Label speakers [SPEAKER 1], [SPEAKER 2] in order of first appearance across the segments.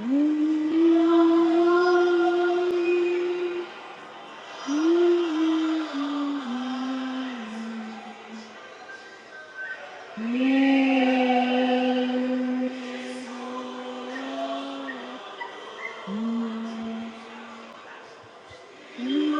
[SPEAKER 1] Mm-hmm. You are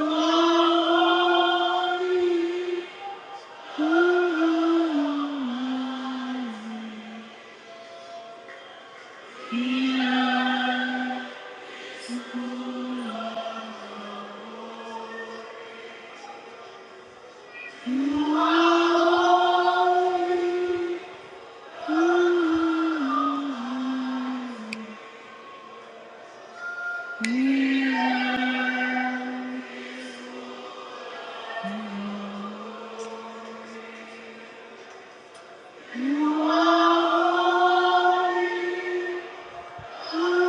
[SPEAKER 1] Mm-hmm.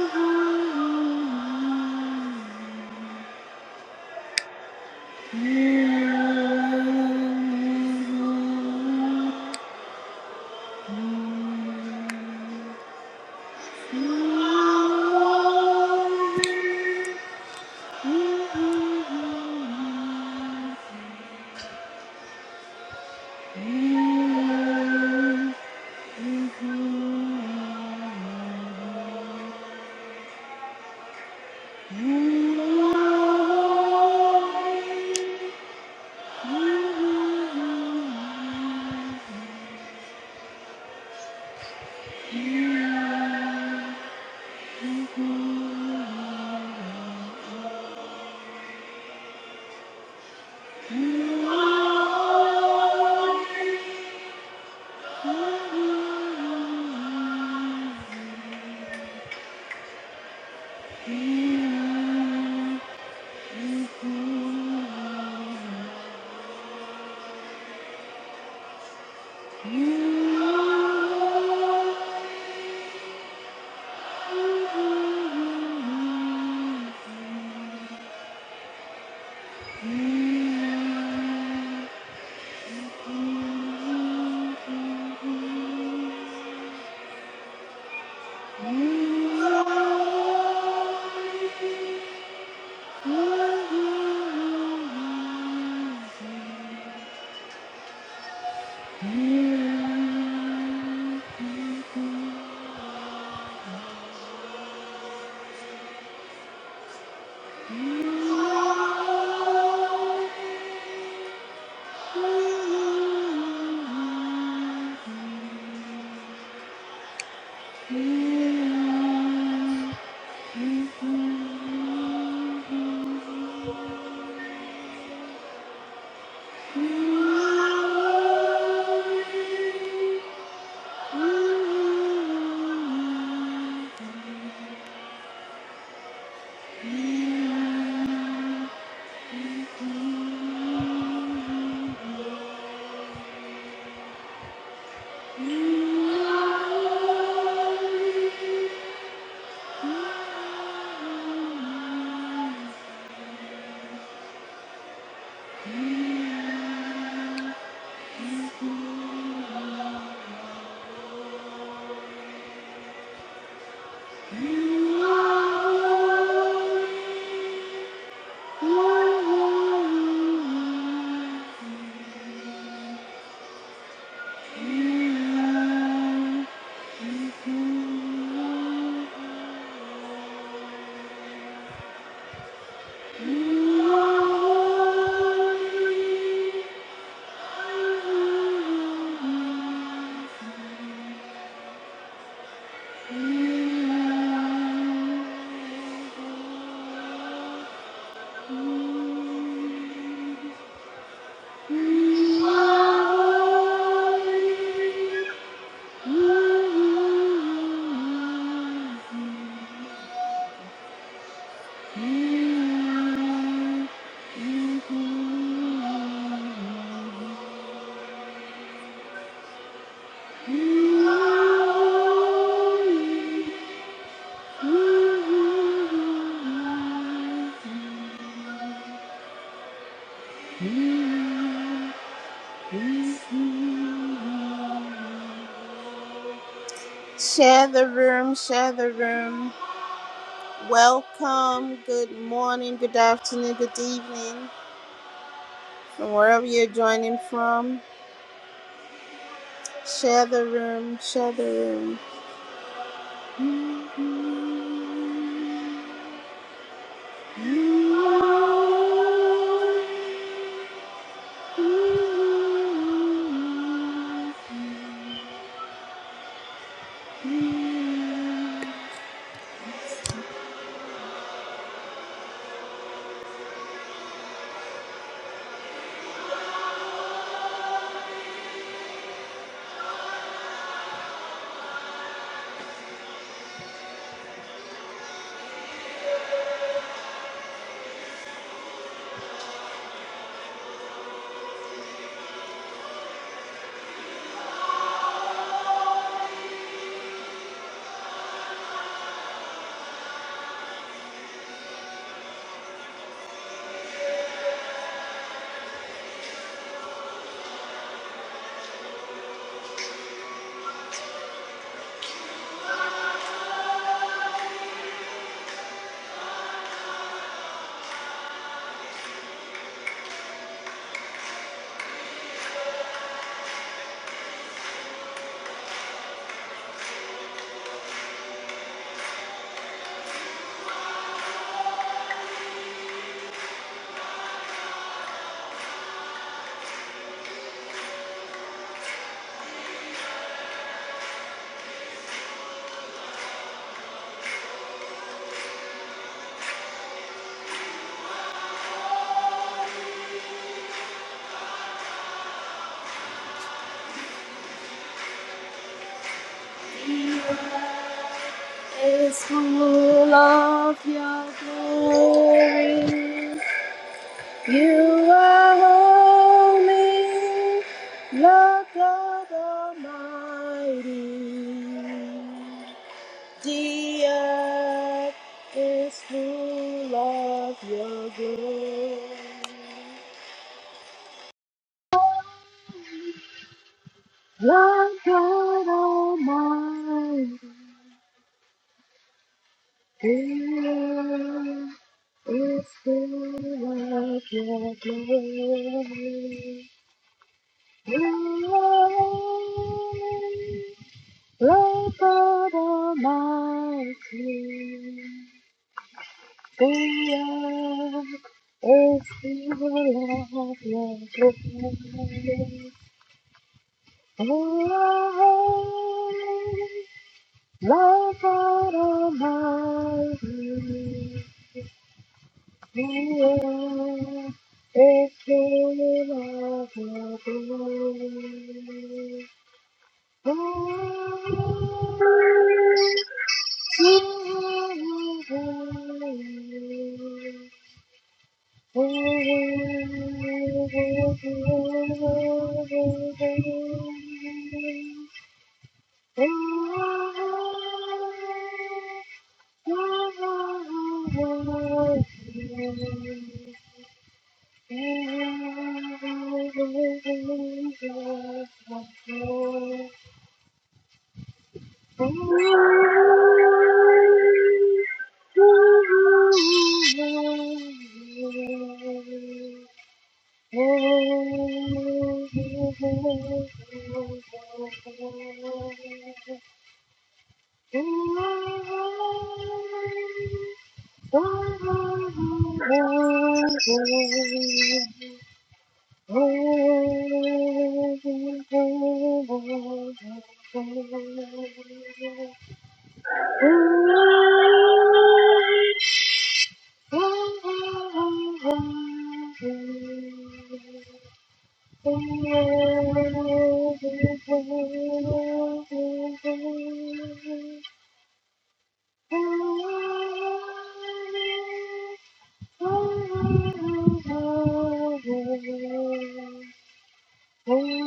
[SPEAKER 1] Thank you. Holy, holy, holy, holy, holy. Thank you. Thank you. Share the room, share the room. Welcome, good morning, good afternoon, good evening, from wherever you're joining from. Share the room, share the room. is full of your glory. You are holy, Lord God Almighty. The earth is full of your glory. Lord God Almighty The earth is full of Thank you. Thank you. oh you. Thank you.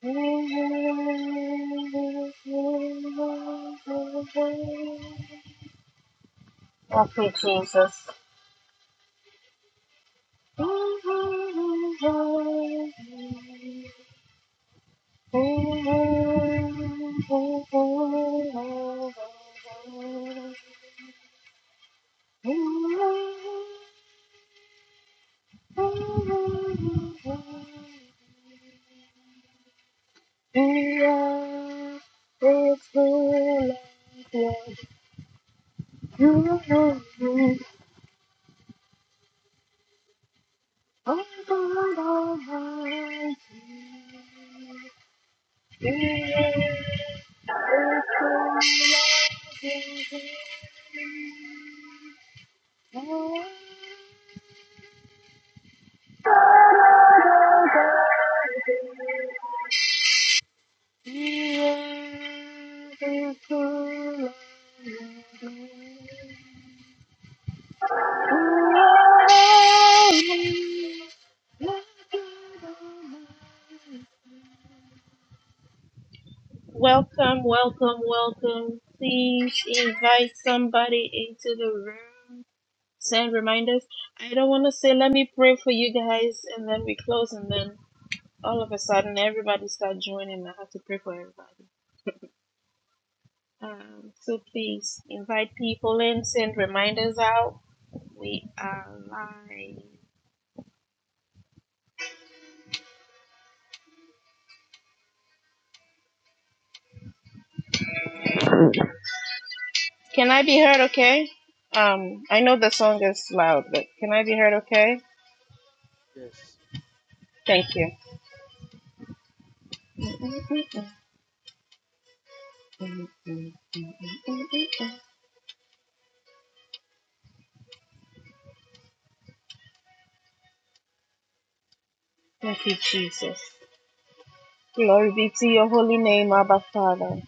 [SPEAKER 1] Help me, Jesus. You Oh God Almighty, the earth is full of His glory. The earth is full of Your glory. Oh, Lord, Lord God Almighty. Welcome, welcome, welcome. Please invite somebody into the room. Send reminders. I don't want to say, let me pray for you guys, and then we close, and then all of a sudden everybody start joining. I have to pray for everybody. Um, so please invite people in, send reminders out. We are live. Can I be heard okay? Um, I know the song is loud, but can I be heard okay?
[SPEAKER 2] Yes.
[SPEAKER 1] Thank you. Mm, mm, mm, mm, mm, mm. Thank you, Jesus. Glory be to your holy name, Abba Father.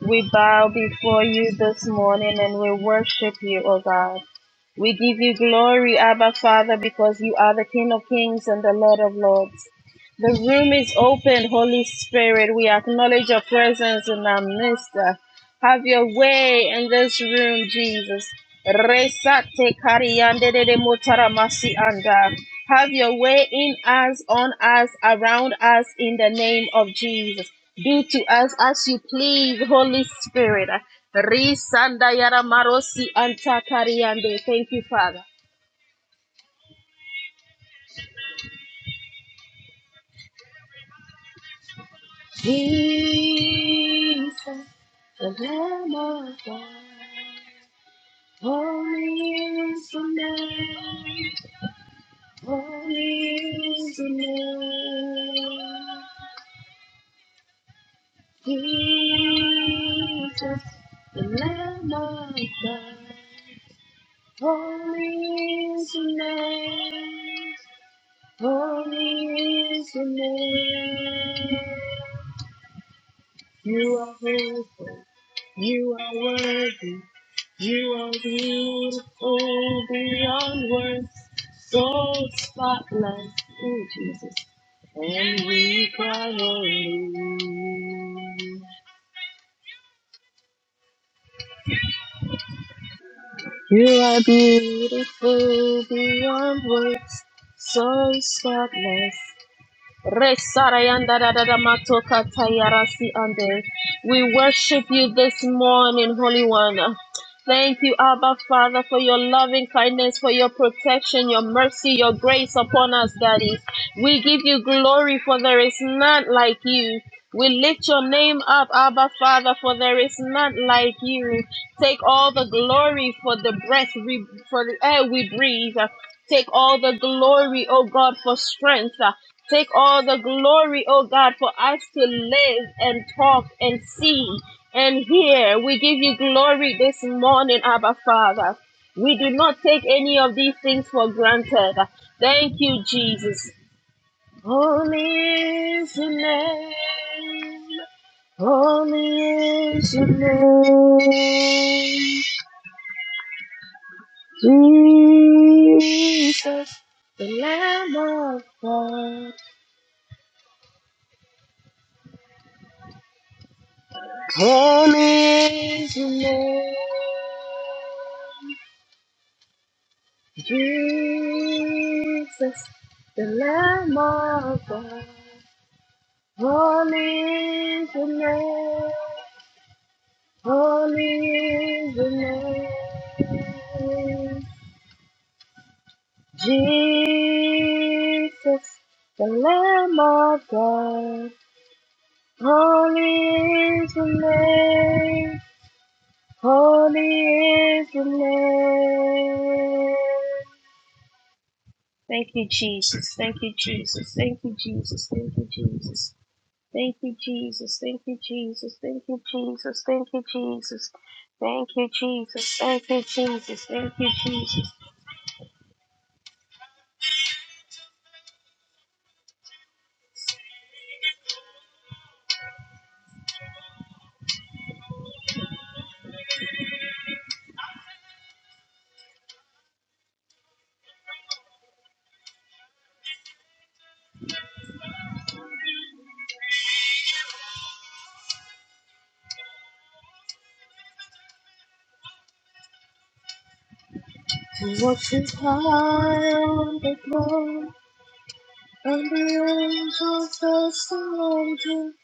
[SPEAKER 1] We bow before you this morning and we worship you, O God. We give you glory, Abba Father, because you are the King of Kings and the Lord of Lords. The room is open, Holy Spirit. We acknowledge your presence in our midst. Have your way in this room, Jesus. Resate kariande de de motara masi anda. Have your way in us, on us, around us, in the name of Jesus. Do to us as you please, Holy Spirit. Risanda yara marosi anta kariande. Thank you, Father. The Lamb of God, holy is your name. Holy is your name. You are faithful. You are worthy. You are beautiful beyond words. So spotless. Oh, Jesus. And we cry holy. You are beautiful beyond words. So spotless. We worship you this morning, Holy One. Thank you, Abba Father, for your loving kindness, for your protection, your mercy, your grace upon us, Daddy. We give you glory, for there is none like you. We lift your name up, Abba Father, for there is none like you. Take all the glory for the breath we, for the air we breathe. Take all the glory, O God, for strength. Uh, Take all the glory, O God, for us to live and talk and see and hear. We give you glory this morning, Abba Father. We do not take any of these things for granted. Thank you, Jesus. Holy is your name. Holy is your name. Jesus, the Lamb of God, holy is your Jesus, the Lamb of God, holy is your Holy is your name. Jesus, the Lamb of God. Holy is the name. Holy is the name. Thank you, Jesus. Thank you, Jesus. Thank you, Jesus. Thank you, Jesus. Thank you, Jesus. Thank you, Jesus. Thank you, Jesus. Thank you, Jesus. Thank you, Jesus. Thank you, Jesus. Thank you, Jesus. Thank you.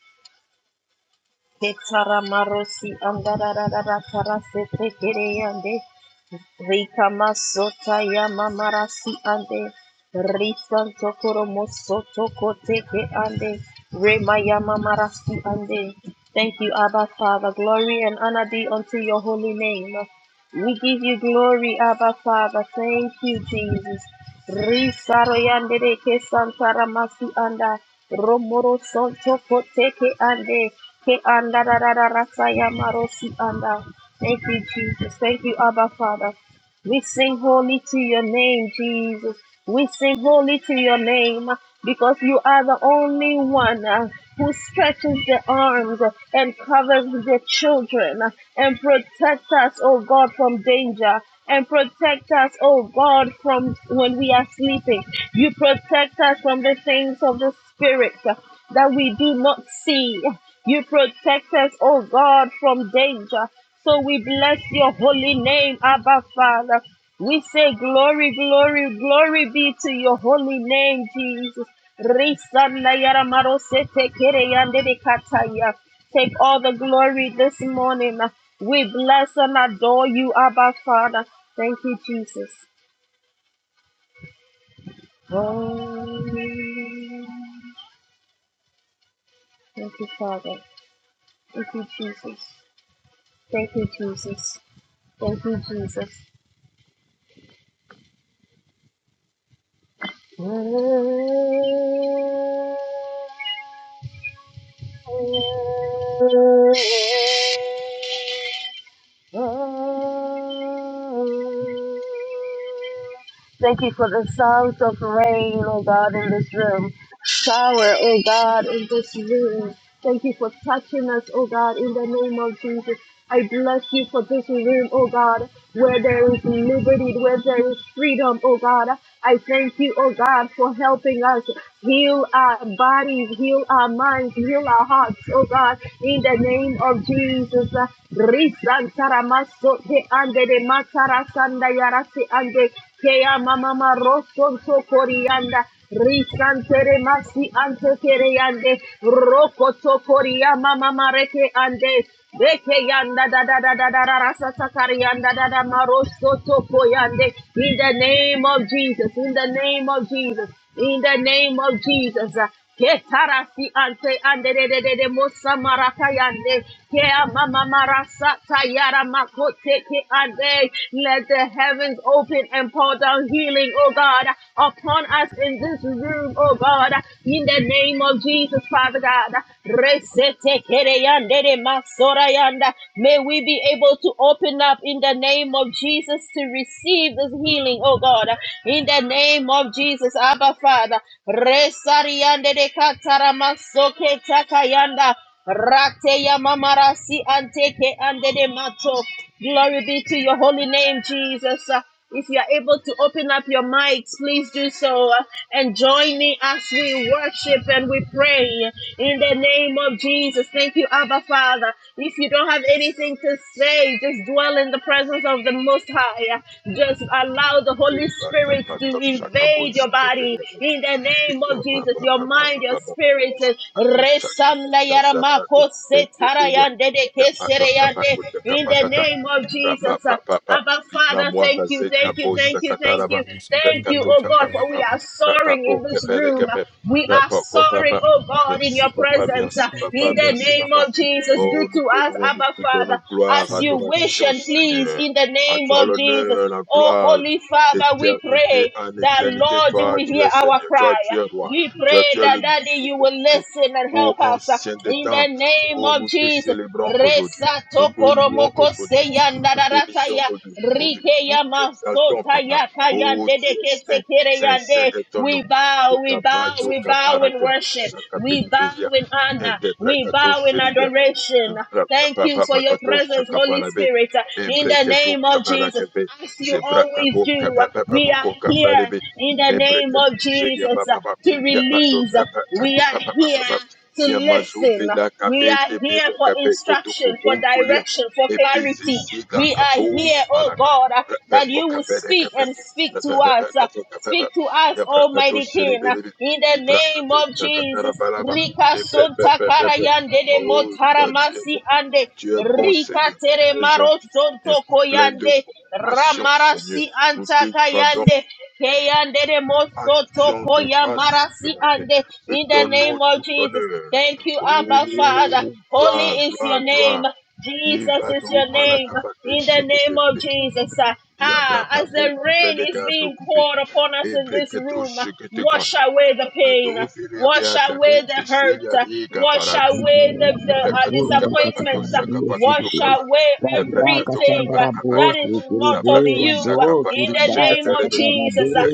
[SPEAKER 1] Ketara marosi andarararara karase tekereyande. Rikamasota Yamamarasi ande Risanto Koromosoto Koteke ande Rema Yamamarasi ande. Thank you, Abba Father. Glory and honor be unto your holy name. We give you glory, Abba Father. Thank you, Jesus. Risaro yande de ke santara masi anda romoro sonto koteke ande ke anda rarara saya marosi anda. Thank you, Jesus. Thank you, Abba Father. We sing holy to your name, Jesus. We sing holy to your name because you are the only one uh, who stretches the arms and covers the children and protects us, oh God, from danger and protect us, oh God, from when we are sleeping. You protect us from the things of the spirit that we do not see. You protect us, oh God, from danger. So we bless your holy name, Abba Father. We say glory, glory, glory be to your holy name, Jesus. Risanda yara marose tekere yande de kataya. Take all the glory this morning. We bless and adore you, Abba Father. Thank you, Jesus. Holy. Thank you, Father. Thank you, Jesus. Thank you, Jesus. Thank you, Jesus. Thank you for the sounds of rain, oh God, in this room. Shower, oh God, in this room. Thank you for touching us, oh God, in the name of Jesus. I bless you for this room, oh God, where there is liberty, where there is freedom, oh God. I thank you, oh God, for helping us. Heal our bodies, heal our minds, heal our hearts, oh God, in the name of Jesus. Risantaramaso te ande de matarasanda yarasi ande kea mama roson so korianda. Risantere masi ante kereande roko so koria mama mareke ande. Beke yanda da da da da da da rasa sakari yanda da da marosoto koyande. In the name of Jesus, in the name of Jesus. In the name of Jesus. Ketarasi ante ande de de de de mosa marata Kea mama marasa tayara makote ke ande. Let the heavens open and pour down healing, oh God, upon us in this room, oh God. In the name of Jesus, Father God. Resete kere yande de masora yanda. May we be able to open up in the name of Jesus to receive this healing, oh God. In the name name of Jesus, Abba Father. Resariande de katarama soke takayanda. Rate ya mamarasi anteke ande de mato. Glory be to your holy name, Jesus. Uh, If you are able to open up your mics, please do so uh, and join me as we worship and we pray in the name of Jesus. Thank you, Abba Father. If you don't have anything to say, just dwell in the presence of the Most High. Just allow the Holy Holy
[SPEAKER 3] Libata
[SPEAKER 1] Spirit to
[SPEAKER 3] Pratov Shakabon
[SPEAKER 1] invade your body
[SPEAKER 3] Sekateva
[SPEAKER 1] in the name
[SPEAKER 3] Libra
[SPEAKER 1] of Jesus,
[SPEAKER 3] Baba
[SPEAKER 1] your
[SPEAKER 3] Baba Baba
[SPEAKER 1] mind, your
[SPEAKER 3] Baba
[SPEAKER 1] spirit.
[SPEAKER 3] Atu
[SPEAKER 1] Resanda
[SPEAKER 3] Shakata Zaprato
[SPEAKER 1] yaramako
[SPEAKER 3] Bendefelia
[SPEAKER 1] setarayande de
[SPEAKER 3] Ya Atwa
[SPEAKER 1] kesereyande.
[SPEAKER 3] Kapakota
[SPEAKER 1] In the
[SPEAKER 3] Kapakata
[SPEAKER 1] name of
[SPEAKER 3] Rapa
[SPEAKER 1] Jesus.
[SPEAKER 3] Papa Papa
[SPEAKER 1] Abba
[SPEAKER 3] Libra
[SPEAKER 1] Father, thank you,
[SPEAKER 3] Mwavaze
[SPEAKER 1] thank
[SPEAKER 3] Kabo
[SPEAKER 1] you,
[SPEAKER 4] Everything
[SPEAKER 1] thank you,
[SPEAKER 4] was
[SPEAKER 1] thank
[SPEAKER 3] Sakataraba
[SPEAKER 1] you,
[SPEAKER 4] in relation to
[SPEAKER 1] thank you,
[SPEAKER 3] Prekato
[SPEAKER 4] God.
[SPEAKER 1] oh
[SPEAKER 4] and
[SPEAKER 3] Papa
[SPEAKER 1] God,
[SPEAKER 4] we
[SPEAKER 1] for
[SPEAKER 3] Papa
[SPEAKER 1] we are
[SPEAKER 3] Rapa
[SPEAKER 1] soaring in
[SPEAKER 3] Po
[SPEAKER 1] this
[SPEAKER 3] Kepere
[SPEAKER 1] room.
[SPEAKER 3] Kepe
[SPEAKER 1] We are
[SPEAKER 3] Rapa Ko
[SPEAKER 1] soaring,
[SPEAKER 3] Papa
[SPEAKER 1] oh God, in
[SPEAKER 3] Merci
[SPEAKER 1] your
[SPEAKER 3] Papa,
[SPEAKER 1] presence.
[SPEAKER 3] merci Papa,
[SPEAKER 1] In the
[SPEAKER 3] merci
[SPEAKER 1] name
[SPEAKER 3] Papa.
[SPEAKER 1] of Jesus, do
[SPEAKER 3] Oh, nous
[SPEAKER 1] to
[SPEAKER 3] te
[SPEAKER 1] us,
[SPEAKER 3] louons, nous
[SPEAKER 1] Abba
[SPEAKER 3] te
[SPEAKER 1] Father,
[SPEAKER 3] donnons
[SPEAKER 1] as
[SPEAKER 3] gloire,
[SPEAKER 4] Father,
[SPEAKER 1] you
[SPEAKER 4] I thank you
[SPEAKER 1] wish
[SPEAKER 3] adoration,
[SPEAKER 1] and please,
[SPEAKER 3] Seigneur.
[SPEAKER 1] in the
[SPEAKER 3] À
[SPEAKER 1] name
[SPEAKER 3] toi
[SPEAKER 1] of Jesus.
[SPEAKER 3] l'honneur, la
[SPEAKER 1] Oh,
[SPEAKER 3] gloire,
[SPEAKER 1] Holy Father, we
[SPEAKER 3] d'éternité
[SPEAKER 1] pray
[SPEAKER 3] en
[SPEAKER 1] that,
[SPEAKER 3] éternité.
[SPEAKER 1] Lord, you
[SPEAKER 3] Toi,
[SPEAKER 1] will
[SPEAKER 3] tu
[SPEAKER 1] hear
[SPEAKER 3] es
[SPEAKER 1] our
[SPEAKER 3] Seigneur, toi,
[SPEAKER 1] cry.
[SPEAKER 3] tu es roi,
[SPEAKER 1] We
[SPEAKER 3] toi,
[SPEAKER 1] pray
[SPEAKER 3] tu es le
[SPEAKER 1] that, Daddy,
[SPEAKER 3] Dieu
[SPEAKER 1] you
[SPEAKER 3] des
[SPEAKER 1] will
[SPEAKER 3] dieux.
[SPEAKER 1] listen and
[SPEAKER 3] Ô
[SPEAKER 1] help us.
[SPEAKER 3] ancien des
[SPEAKER 1] In
[SPEAKER 3] temps,
[SPEAKER 1] the name
[SPEAKER 3] ô
[SPEAKER 1] of
[SPEAKER 3] nous te
[SPEAKER 1] Jesus.
[SPEAKER 3] célébrons aujourd'hui,
[SPEAKER 1] Resa
[SPEAKER 3] nous te louons
[SPEAKER 1] tokoromoko
[SPEAKER 3] aujourd'hui,
[SPEAKER 1] seya
[SPEAKER 3] nous
[SPEAKER 4] for
[SPEAKER 3] te bénissons
[SPEAKER 1] nararataya.
[SPEAKER 3] aujourd'hui,
[SPEAKER 1] Rike
[SPEAKER 3] nous
[SPEAKER 1] ya
[SPEAKER 3] t'exaltons,
[SPEAKER 1] masota
[SPEAKER 3] Papa.
[SPEAKER 1] ya kaya
[SPEAKER 3] Ô tu es
[SPEAKER 1] dedeke
[SPEAKER 3] saint,
[SPEAKER 1] tekere
[SPEAKER 3] saint,
[SPEAKER 1] ya
[SPEAKER 3] saint
[SPEAKER 1] de.
[SPEAKER 3] est ton
[SPEAKER 1] We
[SPEAKER 3] nom.
[SPEAKER 1] bow, we bow,
[SPEAKER 3] Kokabazo
[SPEAKER 1] we bow in
[SPEAKER 3] kaparate
[SPEAKER 1] worship.
[SPEAKER 3] busaka
[SPEAKER 1] We bow
[SPEAKER 3] beniteria,
[SPEAKER 1] in honor. We
[SPEAKER 3] intebrakato
[SPEAKER 1] bow in
[SPEAKER 3] shiribia.
[SPEAKER 1] adoration. Thank
[SPEAKER 3] Papa,
[SPEAKER 1] you for
[SPEAKER 3] papa,
[SPEAKER 1] your presence, Holy Spirit. In the name of Jesus
[SPEAKER 3] papa,
[SPEAKER 1] as you
[SPEAKER 3] Zebra
[SPEAKER 1] always
[SPEAKER 3] kago
[SPEAKER 1] do.
[SPEAKER 3] kapa papa
[SPEAKER 1] We are
[SPEAKER 3] moko kapa
[SPEAKER 1] here
[SPEAKER 3] lebe.
[SPEAKER 1] in the
[SPEAKER 3] Ebre
[SPEAKER 1] name
[SPEAKER 3] kato
[SPEAKER 1] of
[SPEAKER 3] sheria
[SPEAKER 1] Jesus
[SPEAKER 3] papa
[SPEAKER 1] uh,
[SPEAKER 3] papa.
[SPEAKER 1] to
[SPEAKER 3] Ya pato
[SPEAKER 1] release.
[SPEAKER 3] kapa
[SPEAKER 1] We
[SPEAKER 3] kato
[SPEAKER 1] are
[SPEAKER 3] kapa papa
[SPEAKER 1] here
[SPEAKER 3] papa.
[SPEAKER 1] to
[SPEAKER 3] Ya mazu
[SPEAKER 1] listen.
[SPEAKER 3] vela
[SPEAKER 1] We
[SPEAKER 3] kafe
[SPEAKER 1] are
[SPEAKER 3] te
[SPEAKER 1] here
[SPEAKER 3] pera
[SPEAKER 1] for
[SPEAKER 3] kape koto
[SPEAKER 1] instruction, for
[SPEAKER 3] kupon fulia.
[SPEAKER 1] direction, for
[SPEAKER 3] Ebre
[SPEAKER 1] clarity.
[SPEAKER 3] zizi la
[SPEAKER 1] We are
[SPEAKER 3] kafo
[SPEAKER 1] here, oh
[SPEAKER 3] manaka.
[SPEAKER 1] God, uh,
[SPEAKER 3] Pepe
[SPEAKER 1] that
[SPEAKER 3] po
[SPEAKER 1] you will
[SPEAKER 3] kape de
[SPEAKER 1] speak
[SPEAKER 3] kape.
[SPEAKER 1] and speak to
[SPEAKER 3] Pepe pepe
[SPEAKER 1] us.
[SPEAKER 3] kato kape pepe.
[SPEAKER 1] Speak to us,
[SPEAKER 3] Ya pra kato
[SPEAKER 1] Almighty
[SPEAKER 3] seri
[SPEAKER 1] King,
[SPEAKER 3] bebe.
[SPEAKER 1] in the
[SPEAKER 3] Libra
[SPEAKER 1] name
[SPEAKER 3] kato
[SPEAKER 1] of
[SPEAKER 3] shakatara
[SPEAKER 1] Jesus.
[SPEAKER 3] palaba.
[SPEAKER 1] Rika
[SPEAKER 3] Ebre
[SPEAKER 1] sonta
[SPEAKER 3] pepe pepe.
[SPEAKER 1] karayande de
[SPEAKER 3] Oh, tu
[SPEAKER 1] motaramasi ande.
[SPEAKER 3] tu es bon,
[SPEAKER 1] Rika
[SPEAKER 3] Seigneur.
[SPEAKER 1] tere
[SPEAKER 3] Tu es
[SPEAKER 1] maro
[SPEAKER 3] gentil,
[SPEAKER 1] sonto
[SPEAKER 3] Seigneur. Plein de
[SPEAKER 1] koyande.
[SPEAKER 3] compassion, Seigneur.
[SPEAKER 1] Ramarasi
[SPEAKER 3] Nous
[SPEAKER 1] anta
[SPEAKER 3] te rendons
[SPEAKER 1] kayande. Keyande de mosoto
[SPEAKER 3] action de
[SPEAKER 1] koya
[SPEAKER 3] grâce ce
[SPEAKER 1] marasi
[SPEAKER 3] matin.
[SPEAKER 1] ande.
[SPEAKER 3] Te
[SPEAKER 1] In the
[SPEAKER 3] donnons
[SPEAKER 1] name
[SPEAKER 3] tout
[SPEAKER 1] of Jesus.
[SPEAKER 3] honneur.
[SPEAKER 1] Thank you, Abba Father.
[SPEAKER 3] Oh,
[SPEAKER 1] Holy
[SPEAKER 3] gloire,
[SPEAKER 1] is your
[SPEAKER 3] gloire, gloire.
[SPEAKER 1] name. Jesus
[SPEAKER 3] Iva
[SPEAKER 1] is your
[SPEAKER 3] douma la
[SPEAKER 1] name.
[SPEAKER 3] kafate
[SPEAKER 1] In the
[SPEAKER 3] shekete.
[SPEAKER 1] name of Jesus. uh,
[SPEAKER 3] Diabra
[SPEAKER 1] Ah, as
[SPEAKER 3] papo,
[SPEAKER 1] the rain
[SPEAKER 3] peleka
[SPEAKER 1] is being
[SPEAKER 3] prokupe.
[SPEAKER 1] poured upon us in this
[SPEAKER 3] Ebreketo
[SPEAKER 1] room, uh,
[SPEAKER 3] shekete ka.
[SPEAKER 1] wash away the pain. uh,
[SPEAKER 3] Ado filia
[SPEAKER 1] Wash
[SPEAKER 3] pia tave,
[SPEAKER 1] away the hurt.
[SPEAKER 3] isilia
[SPEAKER 1] uh,
[SPEAKER 3] riga
[SPEAKER 1] Wash
[SPEAKER 3] paraga.
[SPEAKER 1] away the, the uh,
[SPEAKER 5] Rabura
[SPEAKER 3] Prakatuka
[SPEAKER 1] disappointment.
[SPEAKER 5] bakakatana
[SPEAKER 3] Pakatusa
[SPEAKER 1] uh, Wash
[SPEAKER 5] bosikiri.
[SPEAKER 3] Kapakatukava,
[SPEAKER 1] away
[SPEAKER 3] the
[SPEAKER 5] Rabraka
[SPEAKER 3] Prakatuka
[SPEAKER 1] everything uh,
[SPEAKER 5] sambara
[SPEAKER 3] Papa,
[SPEAKER 1] that is
[SPEAKER 5] bosikiri
[SPEAKER 1] not
[SPEAKER 5] be
[SPEAKER 1] of you.
[SPEAKER 3] Sabratusa
[SPEAKER 5] rabo
[SPEAKER 1] uh, in
[SPEAKER 3] Kapata
[SPEAKER 1] the name
[SPEAKER 5] kiribasa
[SPEAKER 1] of
[SPEAKER 3] Shikatarebe,
[SPEAKER 5] katana be.
[SPEAKER 1] Jesus, uh,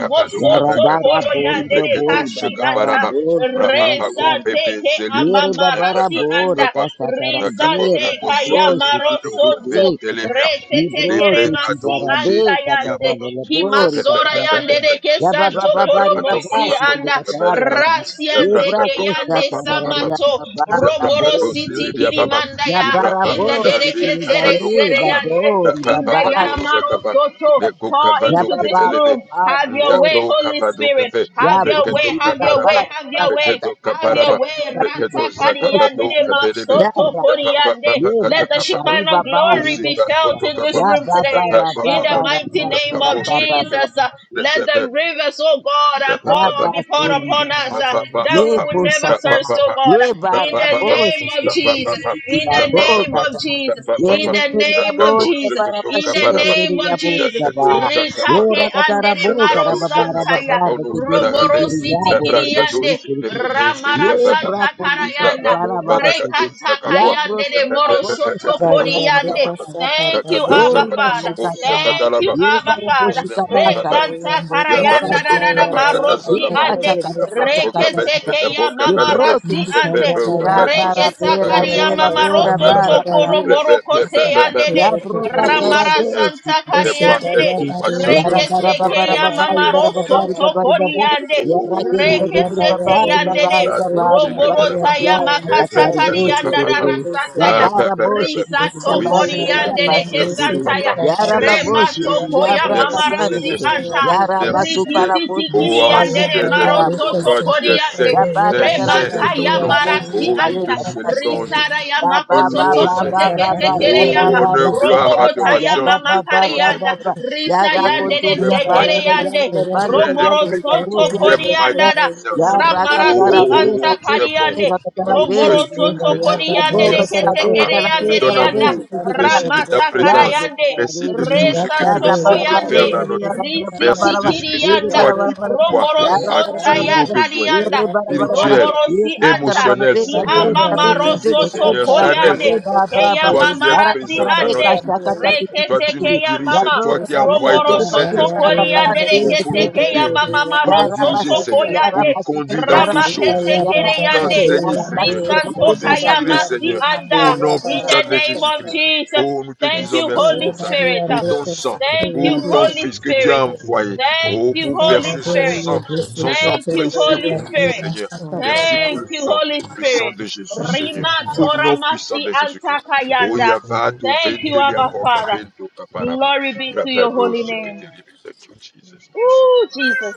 [SPEAKER 3] Yapaduka Paka,
[SPEAKER 5] Yarabara
[SPEAKER 1] Koro
[SPEAKER 3] the
[SPEAKER 5] bori
[SPEAKER 1] de
[SPEAKER 3] Prakatu
[SPEAKER 5] babori
[SPEAKER 1] Kasi
[SPEAKER 5] babara
[SPEAKER 1] Anta,
[SPEAKER 3] Shikaparapa,
[SPEAKER 5] bosikara
[SPEAKER 3] Prapapago
[SPEAKER 1] Resante
[SPEAKER 3] Pepe
[SPEAKER 1] Ke
[SPEAKER 3] Zelia,
[SPEAKER 5] Yere
[SPEAKER 3] the
[SPEAKER 5] babara
[SPEAKER 1] Amamarasi
[SPEAKER 5] bori
[SPEAKER 3] Prakatuka
[SPEAKER 1] Anda,
[SPEAKER 3] Papa.
[SPEAKER 5] kasatara
[SPEAKER 1] Resante
[SPEAKER 5] bera baboshi
[SPEAKER 1] Kayamaro Sonto,
[SPEAKER 5] kikikiki kata.
[SPEAKER 3] Ventelebia,
[SPEAKER 1] Rekete
[SPEAKER 3] the
[SPEAKER 5] Libro kiti
[SPEAKER 1] Keremasi
[SPEAKER 3] Precatu
[SPEAKER 5] barabe
[SPEAKER 1] Anta
[SPEAKER 3] Shilia
[SPEAKER 5] katara
[SPEAKER 1] Yande,
[SPEAKER 3] Baba,
[SPEAKER 5] lele bori
[SPEAKER 1] Kimasora
[SPEAKER 5] katara kata.
[SPEAKER 3] the
[SPEAKER 1] Yandere Ke
[SPEAKER 5] Ya baba
[SPEAKER 1] Santo
[SPEAKER 5] baba
[SPEAKER 1] koromosi
[SPEAKER 5] riba
[SPEAKER 1] Mosi
[SPEAKER 5] basi kili
[SPEAKER 1] Anda,
[SPEAKER 5] katara baba.
[SPEAKER 1] Rasiante
[SPEAKER 5] Libra
[SPEAKER 1] Ke
[SPEAKER 5] kosha
[SPEAKER 1] Yande
[SPEAKER 5] tarara ya
[SPEAKER 1] Samato,
[SPEAKER 5] baba
[SPEAKER 1] Romoro
[SPEAKER 5] raboshi
[SPEAKER 1] Siti
[SPEAKER 5] rebe.
[SPEAKER 1] Kirimanda
[SPEAKER 5] Ya
[SPEAKER 1] Ya,
[SPEAKER 5] bara
[SPEAKER 1] in the
[SPEAKER 5] boshi kili
[SPEAKER 1] Dereketere
[SPEAKER 5] bale
[SPEAKER 1] Sereyande,
[SPEAKER 5] babori
[SPEAKER 1] in the
[SPEAKER 5] babashi
[SPEAKER 1] Yaramaro Soto,
[SPEAKER 5] Kata.
[SPEAKER 1] pour
[SPEAKER 5] Ya
[SPEAKER 1] into
[SPEAKER 5] baba
[SPEAKER 1] this room.
[SPEAKER 5] baba
[SPEAKER 1] Have your way,
[SPEAKER 5] raboshi
[SPEAKER 1] Holy
[SPEAKER 5] kiribiki.
[SPEAKER 1] Spirit.
[SPEAKER 5] Ya
[SPEAKER 1] Have
[SPEAKER 5] bro
[SPEAKER 1] your way, have your
[SPEAKER 5] baba
[SPEAKER 1] way, have your
[SPEAKER 5] rabasa
[SPEAKER 1] way,
[SPEAKER 5] ta ta ta
[SPEAKER 1] have
[SPEAKER 5] ta
[SPEAKER 1] your way.
[SPEAKER 5] ta ta popo
[SPEAKER 1] Rata
[SPEAKER 2] Sabe
[SPEAKER 1] kariande de
[SPEAKER 2] sakira para
[SPEAKER 5] Ya
[SPEAKER 1] Masoto
[SPEAKER 2] seka
[SPEAKER 5] rabata.
[SPEAKER 2] reba rabu kula
[SPEAKER 1] koriande.
[SPEAKER 5] Ye
[SPEAKER 1] Let the
[SPEAKER 5] rakata riba
[SPEAKER 1] Shekinah
[SPEAKER 5] ba
[SPEAKER 1] glory
[SPEAKER 5] riba
[SPEAKER 1] be
[SPEAKER 3] Usika
[SPEAKER 5] kitra.
[SPEAKER 1] felt in
[SPEAKER 3] kotoka
[SPEAKER 1] this
[SPEAKER 3] pa,
[SPEAKER 5] Ya
[SPEAKER 1] room
[SPEAKER 5] baba
[SPEAKER 1] today.
[SPEAKER 3] pa pa
[SPEAKER 5] raba
[SPEAKER 1] In
[SPEAKER 3] pa
[SPEAKER 5] ba
[SPEAKER 1] the
[SPEAKER 3] pa,
[SPEAKER 6] In the
[SPEAKER 1] mighty
[SPEAKER 5] raba
[SPEAKER 6] mighty
[SPEAKER 1] name
[SPEAKER 3] rakapo
[SPEAKER 6] name
[SPEAKER 1] of
[SPEAKER 5] raba
[SPEAKER 6] of
[SPEAKER 1] Jesus, uh, let
[SPEAKER 3] zekebe,
[SPEAKER 1] the
[SPEAKER 6] our
[SPEAKER 1] rivers, oh God, uh,
[SPEAKER 2] rabu
[SPEAKER 1] pour, be poured
[SPEAKER 5] Rabasuri
[SPEAKER 1] upon
[SPEAKER 5] basa.
[SPEAKER 1] us uh, that we
[SPEAKER 5] Ye
[SPEAKER 1] would never
[SPEAKER 5] bosata.
[SPEAKER 1] thirst, oh God.
[SPEAKER 5] Ye
[SPEAKER 1] In the
[SPEAKER 5] barabo
[SPEAKER 1] name of
[SPEAKER 5] chiti
[SPEAKER 1] Jesus.
[SPEAKER 5] chiti
[SPEAKER 1] Jesus,
[SPEAKER 5] chiti chiti
[SPEAKER 1] in the
[SPEAKER 5] rabo
[SPEAKER 1] name of
[SPEAKER 5] kata.
[SPEAKER 1] Jesus,
[SPEAKER 5] Ye
[SPEAKER 1] in the
[SPEAKER 5] ribeberi
[SPEAKER 1] name
[SPEAKER 5] babo
[SPEAKER 1] of
[SPEAKER 5] ribaba
[SPEAKER 1] Jesus,
[SPEAKER 5] raba
[SPEAKER 1] in the
[SPEAKER 5] shere rere
[SPEAKER 1] name of
[SPEAKER 5] yabo
[SPEAKER 1] Jesus.
[SPEAKER 5] baba.
[SPEAKER 1] Ritake
[SPEAKER 5] Ora kata rabo
[SPEAKER 1] andere
[SPEAKER 6] Lord
[SPEAKER 1] maro
[SPEAKER 5] kara
[SPEAKER 6] Jesus,
[SPEAKER 5] baba raba
[SPEAKER 1] santaya,
[SPEAKER 5] bara kiti
[SPEAKER 1] roboro
[SPEAKER 5] kiti
[SPEAKER 1] siti
[SPEAKER 5] yabo borbo
[SPEAKER 1] kiriyande,
[SPEAKER 5] shiki kiti. Ye
[SPEAKER 1] ramara santa
[SPEAKER 5] brako musaka
[SPEAKER 1] karayanda.
[SPEAKER 5] bala basa. ki,
[SPEAKER 6] we are
[SPEAKER 5] Ya
[SPEAKER 1] Rekatakayande
[SPEAKER 5] broti
[SPEAKER 1] de moro
[SPEAKER 5] babo
[SPEAKER 1] soto
[SPEAKER 5] sata
[SPEAKER 7] Bari
[SPEAKER 5] kata
[SPEAKER 7] yande
[SPEAKER 5] kata
[SPEAKER 1] koriyande.
[SPEAKER 5] raba
[SPEAKER 7] kasa
[SPEAKER 5] yaba.
[SPEAKER 1] Thank
[SPEAKER 7] baba
[SPEAKER 1] you,
[SPEAKER 3] Rakata
[SPEAKER 7] boyo
[SPEAKER 1] Abba
[SPEAKER 5] Ori
[SPEAKER 3] sakata
[SPEAKER 6] here for
[SPEAKER 1] Father.
[SPEAKER 5] basi
[SPEAKER 7] ya
[SPEAKER 3] kapo
[SPEAKER 7] sebe.
[SPEAKER 5] kata
[SPEAKER 6] your
[SPEAKER 3] sakata
[SPEAKER 1] Thank you,
[SPEAKER 6] grace.
[SPEAKER 3] laba.
[SPEAKER 5] Ye
[SPEAKER 1] Abba
[SPEAKER 5] barabo
[SPEAKER 1] Father.
[SPEAKER 7] Yesu
[SPEAKER 1] Re
[SPEAKER 7] ya
[SPEAKER 5] shikabasa.
[SPEAKER 7] bari
[SPEAKER 6] Yes,
[SPEAKER 1] Santa
[SPEAKER 6] oh
[SPEAKER 7] yande
[SPEAKER 5] Ya
[SPEAKER 7] kasa
[SPEAKER 1] Karayanda da
[SPEAKER 7] sa
[SPEAKER 5] basket
[SPEAKER 1] da
[SPEAKER 3] Yabrakatuka
[SPEAKER 1] da
[SPEAKER 7] ya
[SPEAKER 5] bata.
[SPEAKER 3] Bakata
[SPEAKER 7] baya
[SPEAKER 6] God,
[SPEAKER 5] ye
[SPEAKER 1] marosi
[SPEAKER 7] baka
[SPEAKER 3] Salaba,
[SPEAKER 5] Yebata
[SPEAKER 1] ande.
[SPEAKER 7] boyo
[SPEAKER 5] kata
[SPEAKER 7] nesa
[SPEAKER 5] kata
[SPEAKER 3] Abrakoka
[SPEAKER 5] kata
[SPEAKER 7] kiyo
[SPEAKER 5] kata
[SPEAKER 3] Ventaka
[SPEAKER 1] Reketeke
[SPEAKER 5] kata.
[SPEAKER 7] kutsu.
[SPEAKER 1] ya
[SPEAKER 3] Polka
[SPEAKER 5] ye
[SPEAKER 1] mama
[SPEAKER 5] bro
[SPEAKER 3] Velabe,
[SPEAKER 1] rasi
[SPEAKER 5] kiti
[SPEAKER 7] Masa
[SPEAKER 3] Pepe
[SPEAKER 5] kiti
[SPEAKER 1] ante.
[SPEAKER 7] ya
[SPEAKER 5] kiti
[SPEAKER 7] baya
[SPEAKER 5] ra
[SPEAKER 7] baka
[SPEAKER 5] bara
[SPEAKER 3] Ventusi,
[SPEAKER 1] Reketa
[SPEAKER 7] sebiri
[SPEAKER 3] Falaka
[SPEAKER 5] bera
[SPEAKER 7] ya
[SPEAKER 1] kariyama
[SPEAKER 5] bera
[SPEAKER 7] baba
[SPEAKER 3] Mame
[SPEAKER 5] bora
[SPEAKER 7] sama
[SPEAKER 1] maroso
[SPEAKER 3] Velabe,
[SPEAKER 5] bara
[SPEAKER 7] baba
[SPEAKER 5] bara
[SPEAKER 1] tokoro
[SPEAKER 7] yo
[SPEAKER 3] Pepe,
[SPEAKER 5] bershi
[SPEAKER 7] baka
[SPEAKER 1] moroko
[SPEAKER 5] kiti
[SPEAKER 7] kasa
[SPEAKER 5] kiti.
[SPEAKER 7] baka
[SPEAKER 1] seyandede.
[SPEAKER 7] yo
[SPEAKER 5] Yabro
[SPEAKER 7] kutsu
[SPEAKER 5] kata
[SPEAKER 7] ya.
[SPEAKER 3] Oh
[SPEAKER 5] ra
[SPEAKER 1] Ramara
[SPEAKER 3] Seigneur,
[SPEAKER 5] bershi
[SPEAKER 1] santa
[SPEAKER 5] kiti
[SPEAKER 3] c'est
[SPEAKER 7] Ese
[SPEAKER 3] par
[SPEAKER 5] kiti
[SPEAKER 3] tes
[SPEAKER 1] kariyandede.
[SPEAKER 7] baya
[SPEAKER 2] So
[SPEAKER 5] kiti.
[SPEAKER 7] bari
[SPEAKER 3] compassions que
[SPEAKER 7] yande
[SPEAKER 5] Yara
[SPEAKER 3] nous sommes
[SPEAKER 1] Rekete
[SPEAKER 5] bara bara
[SPEAKER 7] seke
[SPEAKER 3] pas
[SPEAKER 5] bara
[SPEAKER 7] sa
[SPEAKER 1] keyama
[SPEAKER 5] bara
[SPEAKER 7] baba
[SPEAKER 3] consumés,
[SPEAKER 7] ya
[SPEAKER 5] bara
[SPEAKER 1] maroso
[SPEAKER 7] bari
[SPEAKER 3] Seigneur.
[SPEAKER 7] ya
[SPEAKER 5] bara bara
[SPEAKER 7] masa
[SPEAKER 5] bara.
[SPEAKER 3] Oh, oh,
[SPEAKER 7] kasa.
[SPEAKER 1] tokoriyande.
[SPEAKER 3] oh,
[SPEAKER 5] Yara
[SPEAKER 3] oh,
[SPEAKER 5] kiri
[SPEAKER 3] oh,
[SPEAKER 5] riba
[SPEAKER 7] Maya
[SPEAKER 5] riba
[SPEAKER 7] baya
[SPEAKER 1] Rekete
[SPEAKER 5] bara
[SPEAKER 7] bari ya
[SPEAKER 1] yandede.
[SPEAKER 5] bara
[SPEAKER 3] la
[SPEAKER 5] bara
[SPEAKER 7] kese
[SPEAKER 3] douce
[SPEAKER 5] bara
[SPEAKER 7] kaka
[SPEAKER 3] que
[SPEAKER 5] bara.
[SPEAKER 1] Romoro
[SPEAKER 3] t'es là-bas.
[SPEAKER 1] tayama
[SPEAKER 5] Yara
[SPEAKER 3] Eh,
[SPEAKER 5] kata
[SPEAKER 1] kata
[SPEAKER 7] masa
[SPEAKER 3] prêt,
[SPEAKER 5] ri
[SPEAKER 7] rebe
[SPEAKER 5] boshi
[SPEAKER 3] Katoka,
[SPEAKER 7] yo
[SPEAKER 1] kariyanda
[SPEAKER 3] papa.
[SPEAKER 5] ri
[SPEAKER 7] rebe
[SPEAKER 1] darasanda
[SPEAKER 5] ya
[SPEAKER 4] like
[SPEAKER 1] ya.
[SPEAKER 3] Ah, ben,
[SPEAKER 5] bara
[SPEAKER 3] ben, ben,
[SPEAKER 5] boshi
[SPEAKER 3] ben.
[SPEAKER 5] ri
[SPEAKER 1] Risa
[SPEAKER 5] ri.
[SPEAKER 7] Receive
[SPEAKER 3] Oui,
[SPEAKER 1] toko
[SPEAKER 7] by
[SPEAKER 5] Yabanda
[SPEAKER 7] your
[SPEAKER 5] ri
[SPEAKER 3] Seigneur.
[SPEAKER 7] body
[SPEAKER 1] riande de
[SPEAKER 7] and
[SPEAKER 5] yabashi
[SPEAKER 7] this
[SPEAKER 5] ri
[SPEAKER 3] Merci,
[SPEAKER 5] ri.
[SPEAKER 7] is the
[SPEAKER 1] kesantaya.
[SPEAKER 3] papa.
[SPEAKER 7] body
[SPEAKER 5] Yara
[SPEAKER 3] Merci,
[SPEAKER 1] Rema
[SPEAKER 5] baboshi ri
[SPEAKER 3] Jésus.
[SPEAKER 5] ri.
[SPEAKER 7] of
[SPEAKER 1] koya
[SPEAKER 7] the
[SPEAKER 1] ya
[SPEAKER 5] Yabra
[SPEAKER 7] Lord,
[SPEAKER 3] Merci,
[SPEAKER 5] kata
[SPEAKER 7] receive
[SPEAKER 5] ri
[SPEAKER 1] mamarasi
[SPEAKER 7] it
[SPEAKER 5] ri.
[SPEAKER 3] Saint-Esprit.
[SPEAKER 7] to your
[SPEAKER 1] anta.
[SPEAKER 7] deacon.
[SPEAKER 1] Riki
[SPEAKER 3] Merci,
[SPEAKER 1] siti
[SPEAKER 5] Yarabatukaraboti
[SPEAKER 3] ô
[SPEAKER 7] Master,
[SPEAKER 1] kiriande
[SPEAKER 7] your
[SPEAKER 1] de
[SPEAKER 5] ribalika
[SPEAKER 3] ancien
[SPEAKER 7] body
[SPEAKER 3] des
[SPEAKER 7] and
[SPEAKER 3] jours.
[SPEAKER 7] this
[SPEAKER 1] maroso
[SPEAKER 6] we
[SPEAKER 5] taraboti.
[SPEAKER 7] is
[SPEAKER 3] Toi,
[SPEAKER 6] give
[SPEAKER 7] the
[SPEAKER 1] toko
[SPEAKER 3] tu es
[SPEAKER 7] sick
[SPEAKER 6] everything to
[SPEAKER 1] riande.
[SPEAKER 3] saint.
[SPEAKER 7] of your
[SPEAKER 5] Yabaka
[SPEAKER 3] Saint,
[SPEAKER 7] body
[SPEAKER 1] Rema
[SPEAKER 3] saint est
[SPEAKER 7] and
[SPEAKER 5] karabesi
[SPEAKER 7] the
[SPEAKER 3] ton
[SPEAKER 1] taya
[SPEAKER 3] nom.
[SPEAKER 4] so
[SPEAKER 5] ribaliki
[SPEAKER 1] marasi
[SPEAKER 7] entire
[SPEAKER 3] Oh,
[SPEAKER 7] of
[SPEAKER 3] nous
[SPEAKER 4] Oh,
[SPEAKER 7] the
[SPEAKER 1] anta.
[SPEAKER 3] te
[SPEAKER 5] tibalika
[SPEAKER 3] célébrons
[SPEAKER 5] tashiri.
[SPEAKER 7] capacity.
[SPEAKER 3] aujourd'hui.
[SPEAKER 1] Risara ya
[SPEAKER 3] Nous te
[SPEAKER 5] Yaba
[SPEAKER 1] makoso
[SPEAKER 5] ba
[SPEAKER 3] louons,
[SPEAKER 7] Receive
[SPEAKER 1] toko
[SPEAKER 5] ba ba
[SPEAKER 7] it
[SPEAKER 3] Seigneur.
[SPEAKER 1] teke
[SPEAKER 5] ba
[SPEAKER 7] by
[SPEAKER 5] ba
[SPEAKER 4] so,
[SPEAKER 7] your
[SPEAKER 1] tekere
[SPEAKER 5] yaba
[SPEAKER 7] body
[SPEAKER 3] Oh,
[SPEAKER 1] yama.
[SPEAKER 5] ba
[SPEAKER 7] and
[SPEAKER 3] honneur,
[SPEAKER 5] ba
[SPEAKER 7] this is
[SPEAKER 5] ba
[SPEAKER 3] gloire,
[SPEAKER 5] ba
[SPEAKER 1] Romoro
[SPEAKER 5] ba
[SPEAKER 1] taya
[SPEAKER 3] adoration
[SPEAKER 5] yaba
[SPEAKER 1] mama
[SPEAKER 5] ba
[SPEAKER 3] de
[SPEAKER 6] you.
[SPEAKER 5] ba
[SPEAKER 3] ton nom
[SPEAKER 5] ba
[SPEAKER 3] ce
[SPEAKER 5] ba
[SPEAKER 1] karianda.
[SPEAKER 5] ba
[SPEAKER 3] matin.
[SPEAKER 7] the
[SPEAKER 6] Hallelujah, God,
[SPEAKER 1] Risa
[SPEAKER 5] yara
[SPEAKER 3] Oh,
[SPEAKER 1] yande de
[SPEAKER 3] tu
[SPEAKER 5] konturi
[SPEAKER 3] es
[SPEAKER 5] ya
[SPEAKER 6] we
[SPEAKER 1] tekere
[SPEAKER 5] bandere
[SPEAKER 7] Mandara
[SPEAKER 3] magnifique.
[SPEAKER 1] yande.
[SPEAKER 7] Master,
[SPEAKER 5] yandere
[SPEAKER 7] your
[SPEAKER 3] Tu es
[SPEAKER 5] bandere
[SPEAKER 7] body
[SPEAKER 1] Romoro
[SPEAKER 5] yandere
[SPEAKER 7] is the
[SPEAKER 3] impeccable.
[SPEAKER 1] soto
[SPEAKER 5] yarubi
[SPEAKER 7] body
[SPEAKER 3] Tu es
[SPEAKER 7] of the
[SPEAKER 5] ashtere
[SPEAKER 1] korianda.
[SPEAKER 7] body of
[SPEAKER 6] are
[SPEAKER 3] magnificence.
[SPEAKER 5] yara
[SPEAKER 7] the
[SPEAKER 3] Oh,
[SPEAKER 5] katara
[SPEAKER 1] Ramarasi
[SPEAKER 3] oh,
[SPEAKER 7] capacity.
[SPEAKER 5] be
[SPEAKER 3] oh, oh, oh, oh,
[SPEAKER 1] anta
[SPEAKER 5] rabe
[SPEAKER 3] tu es bon.
[SPEAKER 5] rabe
[SPEAKER 1] kariande.
[SPEAKER 3] Oh,
[SPEAKER 5] rakatara
[SPEAKER 3] oh,
[SPEAKER 5] be
[SPEAKER 3] tu es
[SPEAKER 1] Romoro
[SPEAKER 3] doux,
[SPEAKER 7] Receive
[SPEAKER 1] soto
[SPEAKER 5] ribi
[SPEAKER 7] by your
[SPEAKER 3] Seigneur.
[SPEAKER 7] body
[SPEAKER 6] strong
[SPEAKER 1] koriande
[SPEAKER 5] yabo
[SPEAKER 7] and
[SPEAKER 6] and
[SPEAKER 1] de
[SPEAKER 7] this is
[SPEAKER 3] Merci,
[SPEAKER 5] katara
[SPEAKER 6] secure.
[SPEAKER 1] kete
[SPEAKER 5] be
[SPEAKER 3] Papa,
[SPEAKER 7] the
[SPEAKER 5] karabe
[SPEAKER 3] de
[SPEAKER 1] kereyande de
[SPEAKER 3] ton
[SPEAKER 5] karabe
[SPEAKER 1] yanda.
[SPEAKER 3] amour.
[SPEAKER 5] shiri
[SPEAKER 7] body
[SPEAKER 3] Merci de
[SPEAKER 7] of
[SPEAKER 3] ta
[SPEAKER 1] Ramata
[SPEAKER 5] ya
[SPEAKER 3] présence.
[SPEAKER 5] bro
[SPEAKER 1] karayande.
[SPEAKER 5] katara
[SPEAKER 3] Merci de
[SPEAKER 7] Yes,
[SPEAKER 3] tout ce que
[SPEAKER 5] Ya
[SPEAKER 3] tu
[SPEAKER 1] Resanto
[SPEAKER 3] ne
[SPEAKER 7] Maria,
[SPEAKER 5] Rabba
[SPEAKER 3] cesses de
[SPEAKER 5] Rabba Re
[SPEAKER 1] koyande.
[SPEAKER 3] faire
[SPEAKER 5] Re
[SPEAKER 3] dans
[SPEAKER 5] Re Ya
[SPEAKER 3] notre vie.
[SPEAKER 1] Risiti
[SPEAKER 3] Merci
[SPEAKER 5] Rabba
[SPEAKER 3] de ce que c'est
[SPEAKER 5] Riri
[SPEAKER 1] kiriyanda.
[SPEAKER 3] toi
[SPEAKER 5] Rabba
[SPEAKER 3] qui
[SPEAKER 5] Rabba Rabba Re Re Bara Bara Bara Bara
[SPEAKER 3] vois
[SPEAKER 1] Romoro
[SPEAKER 5] Ya
[SPEAKER 4] the
[SPEAKER 6] Hallelujah.
[SPEAKER 3] à
[SPEAKER 5] Rabba Rabba
[SPEAKER 4] So
[SPEAKER 1] sonta
[SPEAKER 3] tous
[SPEAKER 1] ya
[SPEAKER 3] nos
[SPEAKER 5] Rabba
[SPEAKER 3] besoins
[SPEAKER 1] kariyanda.
[SPEAKER 5] Riri Rabba Re Re Bara Bara Bara
[SPEAKER 3] spirituels,
[SPEAKER 1] Romoro
[SPEAKER 5] Re
[SPEAKER 1] si
[SPEAKER 5] Re Kata
[SPEAKER 1] anta.
[SPEAKER 5] Rabba
[SPEAKER 3] émotionnels,
[SPEAKER 5] Rabbe
[SPEAKER 6] Glory,
[SPEAKER 1] Ki
[SPEAKER 5] Bare
[SPEAKER 3] Seigneur,
[SPEAKER 5] Bare Bara Be
[SPEAKER 1] amamaro
[SPEAKER 3] physiques,
[SPEAKER 5] Bara
[SPEAKER 1] soto
[SPEAKER 5] Be Bara Be
[SPEAKER 3] Seigneur,
[SPEAKER 5] Bara Bara
[SPEAKER 3] charnels,
[SPEAKER 6] glory.
[SPEAKER 1] koyande.
[SPEAKER 5] Be
[SPEAKER 3] Seigneur.
[SPEAKER 5] Bara Bara
[SPEAKER 1] Keya
[SPEAKER 5] Bara
[SPEAKER 3] Toi, tu es
[SPEAKER 5] Bara
[SPEAKER 1] mamarasi
[SPEAKER 5] Kata
[SPEAKER 3] présent dans
[SPEAKER 5] Rabbe
[SPEAKER 1] ande.
[SPEAKER 3] notre vie,
[SPEAKER 5] Kashta Kata
[SPEAKER 3] Seigneur.
[SPEAKER 5] Kiti Kiti
[SPEAKER 3] Toi,
[SPEAKER 1] Rekete
[SPEAKER 3] tu
[SPEAKER 5] Kiti
[SPEAKER 3] nous
[SPEAKER 1] keya
[SPEAKER 3] diriges.
[SPEAKER 5] Ya
[SPEAKER 1] mama.
[SPEAKER 3] C'est
[SPEAKER 5] Bro
[SPEAKER 3] toi qui
[SPEAKER 5] Kata
[SPEAKER 3] as
[SPEAKER 5] Kata
[SPEAKER 3] envoyé
[SPEAKER 1] Romoro
[SPEAKER 3] ton
[SPEAKER 5] Kiri Bara
[SPEAKER 1] soto
[SPEAKER 5] Bara
[SPEAKER 3] Saint-Esprit
[SPEAKER 5] Bara Bara
[SPEAKER 1] koriande
[SPEAKER 5] Re
[SPEAKER 3] oh, pour
[SPEAKER 5] Kiti
[SPEAKER 1] rekete
[SPEAKER 3] nous
[SPEAKER 5] Kiti
[SPEAKER 1] keya
[SPEAKER 3] guider,
[SPEAKER 5] Kiti
[SPEAKER 1] mama
[SPEAKER 3] pour
[SPEAKER 5] Ya
[SPEAKER 1] maro
[SPEAKER 3] nous
[SPEAKER 5] Rabba
[SPEAKER 3] diriger,
[SPEAKER 1] soto
[SPEAKER 5] Sekin
[SPEAKER 3] Seigneur,
[SPEAKER 5] Ya
[SPEAKER 3] pour
[SPEAKER 1] koyande.
[SPEAKER 3] nous
[SPEAKER 5] Rabba Sekin
[SPEAKER 3] conduire
[SPEAKER 5] Ya
[SPEAKER 3] dans toutes
[SPEAKER 5] Rabba
[SPEAKER 3] choses
[SPEAKER 5] Sekin
[SPEAKER 1] Ramakete
[SPEAKER 5] Ya Rabba
[SPEAKER 1] kereyande.
[SPEAKER 5] Sekin Ya
[SPEAKER 3] enseigner,
[SPEAKER 5] Rabba
[SPEAKER 3] Seigneur,
[SPEAKER 5] Sekin
[SPEAKER 3] pour
[SPEAKER 1] Risanto
[SPEAKER 5] Rabba
[SPEAKER 3] nous
[SPEAKER 5] Bata
[SPEAKER 1] kaya
[SPEAKER 3] inspirer,
[SPEAKER 1] masi
[SPEAKER 3] Seigneur,
[SPEAKER 1] anda.
[SPEAKER 3] au nom
[SPEAKER 1] In the
[SPEAKER 3] puissant de
[SPEAKER 1] name of
[SPEAKER 3] Jésus-Christ.
[SPEAKER 1] Jesus.
[SPEAKER 3] Oh, nous te
[SPEAKER 1] Thank
[SPEAKER 3] disons
[SPEAKER 1] you,
[SPEAKER 3] merci
[SPEAKER 1] Holy
[SPEAKER 3] pour ça,
[SPEAKER 1] Spirit.
[SPEAKER 3] pour ton sang,
[SPEAKER 1] Thank you,
[SPEAKER 3] pour ton
[SPEAKER 1] Holy
[SPEAKER 3] Fils que tu
[SPEAKER 1] Spirit.
[SPEAKER 3] as
[SPEAKER 7] and
[SPEAKER 3] envoyé,
[SPEAKER 1] Thank
[SPEAKER 3] oh,
[SPEAKER 1] you,
[SPEAKER 3] pour
[SPEAKER 1] Holy
[SPEAKER 3] verser son
[SPEAKER 1] Spirit.
[SPEAKER 3] sang,
[SPEAKER 4] Get the
[SPEAKER 3] son sang
[SPEAKER 4] money,
[SPEAKER 1] Thank you,
[SPEAKER 3] précieux
[SPEAKER 1] Holy
[SPEAKER 3] pour
[SPEAKER 4] money,
[SPEAKER 3] nous,
[SPEAKER 1] Spirit.
[SPEAKER 3] Seigneur.
[SPEAKER 4] sorry.
[SPEAKER 3] Merci
[SPEAKER 4] but
[SPEAKER 3] pour
[SPEAKER 1] Thank
[SPEAKER 3] le
[SPEAKER 4] you
[SPEAKER 1] you,
[SPEAKER 4] have
[SPEAKER 3] sang,
[SPEAKER 6] Hallelujah,
[SPEAKER 1] Holy
[SPEAKER 4] one.
[SPEAKER 3] le sang
[SPEAKER 1] Spirit.
[SPEAKER 3] de Jésus,
[SPEAKER 4] Someone is
[SPEAKER 3] Seigneur,
[SPEAKER 1] Rima
[SPEAKER 4] open
[SPEAKER 3] au
[SPEAKER 4] so far.
[SPEAKER 1] Tora
[SPEAKER 3] nom puissant
[SPEAKER 1] Masi
[SPEAKER 3] de Jésus-Christ.
[SPEAKER 4] If you
[SPEAKER 3] Oh,
[SPEAKER 1] Antakayanda.
[SPEAKER 4] can say it,
[SPEAKER 3] Yavato,
[SPEAKER 1] Thank you,
[SPEAKER 4] it
[SPEAKER 3] Ventelia,
[SPEAKER 4] will
[SPEAKER 1] Abba
[SPEAKER 3] Koka,
[SPEAKER 6] hallelujah,
[SPEAKER 1] Father.
[SPEAKER 4] not.
[SPEAKER 3] Bento, Kaparaba,
[SPEAKER 1] Glory be to your
[SPEAKER 3] Rapato,
[SPEAKER 1] holy name.
[SPEAKER 6] hallelujah.
[SPEAKER 3] Shekete, Libe. Thank you,
[SPEAKER 4] So,
[SPEAKER 3] Jesus. Merci,
[SPEAKER 1] Ooh,
[SPEAKER 3] Papa.
[SPEAKER 1] Jesus.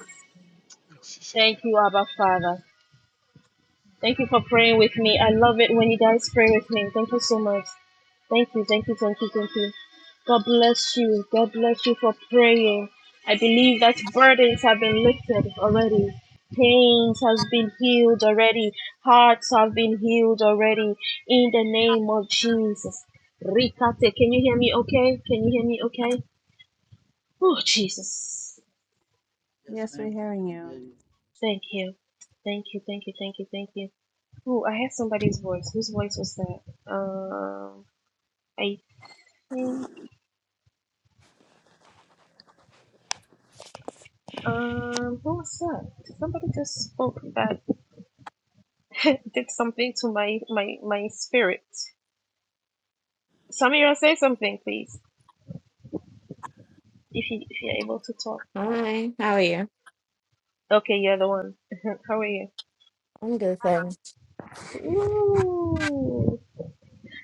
[SPEAKER 3] Merci,
[SPEAKER 1] Thank
[SPEAKER 3] Seigneur.
[SPEAKER 1] you, Abba Father. Thank you for praying with me. I love it when you guys pray with me. Thank you so much. Thank you, thank you, thank you, thank you. God bless you. God bless you for praying. I believe that burdens have been lifted already. Pains has been healed already. Hearts have been healed already. In the name of Jesus. Rikate, can you hear me okay? Can you hear me okay? Oh, Jesus.
[SPEAKER 2] Yes,
[SPEAKER 6] Yes, we're
[SPEAKER 2] ma'am. I
[SPEAKER 6] hearing
[SPEAKER 2] can
[SPEAKER 6] you.
[SPEAKER 2] hear you.
[SPEAKER 1] Thank you. Thank you, thank you, thank you, thank you. Oh, I heard somebody's voice. Whose voice was that? Um, I think um, who was that? Somebody just spoke that did something to my my my spirit. Samira, say something, please, if you if you're able to talk.
[SPEAKER 8] Hi, how are you?
[SPEAKER 1] Okay, you're the one. How are you?
[SPEAKER 8] I'm good, thanks.
[SPEAKER 1] Ooh,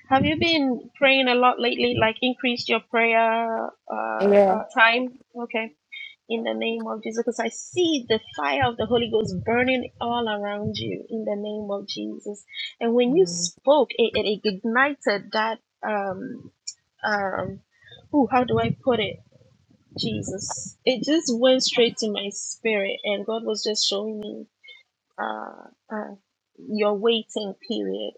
[SPEAKER 1] have you been praying a lot lately? Like increased your prayer uh,
[SPEAKER 8] Yeah.
[SPEAKER 1] uh time? Okay. in the name of Jesus. Because I see the fire of the Holy Ghost burning all around you in the name of Jesus. And when you
[SPEAKER 8] Mm,
[SPEAKER 1] spoke, it, it ignited that um um ooh, how do I put it? Jesus. It just went straight to my spirit and God was just showing me uh, uh, your waiting period.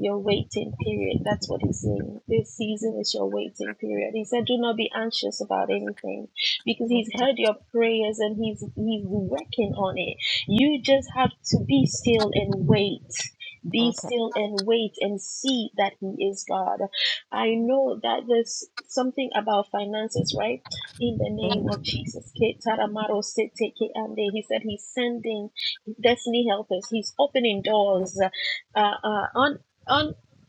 [SPEAKER 1] Your waiting period. That's what he's saying. This season is your waiting period. He said, "Do not be anxious about anything, because he's heard your prayers and he's he's working on it. You just have to be still and wait. Be
[SPEAKER 8] okay.
[SPEAKER 1] still and wait and see that he is God. I know that there's something about finances, right? In the
[SPEAKER 8] Mhm.
[SPEAKER 1] name of Jesus, Ke taramaro se te ke ande. He said he's sending." destiny help us he's opening doors uh, uh, un,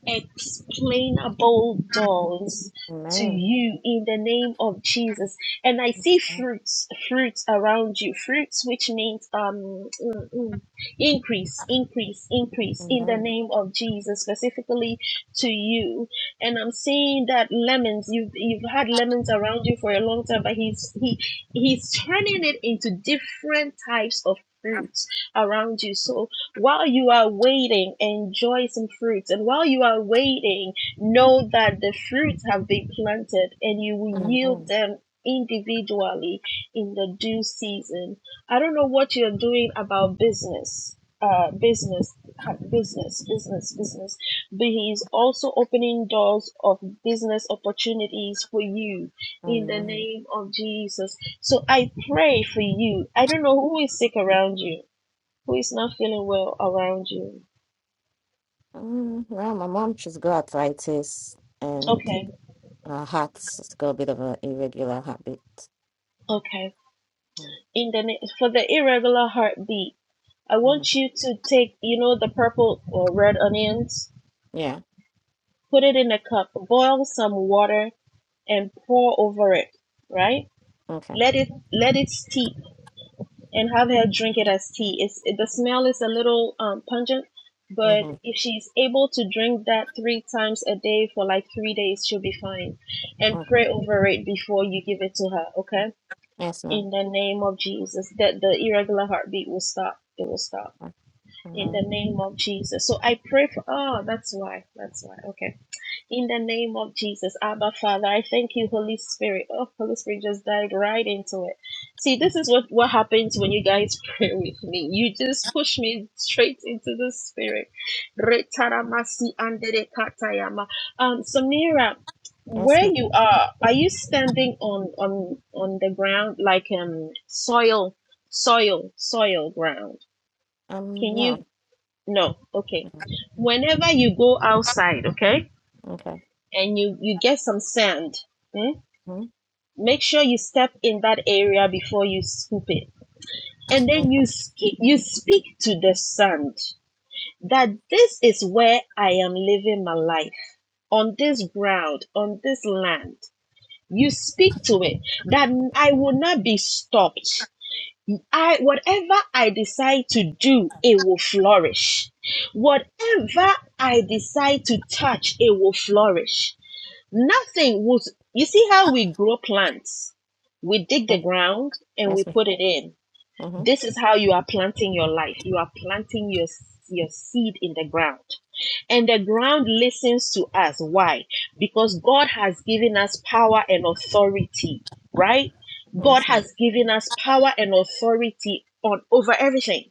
[SPEAKER 1] unexplainable doors to
[SPEAKER 8] Amen.
[SPEAKER 1] you in the name of jesus and i see fruits fruits around you fruits which means um mm, mm, increase increase increase in the
[SPEAKER 8] Amen.
[SPEAKER 1] name of jesus specifically to you and i'm seeing that lemons you've you've had lemons around you for a long time but he's he he's turning it into different types of fruit around you. So while you are waiting, enjoy some fruits. And while you are waiting, know that the fruits have been planted and you will yield
[SPEAKER 8] Amen.
[SPEAKER 1] them individually in the due season. I don't know what you're doing about business. Uh, business, business, business, business. But he is also opening doors of business opportunities for you in the
[SPEAKER 8] Amen.
[SPEAKER 1] name of Jesus. So I pray for you. I don't know who is sick around you who is not feeling well around you.
[SPEAKER 8] Um, well, my mom, she's got arthritis and
[SPEAKER 1] Okay,
[SPEAKER 8] her heart's got a bit of an irregular heartbeat.
[SPEAKER 1] okay. In the ne- for the irregular heartbeat, I
[SPEAKER 8] Mm-hmm.
[SPEAKER 1] want you to take you know the purple or red onions,
[SPEAKER 8] Yeah.
[SPEAKER 1] put it in a cup, boil some water, and pour over it. Right?
[SPEAKER 8] Okay.
[SPEAKER 1] Let it let it steep and have her drink it as tea. It's it, the smell is a little um, pungent, but
[SPEAKER 8] Mm-hmm.
[SPEAKER 1] if she's able to drink that three times a day for like three days, she'll be fine. And
[SPEAKER 8] Okay.
[SPEAKER 1] pray over it before you give it to her. Okay
[SPEAKER 8] Yes, ma'am.
[SPEAKER 1] in the name of Jesus that the irregular heartbeat will stop. It will stop
[SPEAKER 8] Uh,
[SPEAKER 1] in
[SPEAKER 8] Amen.
[SPEAKER 1] the name of Jesus. So I pray for. Oh, that's why. That's why. Okay. In the name of Jesus, Abba Father, I thank you, Holy Spirit. Oh, Holy Spirit just died right into it. See,
[SPEAKER 8] Mm.
[SPEAKER 1] this is what, what happens when you guys pray with me. You just push me straight into the spirit. Retaramasi andere katayama. Um, Samira,
[SPEAKER 8] Yes,
[SPEAKER 1] where
[SPEAKER 8] ma'am.
[SPEAKER 1] you are, are you standing on on on the ground like um soil, soil, soil ground?
[SPEAKER 8] Um,
[SPEAKER 1] Can
[SPEAKER 8] no.
[SPEAKER 1] you? No, okay.
[SPEAKER 8] Mhm. Mm.
[SPEAKER 1] Whenever you go outside, okay
[SPEAKER 8] Okay.
[SPEAKER 1] and you you get some sand mm,
[SPEAKER 8] Mm-hmm.
[SPEAKER 1] make sure you step in that area before you scoop it and then you
[SPEAKER 8] Okay.
[SPEAKER 1] sk- you speak to the sand that this is where i am living my life on this ground on this land you speak to it that i
[SPEAKER 8] Mm.
[SPEAKER 1] will not be stopped i whatever i decide to do it will flourish whatever i decide to touch it will flourish Nothing will. You see how we grow plants? We dig
[SPEAKER 8] Uh,
[SPEAKER 1] the ground and we
[SPEAKER 8] Yes, ma'am.
[SPEAKER 1] put it in.
[SPEAKER 8] Mm-hmm.
[SPEAKER 1] This is how you are planting your life. You are planting your your seed in the ground. And the ground listens to us. Why? Because God has given us power and authority, right? God
[SPEAKER 8] Yes, ma'am.
[SPEAKER 1] has given us power and authority on over everything.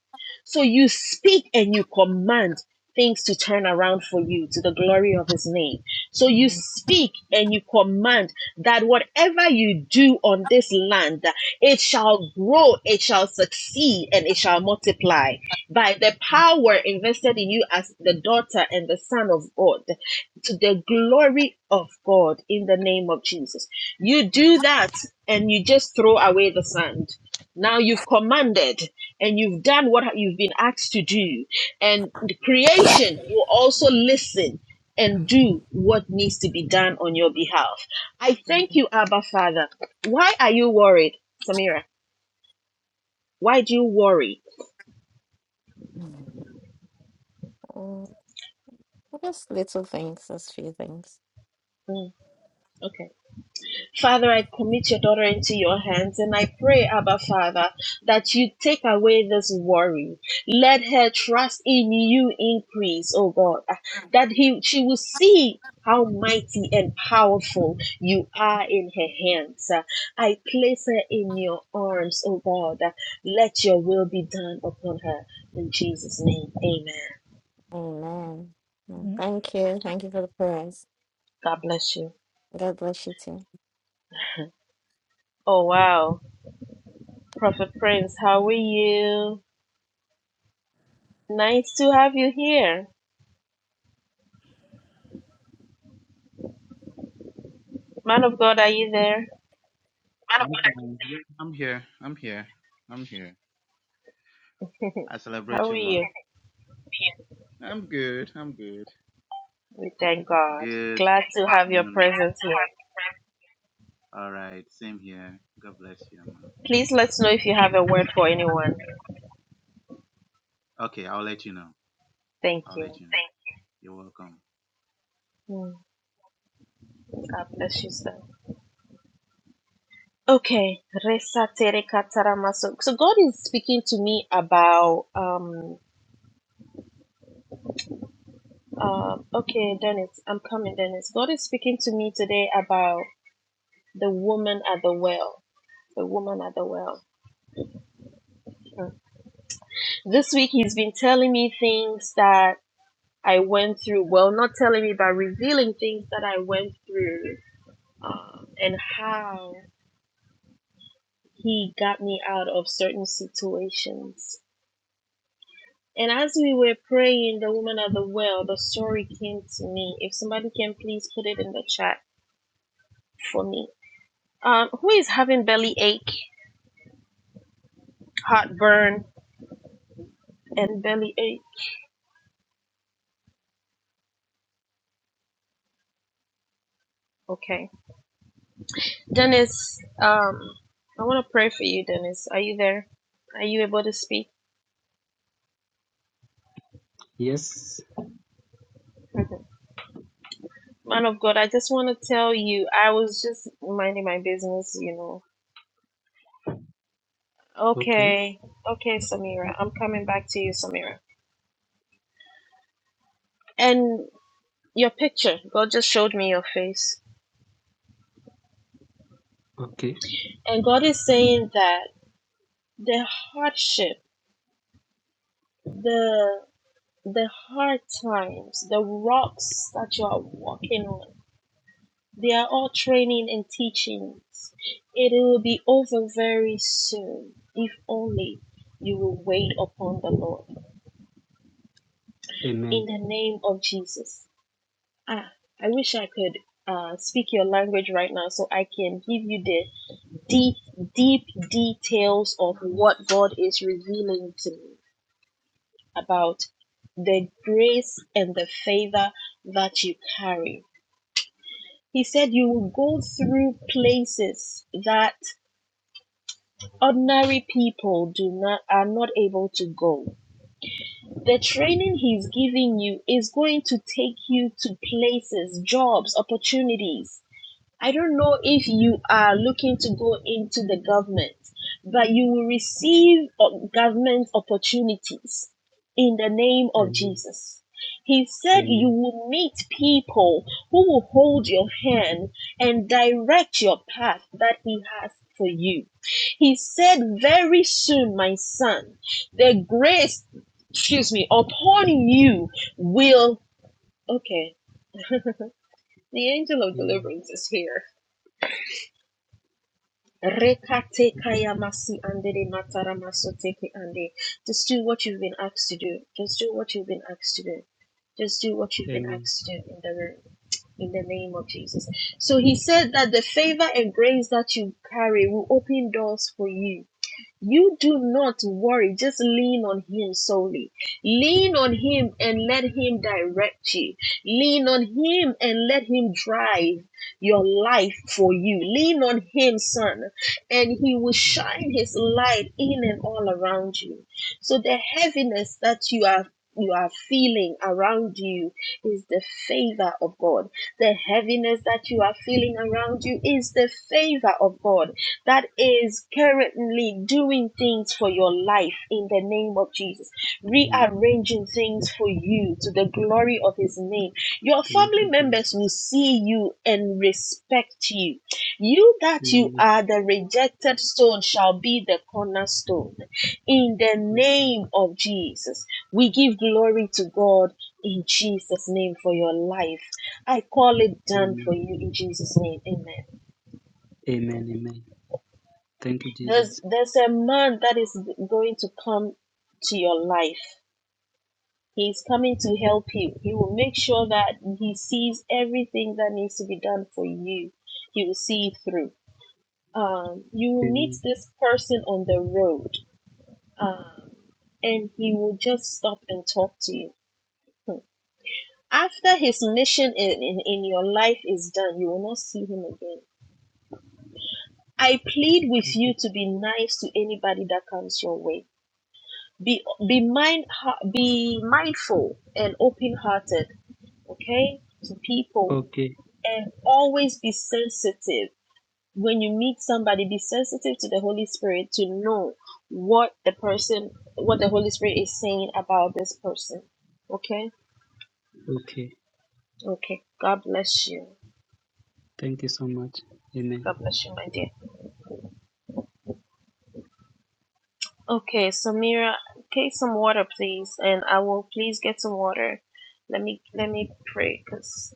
[SPEAKER 1] So you speak and you command things to turn around for you to the glory of his name. So you speak and you command that whatever you do on this land, it shall grow, it shall succeed, and it shall multiply by the power invested in you as the daughter and the son of God to the glory of God in the name of Jesus. You do that and you just throw away the sand. Now you've commanded and you've done what you've been asked to do, and the creation will also listen and do what needs to be done on your behalf. I
[SPEAKER 8] Mm.
[SPEAKER 1] thank you, Abba Father. Why are you worried, Samira? Why do you worry?
[SPEAKER 8] Mm. Mm, Just little things, just few things.
[SPEAKER 1] Mm, okay. Father, I commit your daughter into your hands and I pray, Abba Father, that you take away this worry. Let her trust in you increase, oh God, that he, she will see how mighty and powerful you are in her hands. I place her in your arms, oh God. Let your will be done upon her. In Jesus' name, amen.
[SPEAKER 8] Amen. Mm, Thank you. Thank you for the prayers.
[SPEAKER 1] God bless you.
[SPEAKER 8] God bless you too.
[SPEAKER 1] Oh, wow. Prophet Prince, how are you? Nice to have you here. Man of God, are you there?
[SPEAKER 9] Man of I'm God, I fine. Yeah, I'm here. I'm here. I'm here. I celebrate
[SPEAKER 1] How are
[SPEAKER 9] you, ma.
[SPEAKER 1] you?
[SPEAKER 9] I'm good. I'm good.
[SPEAKER 1] We thank God.
[SPEAKER 9] Good
[SPEAKER 1] Glad
[SPEAKER 9] Thanks,
[SPEAKER 1] to
[SPEAKER 9] Mom.
[SPEAKER 1] have your
[SPEAKER 9] afternoon. And I
[SPEAKER 1] presence
[SPEAKER 9] still
[SPEAKER 1] here.
[SPEAKER 9] have the prayer. All right. Same here. God bless you, ma.
[SPEAKER 1] Please let us know if you have
[SPEAKER 9] Please,
[SPEAKER 1] a
[SPEAKER 9] let's
[SPEAKER 1] word
[SPEAKER 9] do
[SPEAKER 1] for anyone.
[SPEAKER 9] Okay, I'll let you know.
[SPEAKER 1] Thank
[SPEAKER 9] I'll
[SPEAKER 1] you.
[SPEAKER 9] let you know. Thank you. You're welcome.
[SPEAKER 1] Mm, God bless you, sir. Okay. Resa tere katarama. So, so God is speaking to me about um um okay, Dennis, I'm coming, Dennis. God is speaking to me today about the woman at the well. The woman at the well. Mm. This week he's been telling me things that I went through, well, not telling me, but revealing things that I went through um, and how he got me out of certain situations. And as we were praying, the woman at the well, the story came to me. If somebody can please put it in the chat for me. Um, who is having belly ache, heartburn, and belly ache? Okay. Dennis, um, I want to pray for you, Dennis. Are you there? Are you able to speak?
[SPEAKER 10] Yes.
[SPEAKER 1] Man of God, I just want to tell you, I was just minding my business, you know.
[SPEAKER 10] Okay.
[SPEAKER 1] Okay, okay, Samira, I'm coming back to you, Samira. And your picture, God just showed me your face.
[SPEAKER 10] Okay.
[SPEAKER 1] And God is saying that the hardship, the the hard times, the rocks that you are walking on, they are all training and teachings. It will be over very soon, if only you will wait upon the Lord.
[SPEAKER 10] Amen.
[SPEAKER 1] in the name of Jesus. Ah, I wish I could uh, speak your language right now so I can give you the deep, deep details of what God is revealing to me about the grace and the favor that you carry. He said you will go through places that ordinary people do not are not able to go. The training he's giving you is going to take you to places, jobs, opportunities I don't know if you are looking to go into the government, but you will receive o- government opportunities in the name of
[SPEAKER 10] Amen.
[SPEAKER 1] Jesus. He said you
[SPEAKER 10] Amen.
[SPEAKER 1] will meet people who will hold your hand and direct your path that He has for you. He said, Very soon, my son, the grace, excuse me, upon you will. Okay, the angel of
[SPEAKER 10] Amen.
[SPEAKER 1] deliverance is here. Rekate kaya masi andele matara maso teke ande. Just do what you've been asked to do. Just do what you've been asked to do. Just do what you've been
[SPEAKER 10] Amen.
[SPEAKER 1] asked to do in the in the name of Jesus. So he said that the favor and grace that you carry will open doors for you you do not worry. Just lean on Him solely. Lean on Him and let Him direct you. Lean on Him and let Him drive your life for you. Lean on Him, son, and He will shine His light in and all around you. So the heaviness that you are you are feeling around you is the favor of God. The heaviness that you are feeling around you is the favor of God that is currently doing things for your life in the name of Jesus,
[SPEAKER 10] Amen.
[SPEAKER 1] rearranging things for you to the glory of His name. Your
[SPEAKER 10] Thank
[SPEAKER 1] family
[SPEAKER 10] you,
[SPEAKER 1] members will
[SPEAKER 10] Jesus.
[SPEAKER 1] see you and respect you. You that you
[SPEAKER 10] Amen.
[SPEAKER 1] are the rejected stone shall be the cornerstone. In the
[SPEAKER 10] Yes, Lord.
[SPEAKER 1] name of Jesus, we give glory to God in Jesus' name for your life. I call it done for
[SPEAKER 10] Amen.
[SPEAKER 1] you in Jesus' name. Amen.
[SPEAKER 10] Amen. Amen. Thank you,
[SPEAKER 1] There's
[SPEAKER 10] Jesus.
[SPEAKER 1] there's a man that is going to come to your life. He's coming to help you. He will make sure that he sees everything that needs to be done for you. He will see it through. Um, you will meet
[SPEAKER 10] Amen.
[SPEAKER 1] this person on the road, um, and he will just stop and talk to you. After his mission in, in, in your life is done, you will not see him again. I plead with
[SPEAKER 10] Thank you.
[SPEAKER 1] you to be nice to anybody that comes your way be be mind be mindful and open hearted okay to people
[SPEAKER 10] Okay.
[SPEAKER 1] and always be sensitive when you meet somebody be sensitive to the holy spirit to know what the person what the holy spirit is saying about this person okay
[SPEAKER 10] Okay.
[SPEAKER 1] okay god bless you
[SPEAKER 10] Thank you so much. Amen.
[SPEAKER 1] god bless you my dear okay samira take some water please and i will please get some water let me let me pray because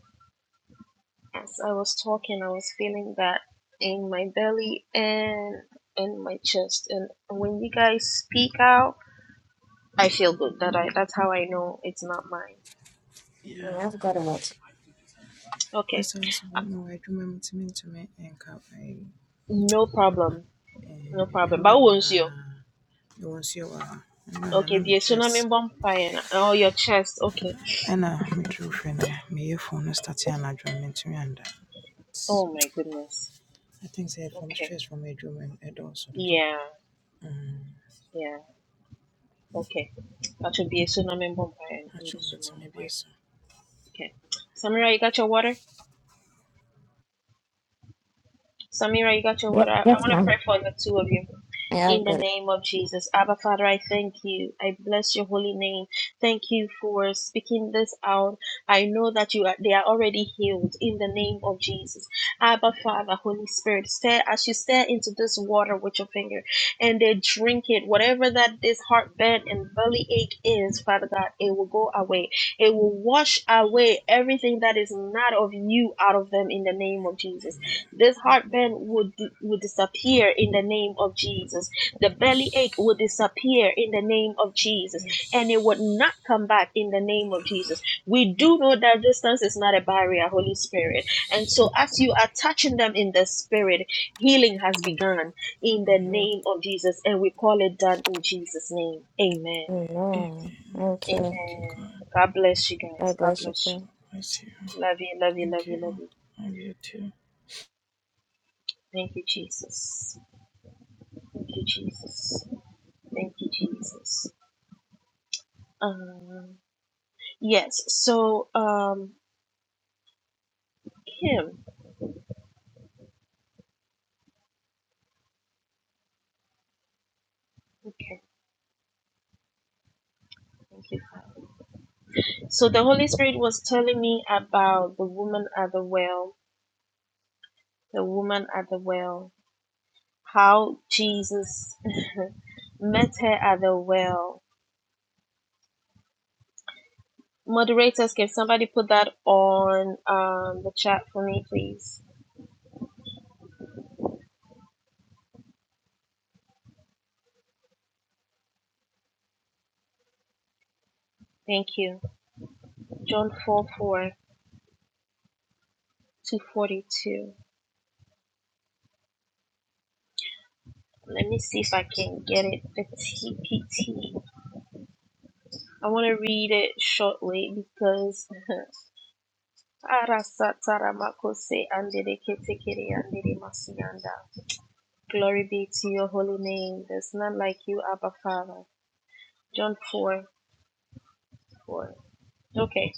[SPEAKER 1] as I was talking, I was feeling that in my belly and in my chest. And when you guys speak out, I feel good. That I that's how I know it's not mine.
[SPEAKER 11] Yeah.
[SPEAKER 8] Mm, I've got a lot.
[SPEAKER 1] Okay,
[SPEAKER 11] Ɛsɛ my bɔ ma w'adwuma mu tumi ntumi nka ayi
[SPEAKER 1] no
[SPEAKER 11] borɔfo.
[SPEAKER 1] problem, no
[SPEAKER 11] Eh,
[SPEAKER 1] problem.
[SPEAKER 11] Nwura
[SPEAKER 1] But won't you?
[SPEAKER 11] nyinaa yɛwɔ nsuo wɔ ha. Nwura na na me and cup I broke and running uh you won't see a and running
[SPEAKER 1] Okay,
[SPEAKER 11] on
[SPEAKER 1] the
[SPEAKER 11] my chest
[SPEAKER 1] tsunami vampire. Oh, your chest. Okay.
[SPEAKER 11] ɛna me tiri hwɛ na meyɛ phone no start yɛ anadwo no mentumi anda. But
[SPEAKER 1] Oh my goodness.
[SPEAKER 11] I think sɛ from
[SPEAKER 1] Okay.
[SPEAKER 11] stress from adwuma mu ɛdɔɔso dodo.
[SPEAKER 1] Yeah.
[SPEAKER 11] Mm.
[SPEAKER 1] Yeah. Okay. That should be a tsunami vampire in the
[SPEAKER 11] Akyɛ
[SPEAKER 1] tsunami.
[SPEAKER 11] matumi bi so.
[SPEAKER 1] Okay. Samira, you got your water? Samira, you got your
[SPEAKER 8] Yep,
[SPEAKER 1] water. I, I
[SPEAKER 8] yes,
[SPEAKER 1] want to
[SPEAKER 8] ma'am.
[SPEAKER 1] pray for the two of you.
[SPEAKER 8] Yeah,
[SPEAKER 1] In
[SPEAKER 8] I've
[SPEAKER 1] the
[SPEAKER 8] got it.
[SPEAKER 1] name of Jesus. Abba Father, I thank you. I bless your holy name. Thank you for speaking this out. I know that you are, they are already healed in the name of Jesus. Abba Father, Holy Spirit, stare as you stare into this water with your finger and they drink it. Whatever that this heartburn and belly ache is, Father God, it will go away. It will wash away everything that is not of you out of them in the name of Jesus.
[SPEAKER 11] Amen.
[SPEAKER 1] This heartburn would would disappear in the name of Jesus. The belly ache
[SPEAKER 11] Yes.
[SPEAKER 1] would disappear in the name of Jesus, and it would not
[SPEAKER 11] Yes.
[SPEAKER 1] come back in the name of Jesus. We do know that distance is not a barrier, Holy Spirit, and
[SPEAKER 11] Yes.
[SPEAKER 1] so as you are touching them in the spirit, healing has begun in the
[SPEAKER 11] Amen.
[SPEAKER 8] Mhm.
[SPEAKER 1] name of Jesus, and we call it done in Jesus' name. Amen.
[SPEAKER 8] Amen.
[SPEAKER 11] Amen.
[SPEAKER 8] Okay.
[SPEAKER 11] Thank you
[SPEAKER 1] Amen.
[SPEAKER 11] God.
[SPEAKER 1] God bless you guys.
[SPEAKER 8] God
[SPEAKER 1] God
[SPEAKER 8] bless you
[SPEAKER 1] bless you.
[SPEAKER 8] too.
[SPEAKER 11] Bless you.
[SPEAKER 1] Love you. Love you. Love
[SPEAKER 11] Thank
[SPEAKER 1] you. Love
[SPEAKER 11] you.
[SPEAKER 1] you.
[SPEAKER 11] I love you too.
[SPEAKER 1] Thank you, Jesus. Thank you, Jesus. Thank you, Jesus. Um, yes, so um, Kim, okay, thank you. So the Holy Spirit was telling me about the woman at the well, the woman at the well, how Jesus met her at the well. Moderators, can somebody put that on um, the chat for me, please? Thank you. John 4 4 to 42. Let me see if I can get it. The TPT. I want to read it shortly because Glory be to your holy name. There's none like you, Abba Father. John 4 4. Okay.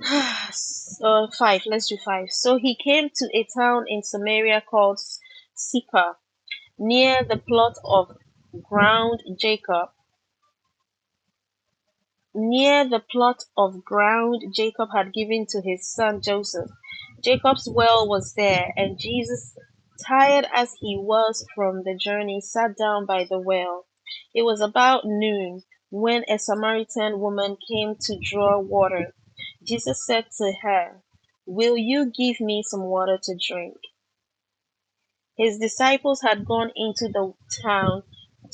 [SPEAKER 1] so 5. Let's do 5. So he came to a town in Samaria called Sychar, near the plot of ground Jacob near the plot of ground Jacob had given to his son Joseph. Jacob's well was there, and Jesus, tired as he was from the journey, sat down by the well. It was about noon when a Samaritan woman came to draw water. Jesus said to her, Will you give me some water to drink? His disciples had gone into the town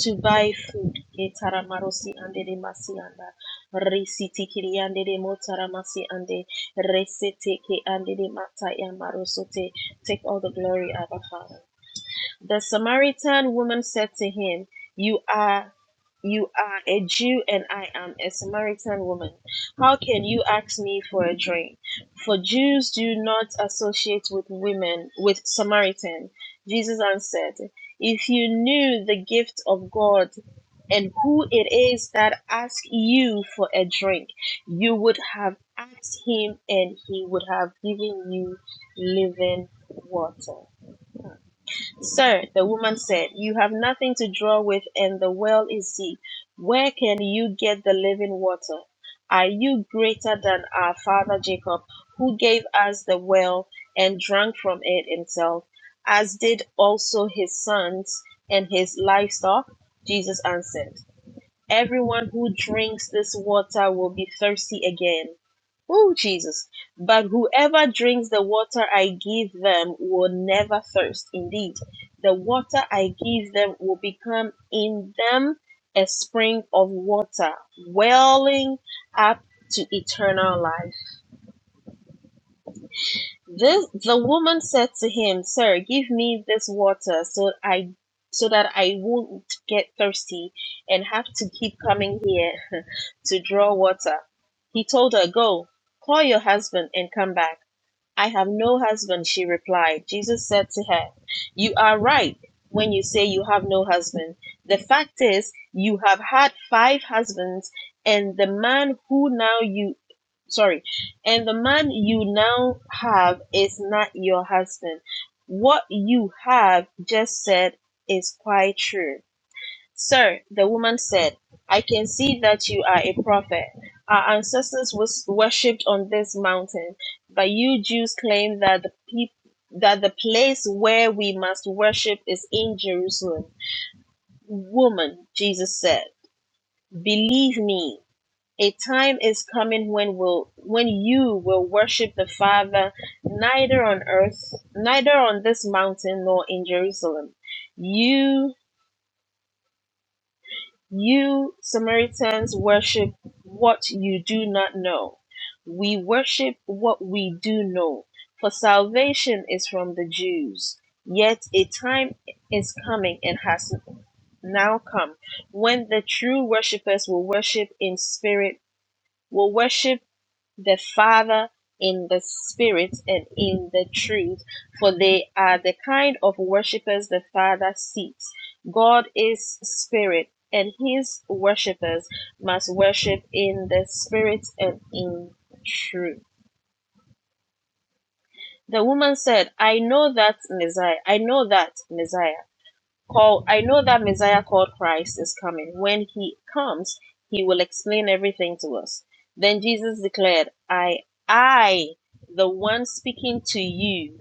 [SPEAKER 1] to buy food. Etaramasi ande de masi anda. Resiti kiri ande de motaramasi ande. Resete ke ande de mata ya marosote. Take all the glory, Abba Father. The Samaritan woman said to him, You are you are a Jew and I am a Samaritan woman. How can you ask me for a drink? For Jews do not associate with women, with Samaritan. Jesus answered, If you knew the gift of God and who it is that asks you for a drink, you would have asked him and he would have given you living water. Sir, the woman said, You have nothing to draw with, and the well is deep. Where can you get the living water? Are you greater than our father Jacob, who gave us the well and drank from it himself, as did also his sons and his livestock? Jesus answered, Everyone who drinks this water will be thirsty again. Oh, Jesus. But whoever drinks the water I give them will never thirst. Indeed, the water I give them will become in them a spring of water, welling up to eternal life. This the woman said to him, Sir, give me this water so I so that I won't get thirsty and have to keep coming here to draw water. He told her, Go, call your husband and come back. I have no husband, she replied. Jesus said to her, You are right when you say you have no husband. The fact is, you have had five husbands, and the man who now you, sorry, and the man you now have is not your husband. What you have just said is quite true. Sir, the woman said, I can see that you are a prophet. Our ancestors was worshipped on this mountain, but you Jews claim that the peop- that the place where we must worship is in Jerusalem. Woman, Jesus said, believe me, a time is coming when will when you will worship the Father neither on earth, neither on this mountain nor in Jerusalem. You you Samaritans worship what you do not know. We worship what we do know, for salvation is from the Jews. Yet a time is coming and has now come when the true worshippers will worship in spirit will worship the Father in the Spirit and in the truth, for they are the kind of worshippers the Father seeks. God is Spirit, and His worshippers must worship in the Spirit and in truth. The woman said, I know that Messiah. I know that Messiah call I know that Messiah called Christ is coming. When he comes, he will explain everything to us. Then Jesus declared, I I the one speaking to you,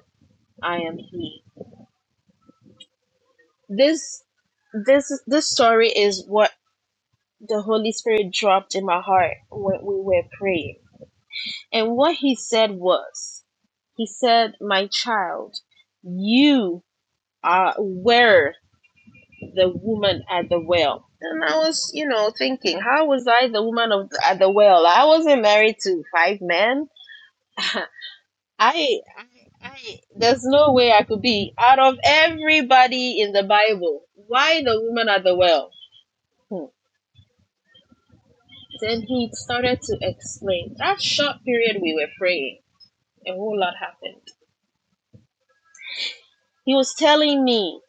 [SPEAKER 1] I am he. This this this story is what the Holy Spirit dropped in my heart when we were praying. And what he said was, he said, "My child, you are were." the woman at the well. And I was, you know, thinking, how was I the woman of at the well? I wasn't married to five men. I, I, I, there's no way I could be out of everybody in the Bible. Why the woman at the well? Hmm. Then he started to explain. That short period we were praying, a whole lot happened. He was telling me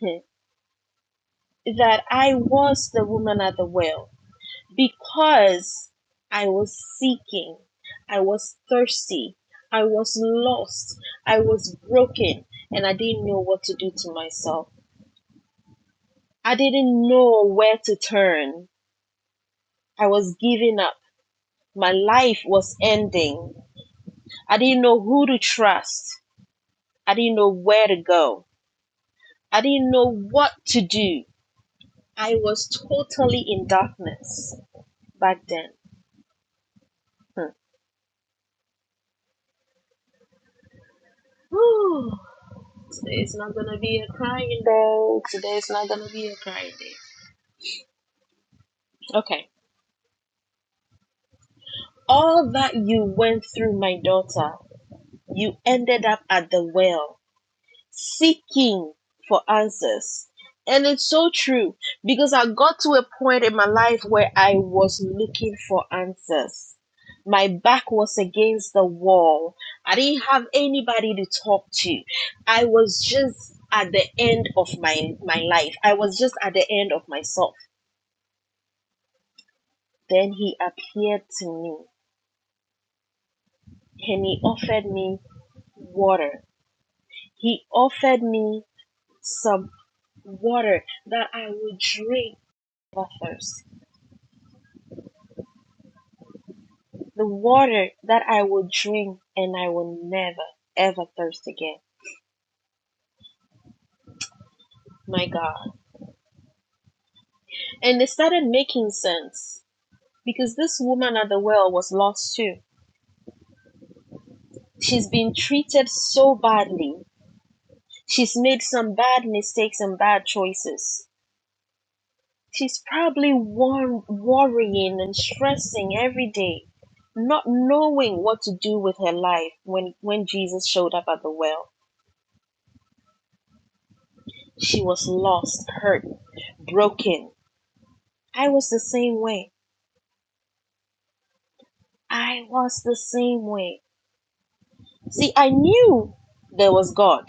[SPEAKER 1] hmm, that I was the woman at the well because I was seeking, I was thirsty, I was lost, I was broken, and I didn't know what to do to myself. I didn't know where to turn. I was giving up. My life was ending. I didn't know who to trust. I didn't know where to go. I didn't know what to do. I was totally in darkness back then. Hmm. Today's not gonna be a crying day. Today's not gonna be a crying day. Okay. All that you went through, my daughter, you ended up at the well, seeking for answers. And it's so true because I got to a point in my life where I was looking for answers. My back was against the wall. I didn't have anybody to talk to. I was just at the end of my my life. I was just at the end of myself Then he appeared to me and he offered me water. He offered me some water that I would drink never thirst. The water that I would drink and I will never ever thirst again. My God. And it started making sense because this woman at the well was lost too. She's been treated so badly. She's made some bad mistakes and bad choices. She's probably wor- worrying and stressing every day, not knowing what to do with her life when, when Jesus showed up at the well. She was lost, hurt, broken. I was the same way. I was the same way. See, I knew there was God,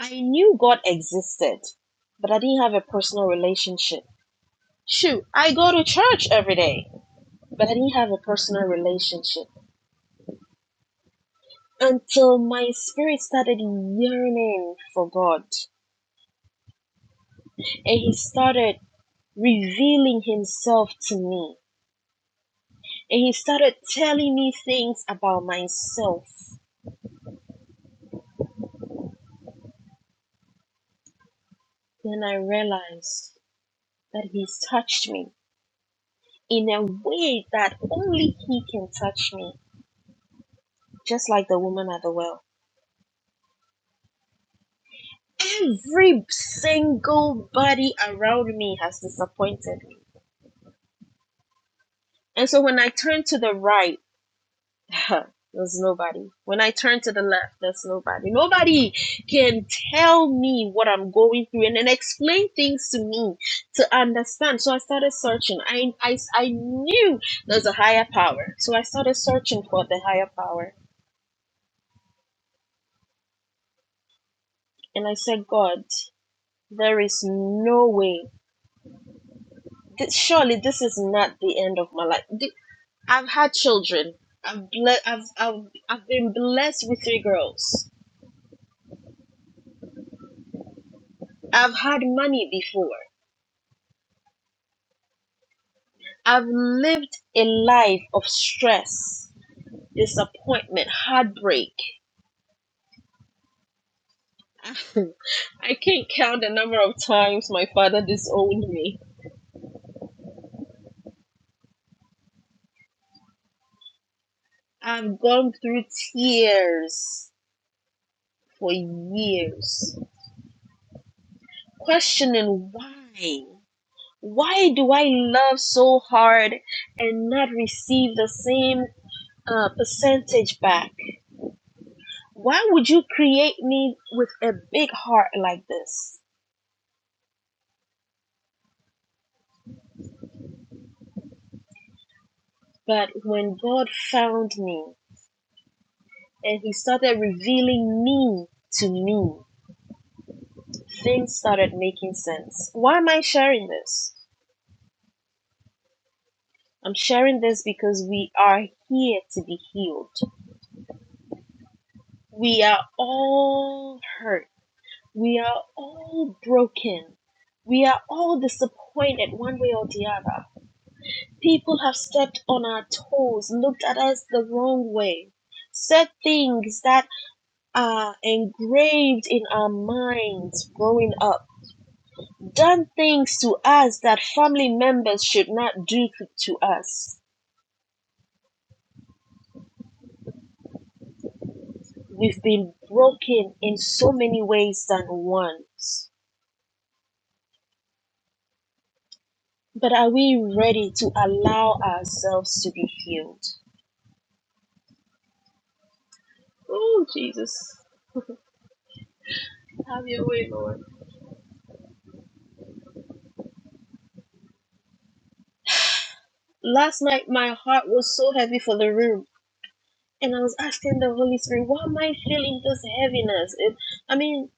[SPEAKER 1] I knew God existed, but I didn't have a personal relationship. Shoot, I go to church every day, but I didn't have a personal relationship. until my spirit started yearning for God. And He started revealing Himself to me. And He started telling me things about myself. Then I realized that He's touched me in a way that only He can touch me, just like the woman at the well. Every single body around me has disappointed me. And so when I turned to the right, There's nobody. When I turn to the left, there's nobody. Nobody can tell me what I'm going through and then explain things to me to understand. So I started searching. I, I, I knew there's a higher power. So I started searching for the higher power. And I said, God, there is no way. This, surely this is not the end of my life. Th- I've had children. I've, ble- I've, I've, I've been blessed with three girls. I've had money before. I've lived a life of stress, disappointment, heartbreak. I can't count the number of times my father disowned me. I've gone through tears for years, questioning why. Why do I love so hard and not receive the same uh, percentage back? Why would you create me with a big heart like this? But when God found me, and he started revealing me to me. Things started making sense. Why am I sharing this? I'm sharing this because we are here to be healed. We are all hurt. We are all broken. We are all disappointed one way or the other. People have stepped on our toes, looked at us the wrong way, said things that are engraved in our minds growing up done things to us that family members should not do to, us. We've been broken in so many ways than once. But are we ready to allow ourselves to be healed? Oh, Jesus. Have your way, Lord. Last night, my heart was so heavy for the room. And I was asking the Holy Spirit, why am I feeling this heaviness? It, I mean,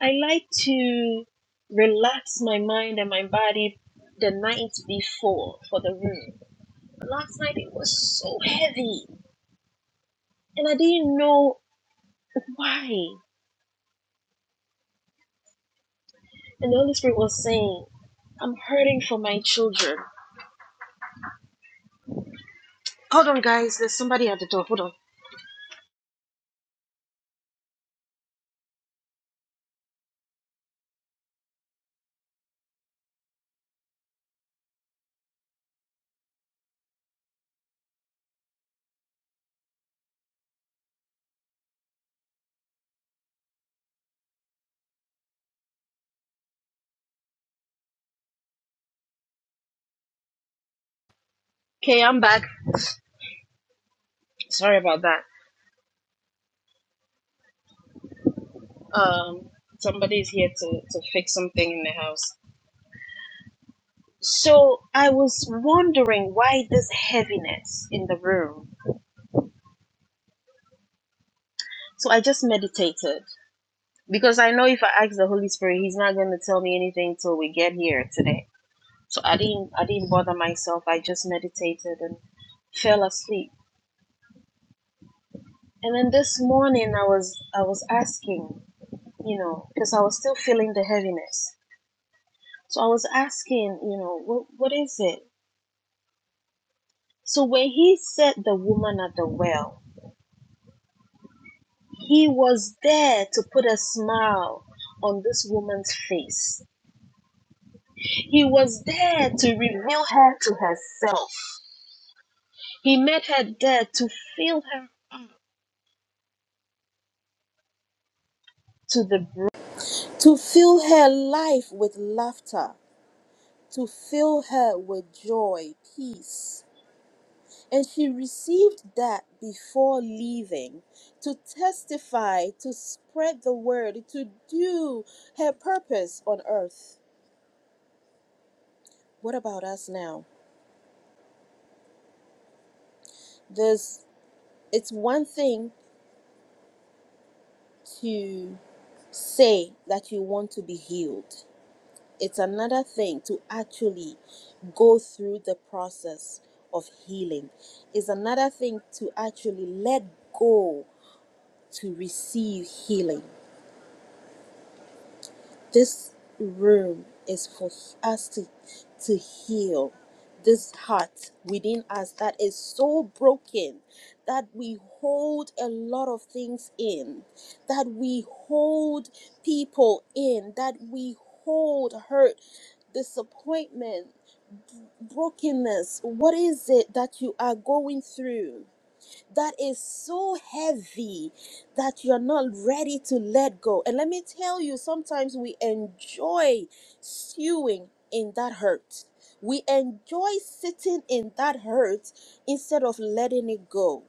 [SPEAKER 1] I like to relax my mind and my body the night before for the room last night it was so heavy and I didn't know why. And the Holy Spirit was saying, I'm hurting for my children. Hold on, guys. There's somebody at the door. Hold on. Okay, I'm back. Sorry about that. Um, somebody's here to, to fix something in the house. So I was wondering why this heaviness in the room. So I just meditated because I know if I ask the Holy Spirit, He's not going to tell me anything till we get here today. So I didn't I didn't bother myself. I just meditated and fell asleep. And then this morning I was I was asking, you know, because I was still feeling the heaviness. So I was asking, you know, what what is it? So when he said the woman at the well, he was there to put a smile on this woman's face. He was there to reveal her to herself. He met her there to feel her to the to fill her life with laughter, to fill her with joy, peace. And she received that before leaving to testify, to spread the word, to do her purpose on earth. What about us now? There's, it's one thing to say that you want to be healed. it's another thing to actually go through the process of healing it's another thing to actually let go to receive healing this room is for us to to heal this heart within us that is so broken that we hold a lot of things in that we hold people in that we hold hurt disappointment brokenness what is it that you are going through that is so heavy that you're not ready to let go and let me tell you sometimes we enjoy stewing in that hurt we enjoy sitting in that hurt instead of letting it go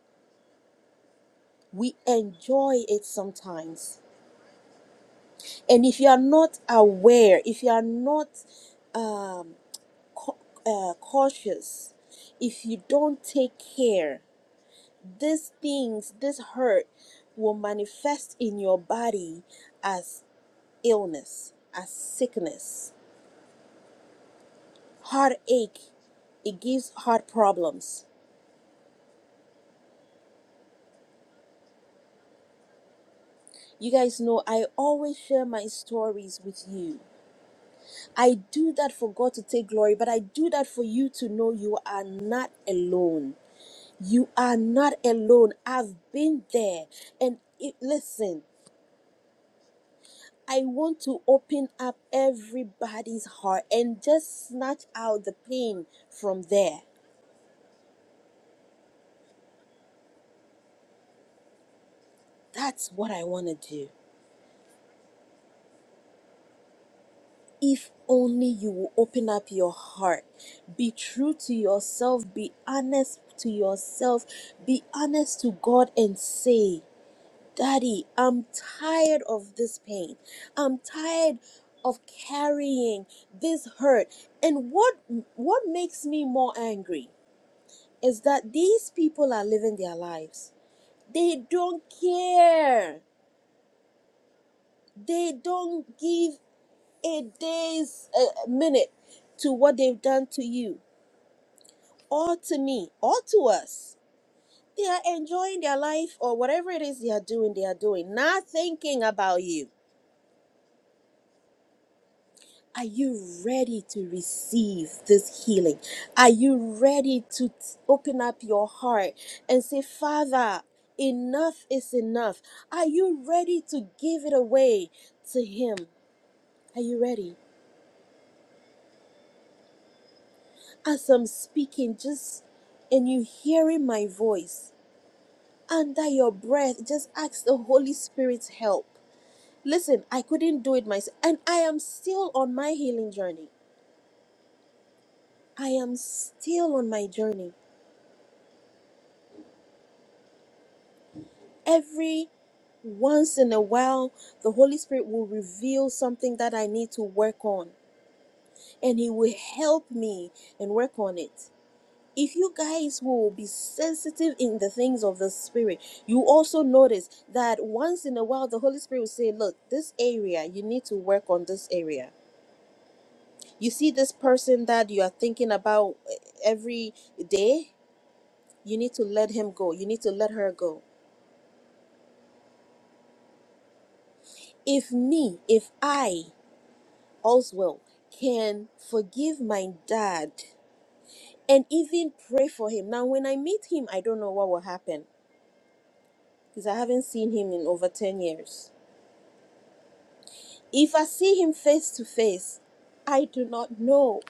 [SPEAKER 1] we enjoy it sometimes and if you are not aware if you are not um. cau- uh, cautious if you don't take care these things this hurt will manifest in your body as illness as sickness heartache it gives heart problems you guys know i always share my stories with you i do that for god to take glory but i do that for you to know you are not alone you are not alone i've been there and it, listen I want to open up everybody's heart and just snatch out the pain from there. That's what I want to do. If only you will open up your heart, be true to yourself, be honest to yourself, be honest to God, and say, Daddy, I'm tired of this pain. I'm tired of carrying this hurt. And what what makes me more angry? is that these people are living their lives. They don't care. They don't give a day's a minute to what they've done to you or to me or to us. They are enjoying their life or whatever it is they are doing, they are doing, not thinking about you. Are you ready to receive this healing? Are you ready to t- open up your heart and say, Father, enough is enough? Are you ready to give it away to Him? Are you ready? As I'm speaking, just and you hearing my voice under your breath, just ask the Holy Spirit's help. Listen, I couldn't do it myself, and I am still on my healing journey. I am still on my journey. every once in a while the holy spirit will reveal something that i need to work on and he will help me and work on it if you guys will be sensitive in the things of the spirit you also notice that once in a while the holy spirit will say look this area you need to work on this area you see this person that you are thinking about eh, every day you need to let him go you need to let her go if me if i Oswell can forgive my dad and even pray for him. Now, when I meet him, I don't know what will happen because I haven't seen him in over 10 years. If I see him face to face, I do not know.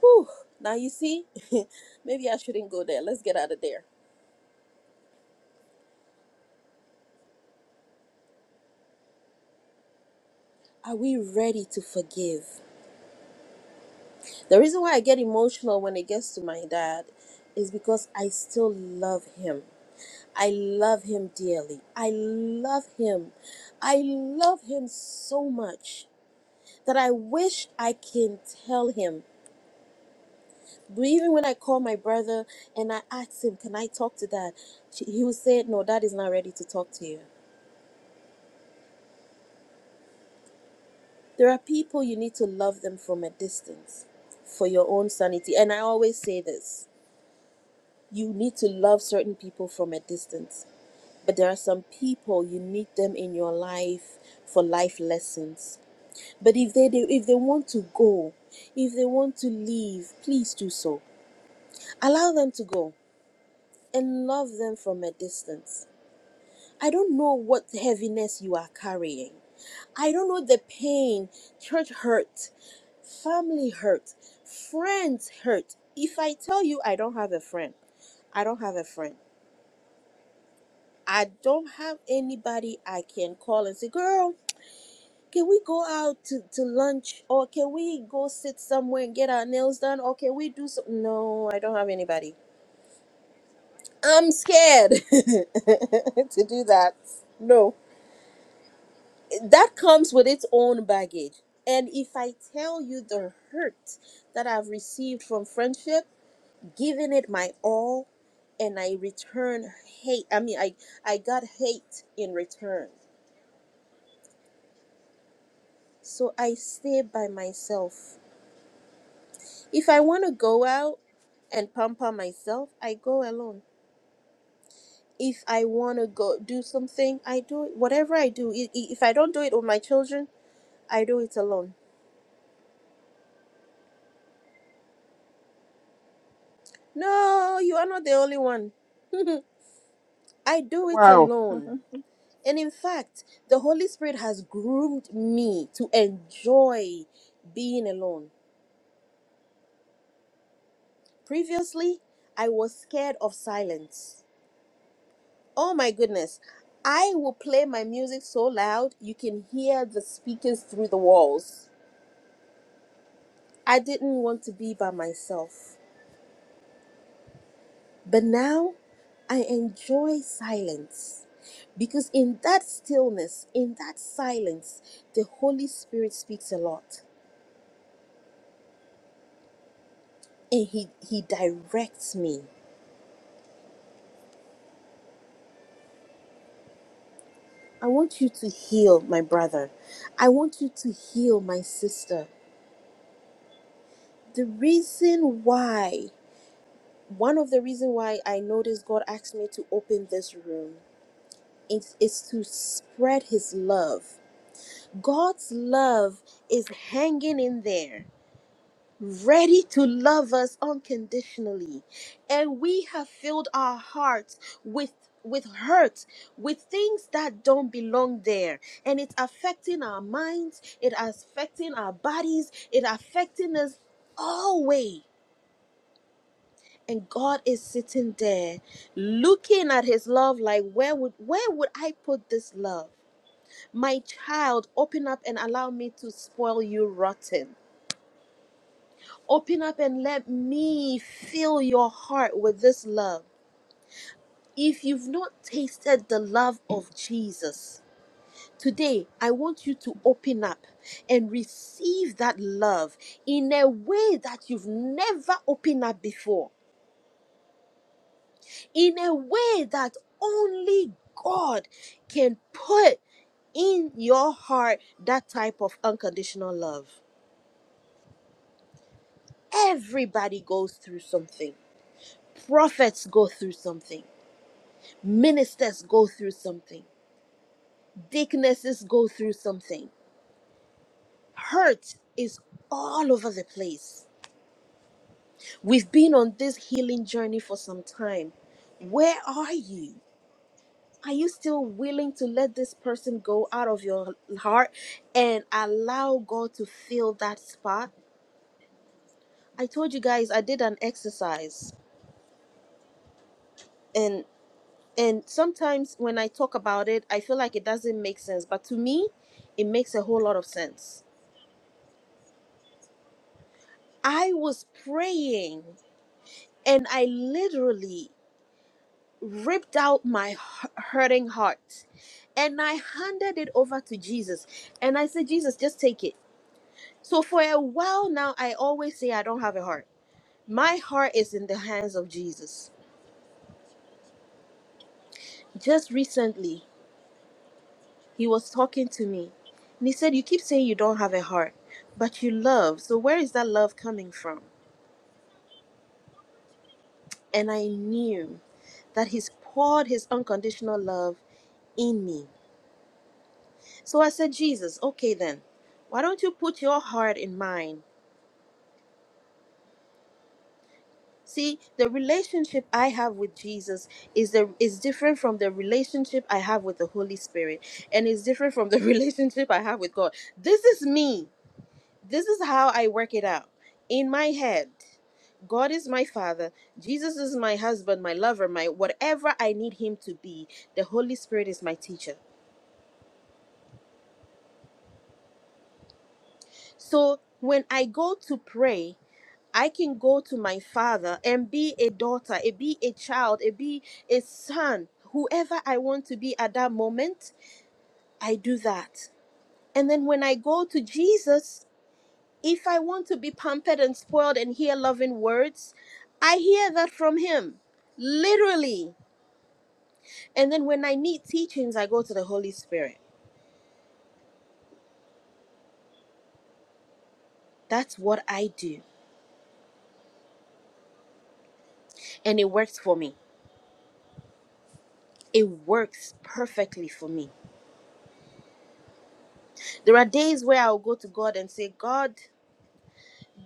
[SPEAKER 1] Whew. Now, you see, maybe I shouldn't go there. Let's get out of there. Are we ready to forgive? The reason why I get emotional when it gets to my dad is because I still love him. I love him dearly. I love him. I love him so much that I wish I can tell him. But even when I call my brother and I ask him, Can I talk to dad? She- He will say, No, dad is not ready to talk to you. There are people you need to love them from a distance for your own sanity. And I always say this you need to love certain people from a distance, but there are some people you need them in your life for life lessons But if they do, if they want to go, if they want to leave, please do so. Allow them to go and love them from a distance. I don't know what heaviness you are carrying. I don't know the pain, church hurt, family hurt, friends hurt. If I tell you I don't have a friend, I don't have a friend. I don't have anybody I can call and say, girl, can we go out to, to lunch or can we go sit somewhere and get our nails done or can we do some no i don't have anybody i'm scared to do that no that comes with its own baggage and if i tell you the hurt that i've received from friendship giving it my all and i return hate i mean i i got hate in return so i stay by myself If I want to go out and pamper myself, I go alone. If I want to go do something, I do it. Whatever I do, i- i- if I don't do it with my children, I do it alone. No, you are not the only one. I do it
[SPEAKER 12] Wow.
[SPEAKER 1] alone. And in fact, the Holy Spirit has groomed me to enjoy being alone. Previously, I was scared of silence. Oh my goodness. I will play my music so loud you can hear the speakers through the walls. I didn't want to be by myself. But now I enjoy silence because in that stillness, in that silence, the Holy Spirit speaks a lot and he he directs me. I want you to heal my brother. I want you to heal my sister. The reason why one of the reason why I noticed God asked me to open this room is, is to spread his love. God's love is hanging in there, ready to love us unconditionally. And we have filled our hearts with with hurt, with things that don't belong there. And it's affecting our minds, it affecting our bodies, it affecting us all way. and God is sitting there looking at his love like where would where would I put this love? My child, open up and allow me to spoil you rotten. Open up and let me fill your heart with this love. If you've not tasted the love of Jesus, today I want you to open up and receive that love in a way that you've never opened up before. in a way that only God can put in your heart that type of unconditional love. Everybody goes through something. Prophets go through something. Ministers go through something. Deaconesses go through something. Hurt is all over the place. We've been on this healing journey for some time. Where are you? Are you still willing to let this person go out of your heart and allow God to fill that spot? I told you guys I did an exercise and and sometimes when I talk about it, I feel like it doesn't make sense, but to me, it makes a whole lot of sense. I was praying and I literally ripped out my hu- hurting heart and I handed it over to Jesus. And I said, Jesus, just take it So for a while now, I always say I don't have a heart. My heart is in the hands of Jesus. Just recently, he was talking to me and he said, You keep saying you don't have a heart, but you love. So where is that love coming from? And I knew that he's poured his unconditional love in me. So I said, Jesus, okay then, why don't you put your heart in mine? See, the relationship I have with Jesus is the is different from the relationship I have with the Holy Spirit, and it's different from the relationship I have with God. This is me. This is how I work it out in my head. God is my father. Jesus is my husband, my lover, my whatever I need him to be. The Holy Spirit is my teacher. So when I go to pray, I can go to my father and be a daughter, a be a child, a be a son, whoever I want to be at that moment, I do that. And then when I go to Jesus, if I want to be pampered and spoiled and hear loving words, I hear that from him, literally. And then when I need teachings, I go to the Holy Spirit. That's what I do. And it works for me. It works perfectly for me. There are days where I'll go to God and say, God,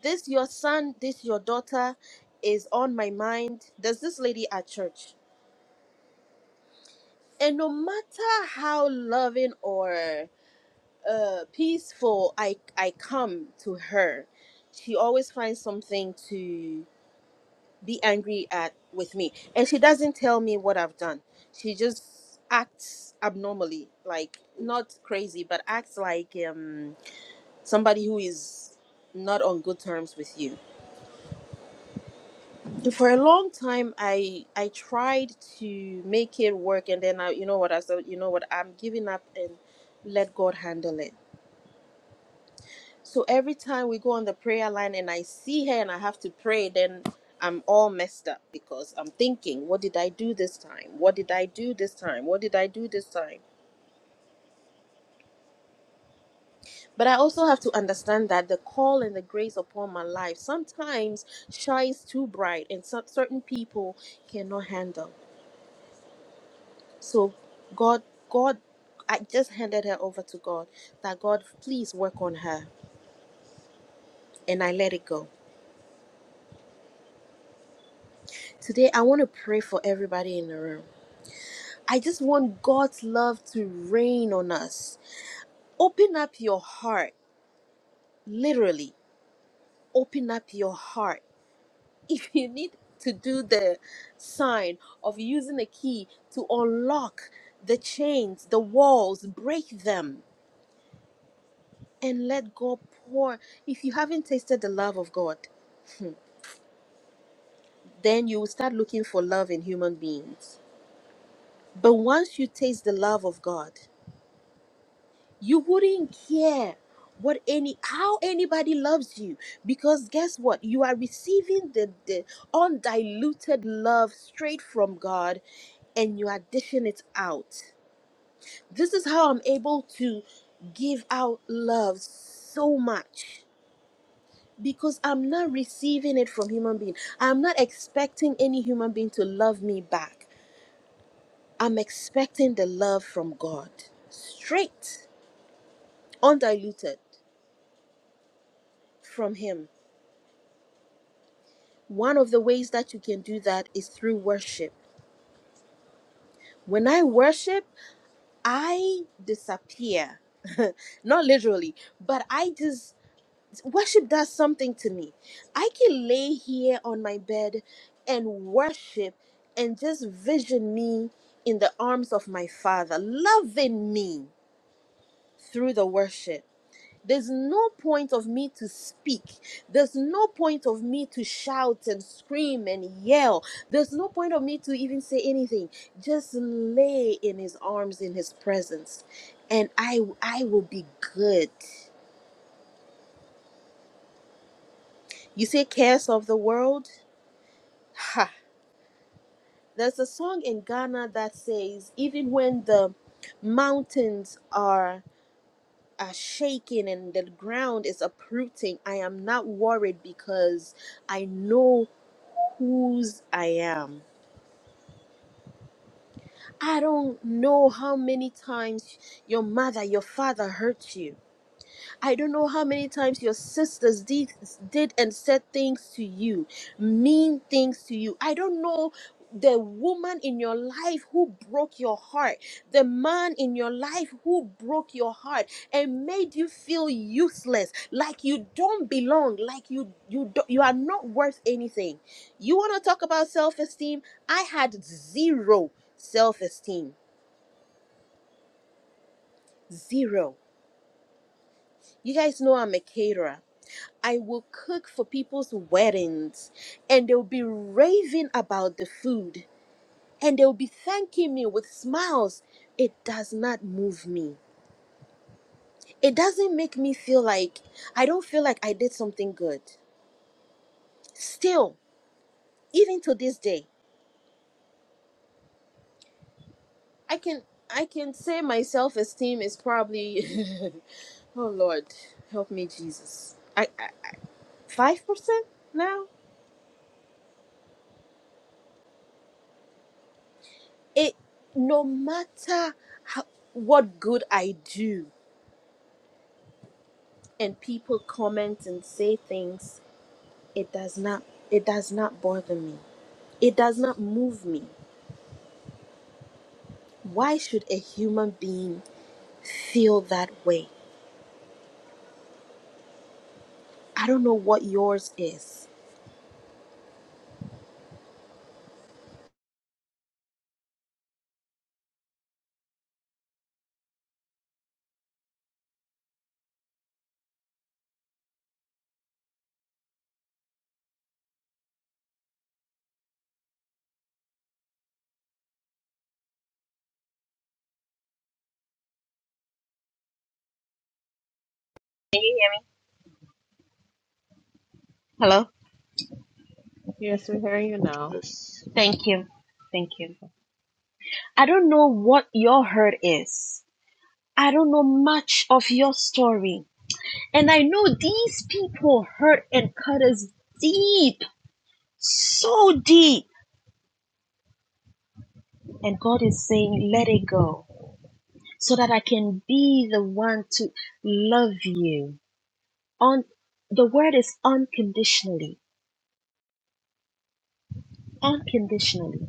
[SPEAKER 1] this your son, this your daughter is on my mind. There's this lady at church. And no matter how loving or uh, peaceful I, I come to her, she always finds something to be angry at with me. And she doesn't tell me what I've done. She just acts abnormally, like not crazy, but acts like um, somebody who is not on good terms with you for a long time i i tried to make it work and then i you know what i said you know what i'm giving up and let god handle it so every time we go on the prayer line and i see her and i have to pray then i'm all messed up because i'm thinking what did i do this time what did i do this time what did i do this time but i also have to understand that the call and the grace upon my life sometimes shines too bright and some, certain people cannot handle So God, God, I just handed her over to God that God, please work on her. And I let it go. Today, I want to pray for everybody in the room. I just want God's love to rain on us. Open up your heart, literally, open up your heart. If you need to do the sign of using a key to unlock the chains, the walls, break them, and let God pour. If you haven't tasted the love of God, then you will start looking for love in human beings. But once you taste the love of God, you wouldn't care what any how anybody loves you because guess what you are receiving the, the undiluted love straight from god and you are dishing it out this is how i'm able to give out love so much because i'm not receiving it from human being i'm not expecting any human being to love me back I'm expecting the love from God, straight, undiluted from Him. One of the ways that you can do that is through worship. When I worship, I disappear. Not literally, but I just, worship does something to me. I can lay here on my bed and worship and just vision me in the arms of my Father, loving me through the worship. There's no point of me to speak. There's no point of me to shout and scream and yell. There's no point of me to even say anything. Just lay in his arms in his presence and I I will be good. You say cares of the world? Ha. There's a song in Ghana that says even when the mountains are are shaking and the ground is uprooting, I am not worried because I know whose I am. I don't know how many times your mother, your father hurt you. I don't know how many times your sisters did, did and said things to you, mean things to you. I don't know the woman in your life who broke your heart, the man in your life who broke your heart and made you feel useless, like you don't belong, like you you do, you are not worth anything. You want to talk about self-esteem? I had zero self-esteem. Zero. You guys know I'm a caterer. I will cook for people's weddings and they'll be raving about the food and they'll be thanking me with smiles. It does not move me. It doesn't make me feel like I don't feel like I did something good. Still, even to this day, I can I can say my self-esteem is probably oh Lord, help me Jesus. I five percent now. It no matter how, what good I do and people comment and say things it does not it does not bother me it does not move me why should a human being feel that way i don't know what yours is can you hear me hello
[SPEAKER 6] Yes, we hear you now.
[SPEAKER 3] Yes.
[SPEAKER 1] thank you thank you i don't know what your hurt is i don't know much of your story and i know these people hurt and cut us deep so deep and god is saying let it go so that I can be the one to love you. On the word is unconditionally, unconditionally.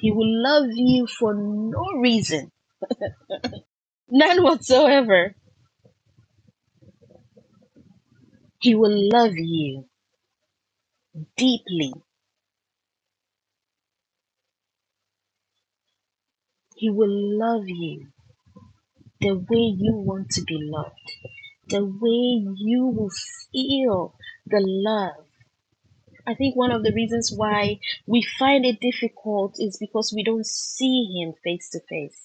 [SPEAKER 1] He will love you for no reason, none whatsoever. He will love you deeply. He will love you the way you want to be loved, the way you will feel the love. I think one of the reasons why we find it difficult is because we don't see him face to face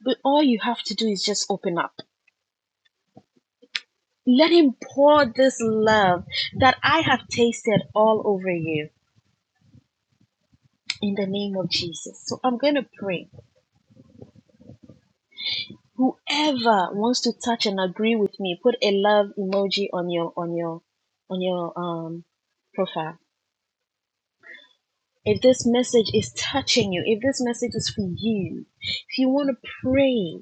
[SPEAKER 1] But all you have to do is just open up. Let Him pour this love that I have tasted all over you in the name of Jesus. So I'm going to pray. Whoever wants to touch and agree with me, put a love emoji on your on your on your um profile. If this message is touching you, if this message is for you, if you want to pray,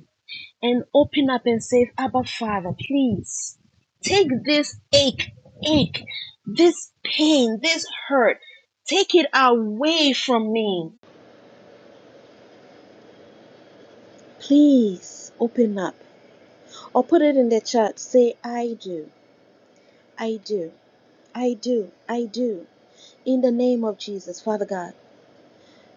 [SPEAKER 1] and open up and say, Abba Father, please take this ache, ache, this pain, this hurt, take it away from me. Please open up. Or put it in the chat. Say, I do, I do, I do, I do. In the name of Jesus, Father God.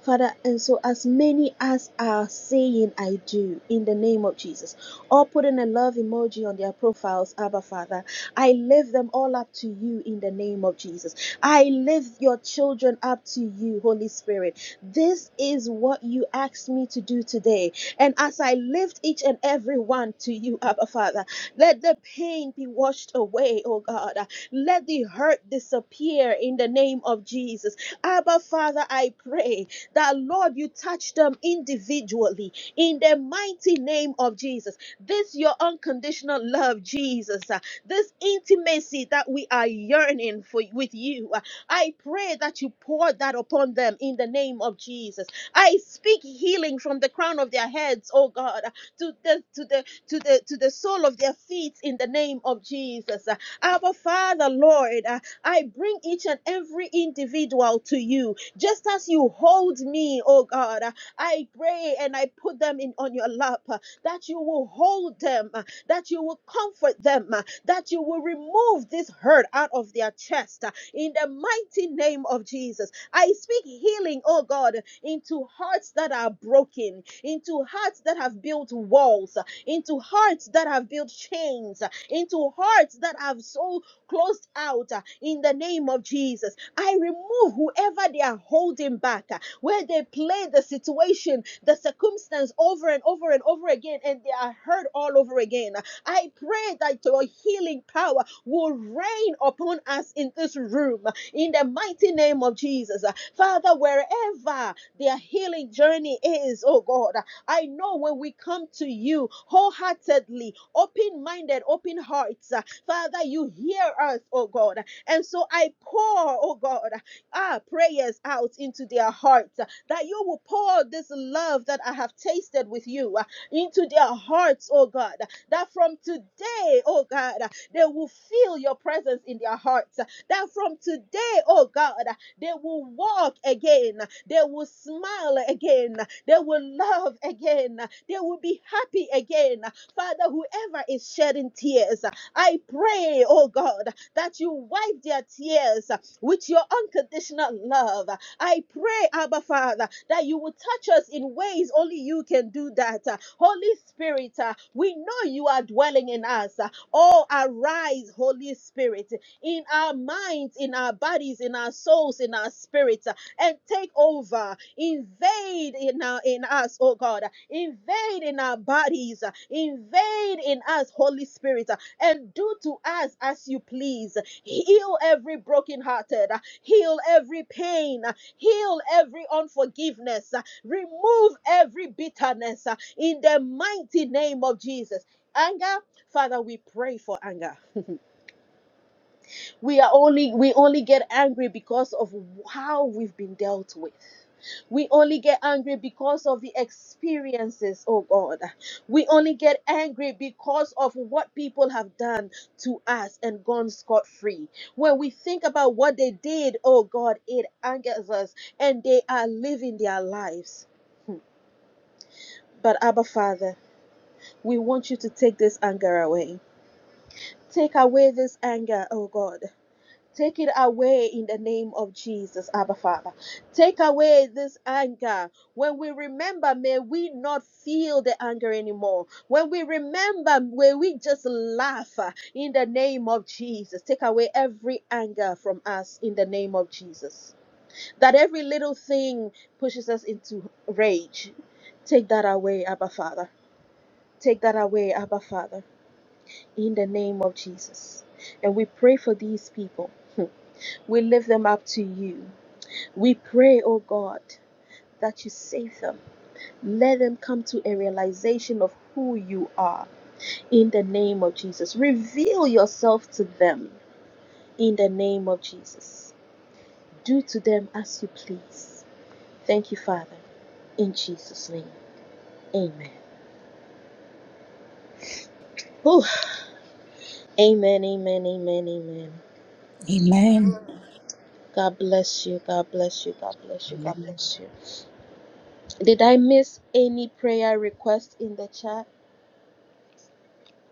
[SPEAKER 1] Father, and so as many as are saying, I do, in the name of Jesus, or putting a love emoji on their profiles, Abba Father, I lift them all up to you in the name of Jesus. I lift your children up to you, Holy Spirit. This is what you asked me to do today. And as I lift each and every one to you, Abba Father, let the pain be washed away, oh God. Let the hurt disappear in the name of Jesus. Abba Father, I pray that Lord, you touch them individually in the mighty name of Jesus. This your unconditional love, Jesus. uh, This intimacy that we are yearning for with you. uh, I pray that you pour that upon them in the name of Jesus. I speak healing from the crown of their heads, oh God, uh, to the to the to the to the sole of their feet in the name of Jesus. Uh, Our Father, Lord, uh, I bring each and every individual to you just as you hold me, oh God, uh, I pray and I put them in on your lap uh, that you will hold them, uh, that you will comfort them, uh, that you will remove this hurt out of their chest uh, in the mighty name of Jesus. I speak healing, oh God, into hearts that are broken, into hearts that have built walls, uh, into hearts that have built chains, uh, into hearts that have so closed out uh, in the name of Jesus. I remove whoever they are holding back, uh, where they play the situation, the circumstance over and over and over again, and they are hurt all over again. I pray that your healing power will reign upon us in this room uh, in the mighty name of Jesus. Uh, Father, wherever their healing journey is, oh God, uh, I know when we come to you wholeheartedly, open minded, open hearts, uh, Father, you hear us, oh God. And so I pour, oh God, ah, prayers out into their hearts ah, that you will pour this love that I have tasted with you ah, into their hearts, oh God, that from today, oh God, they will feel your presence in their hearts. uh, That from today, oh God, they will walk again, they will smile again, they will love again, they will be happy again. Father, whoever is shedding tears, I pray, oh God, that you wipe their tears with your unconditional love. I pray, Abba Father, that you will touch us in ways only you can do that. Holy Spirit, uh, we know you are dwelling in us. Oh, arise, Holy Spirit, in our minds, in our bodies, in our souls, in our spirits, and take over. Invade in our in us, oh God. Invade in our bodies. Invade in us, Holy Spirit and do to us as you please. Heal every brokenhearted, heal every pain, heal every unforgiveness, remove every bitterness in the mighty name of Jesus. Anger, Father, we pray for anger. We are only we only get angry because of how we've been dealt with. We only get angry because of the experiences, oh God. We only get angry because of what people have done to us and gone scot free. When we think about what they did, oh God, it angers us and they are living their lives. But Abba Father, we want you to take this anger away. Take away this anger, oh God. Take it away in the name of Jesus, Abba Father. Take away this anger. When we remember, may we not feel the anger anymore. When we remember, may we just laugh uh, in the name of Jesus. Take away every anger from us in the name of Jesus. That every little thing pushes us into rage. Take that away, Abba Father. Take that away, Abba Father, in the name of Jesus. And we pray for these people. We lift them up to you. We pray, oh God, that you save them. Let them come to a realization of who you are in the name of Jesus. Reveal yourself to them in the name of Jesus. Do to them as you please. Thank you, Father. In Jesus' name, amen. Whew. Amen, amen, amen, amen. God bless you. God bless you. God bless you. God bless you. Did I miss any prayer request in the chat?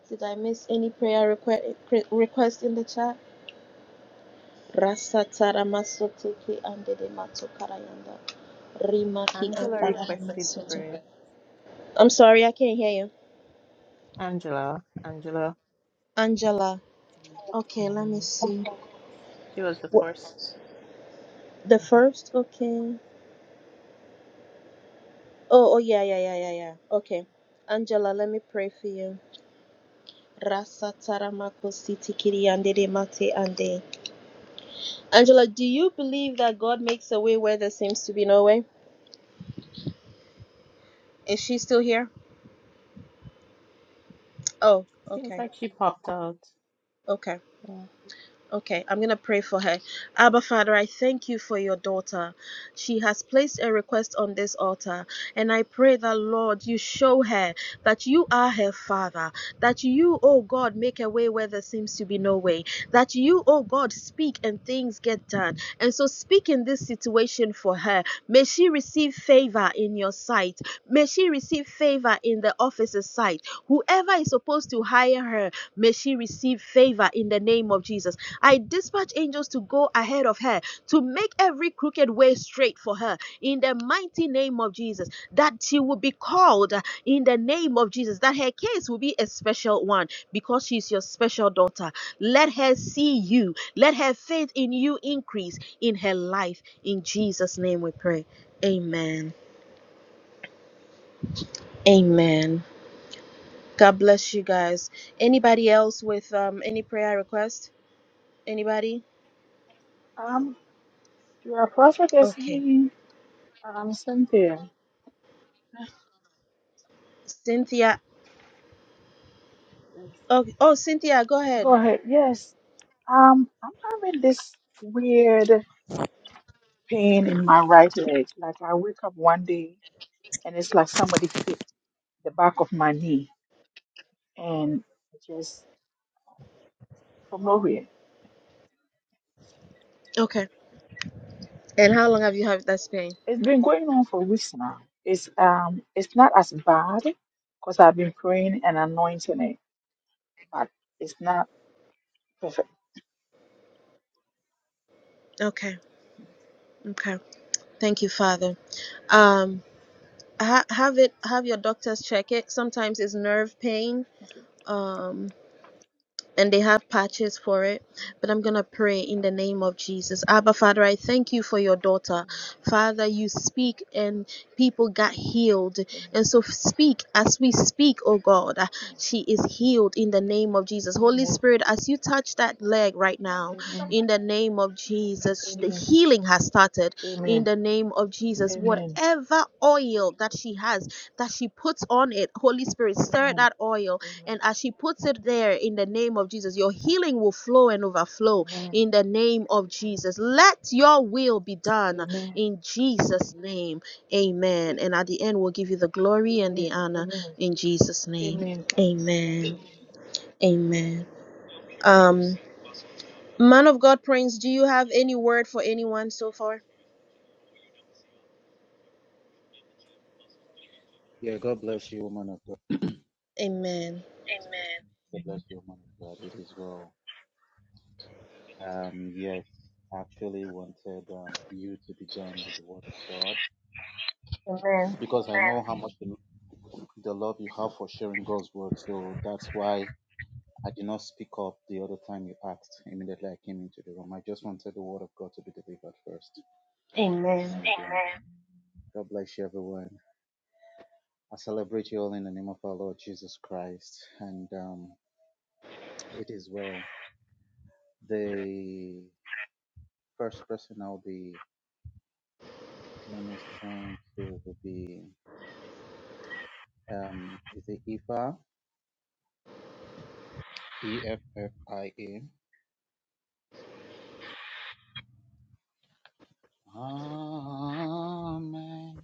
[SPEAKER 1] Did I miss any prayer request request in the chat? Rasatara masotiki andede matokarayanda. Rimaki
[SPEAKER 6] Angela
[SPEAKER 1] andadara
[SPEAKER 6] requested
[SPEAKER 1] masoto.
[SPEAKER 6] prayer.
[SPEAKER 1] I'm sorry, I can't hear you.
[SPEAKER 6] Angela, Angela.
[SPEAKER 1] Angela. Okay, let me
[SPEAKER 6] hmm
[SPEAKER 1] see.
[SPEAKER 6] She was the
[SPEAKER 1] What,
[SPEAKER 6] 1st
[SPEAKER 1] the
[SPEAKER 6] hmm
[SPEAKER 1] first? Okay. Oh, oh yeah, yeah, yeah, yeah, yeah. Okay. Angela, let me pray for you. Rasatara makositi kiri andede mate ande. Angela, do you believe that God makes a way where there seems to be no way? Is she still here? Oh,
[SPEAKER 6] Seems
[SPEAKER 1] okay,
[SPEAKER 6] like she popped out.
[SPEAKER 1] okay.
[SPEAKER 6] Yeah.
[SPEAKER 1] Okay, I'm going to pray for her. Abba, Father, I thank you for your daughter. She has placed a request on this altar, and I pray that, Lord, you show her that you are her Father, that you, oh God, make a way where there seems to be no way, that you, oh God, speak and things get done. And so, speak in this situation for her. May she receive favor in your sight. May she receive favor in the officer's sight. Whoever is supposed to hire her, may she receive favor in the name of Jesus. I dispatch angels to go ahead of her to make every crooked way straight for her in the mighty name of Jesus. That she will be called uh, in the name of Jesus. That her case will be a special one because she's your special daughter. Let her see you. Let her faith in you increase in her life. In Jesus' name we pray. Amen. Amen. God bless you guys. Anybody else with um, any prayer request? Anybody?
[SPEAKER 12] Um, you are perfect as
[SPEAKER 1] Okay.
[SPEAKER 12] me, um, Cynthia.
[SPEAKER 1] Cynthia
[SPEAKER 12] Yes.
[SPEAKER 1] Okay. Oh, Cynthia, go
[SPEAKER 12] Go
[SPEAKER 1] ahead.
[SPEAKER 12] ahead. Yes. Um, I'm having this weird pain in my right leg. Like I wake up one day and it's like somebody hit the back of my knee and it just from nowhere.
[SPEAKER 1] Okay. And how long have you had that pain?
[SPEAKER 12] It's been going on for weeks now. It's um it's not as bad because I've been praying and anointing it, but it's not perfect.
[SPEAKER 1] Okay. Okay. Thank you, Father. Um, ha- have it. Have your doctors check it. Sometimes it's nerve pain. Um, and they have patches for it. But I'm going to pray in the name of Jesus. Abba, Father, I thank you for your daughter. Father, you speak and people got healed. And so speak as we speak, oh God. Uh, She is healed in the name of Jesus. Holy
[SPEAKER 12] Amen.
[SPEAKER 1] Spirit, as you touch that leg right now,
[SPEAKER 12] Amen.
[SPEAKER 1] in the name of Jesus, the
[SPEAKER 12] Amen.
[SPEAKER 1] healing has started
[SPEAKER 12] Amen.
[SPEAKER 1] in the name of Jesus.
[SPEAKER 12] Amen.
[SPEAKER 1] Whatever oil that she has, that she puts on it, Holy Spirit, stir
[SPEAKER 12] Amen.
[SPEAKER 1] that oil
[SPEAKER 12] Amen.
[SPEAKER 1] and as she puts it there in the name of Jesus, your healing will flow and overflow
[SPEAKER 12] Amen.
[SPEAKER 1] in the name of Jesus. Let your will be done
[SPEAKER 12] Amen.
[SPEAKER 1] in Jesus' name. Amen.
[SPEAKER 12] A-
[SPEAKER 1] And at the end, we'll give you the glory and the
[SPEAKER 12] Amen.
[SPEAKER 1] honor
[SPEAKER 12] Amen.
[SPEAKER 1] in Jesus' name.
[SPEAKER 12] Amen. Thank you. Thank
[SPEAKER 1] Amen.
[SPEAKER 12] you. Amen. Thank
[SPEAKER 1] Amen.
[SPEAKER 12] you. Amen.
[SPEAKER 1] Um, man of God, Prince, do you have any word for anyone so far?
[SPEAKER 9] Yeah, God bless you, woman of God.
[SPEAKER 1] Amen.
[SPEAKER 9] Amen. God bless you, woman of God. It is well. Um, yes, I actually wanted um, you to be done with the word of God
[SPEAKER 1] Amen.
[SPEAKER 9] because I Amen. know how much the the love you have for sharing God's word. So that's why I did not speak up the other time you asked immediately I came into the room. I just wanted the word of God to be delivered first.
[SPEAKER 1] Amen.
[SPEAKER 9] And um, God bless you, everyone. I celebrate you all in the name of our Lord Jesus Christ. And um, it is well. The first person I'll be ministering to will be um, is it Ifa? E F F I A. Amen.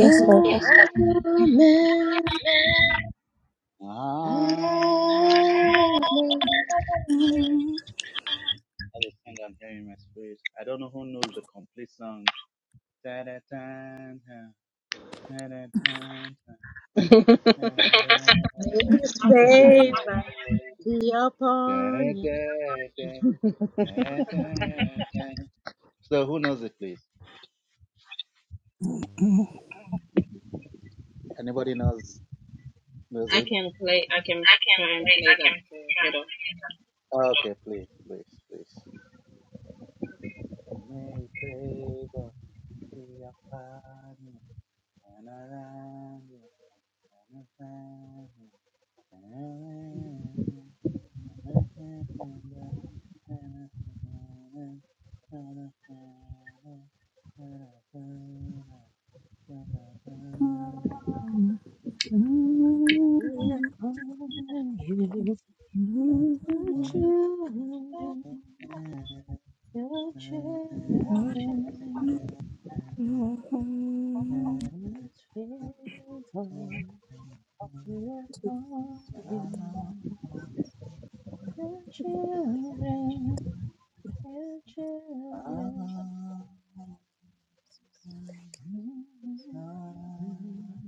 [SPEAKER 9] Amen. Yes, Amen.
[SPEAKER 1] Amen.
[SPEAKER 9] Ah, that is the song I'm hearing in my spirit. I don't know who knows the complete song. Ta-da-tan, ta, ta-da-tan, ta, ta-da-da-da. da da da da da da da da So who knows it, please? Anybody knows knows
[SPEAKER 1] I
[SPEAKER 9] it?
[SPEAKER 1] can play. I can
[SPEAKER 9] I can
[SPEAKER 1] try and
[SPEAKER 9] play.
[SPEAKER 1] play that. for Hold on.
[SPEAKER 9] I can try. Okay, please, please, please. May favor be upon you.
[SPEAKER 6] Yeah, upon you, your children, your children,
[SPEAKER 7] Amen.
[SPEAKER 6] His favor be upon you, your children, your children.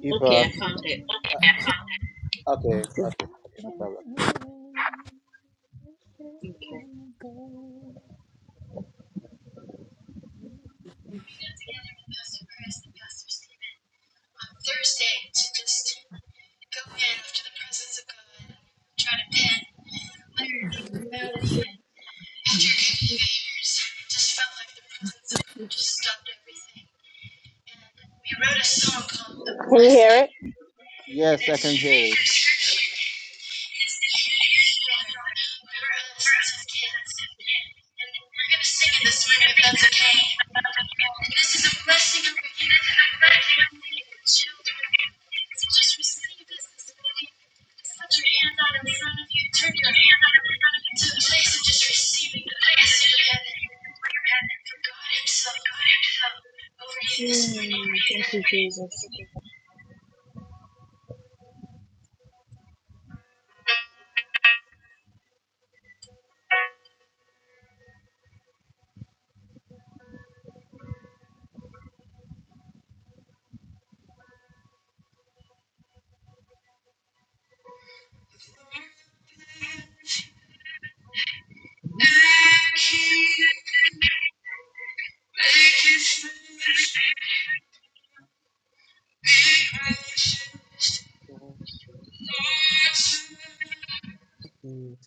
[SPEAKER 9] If uh,
[SPEAKER 1] Okay,
[SPEAKER 9] uh,
[SPEAKER 1] I found it.
[SPEAKER 9] okay, okay, okay, no problem.
[SPEAKER 1] We wrote a song called The Can you hear it?
[SPEAKER 9] Yes, I can hear it.
[SPEAKER 1] Mm, thank you, Jesus.
[SPEAKER 13] Give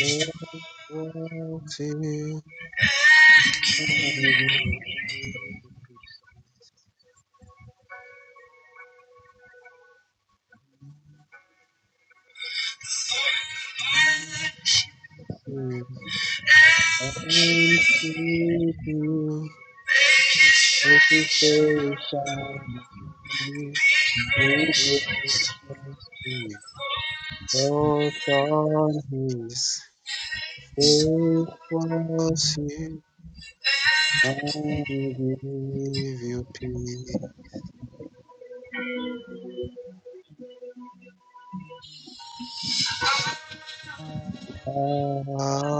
[SPEAKER 13] you
[SPEAKER 9] Yeah,
[SPEAKER 13] peace.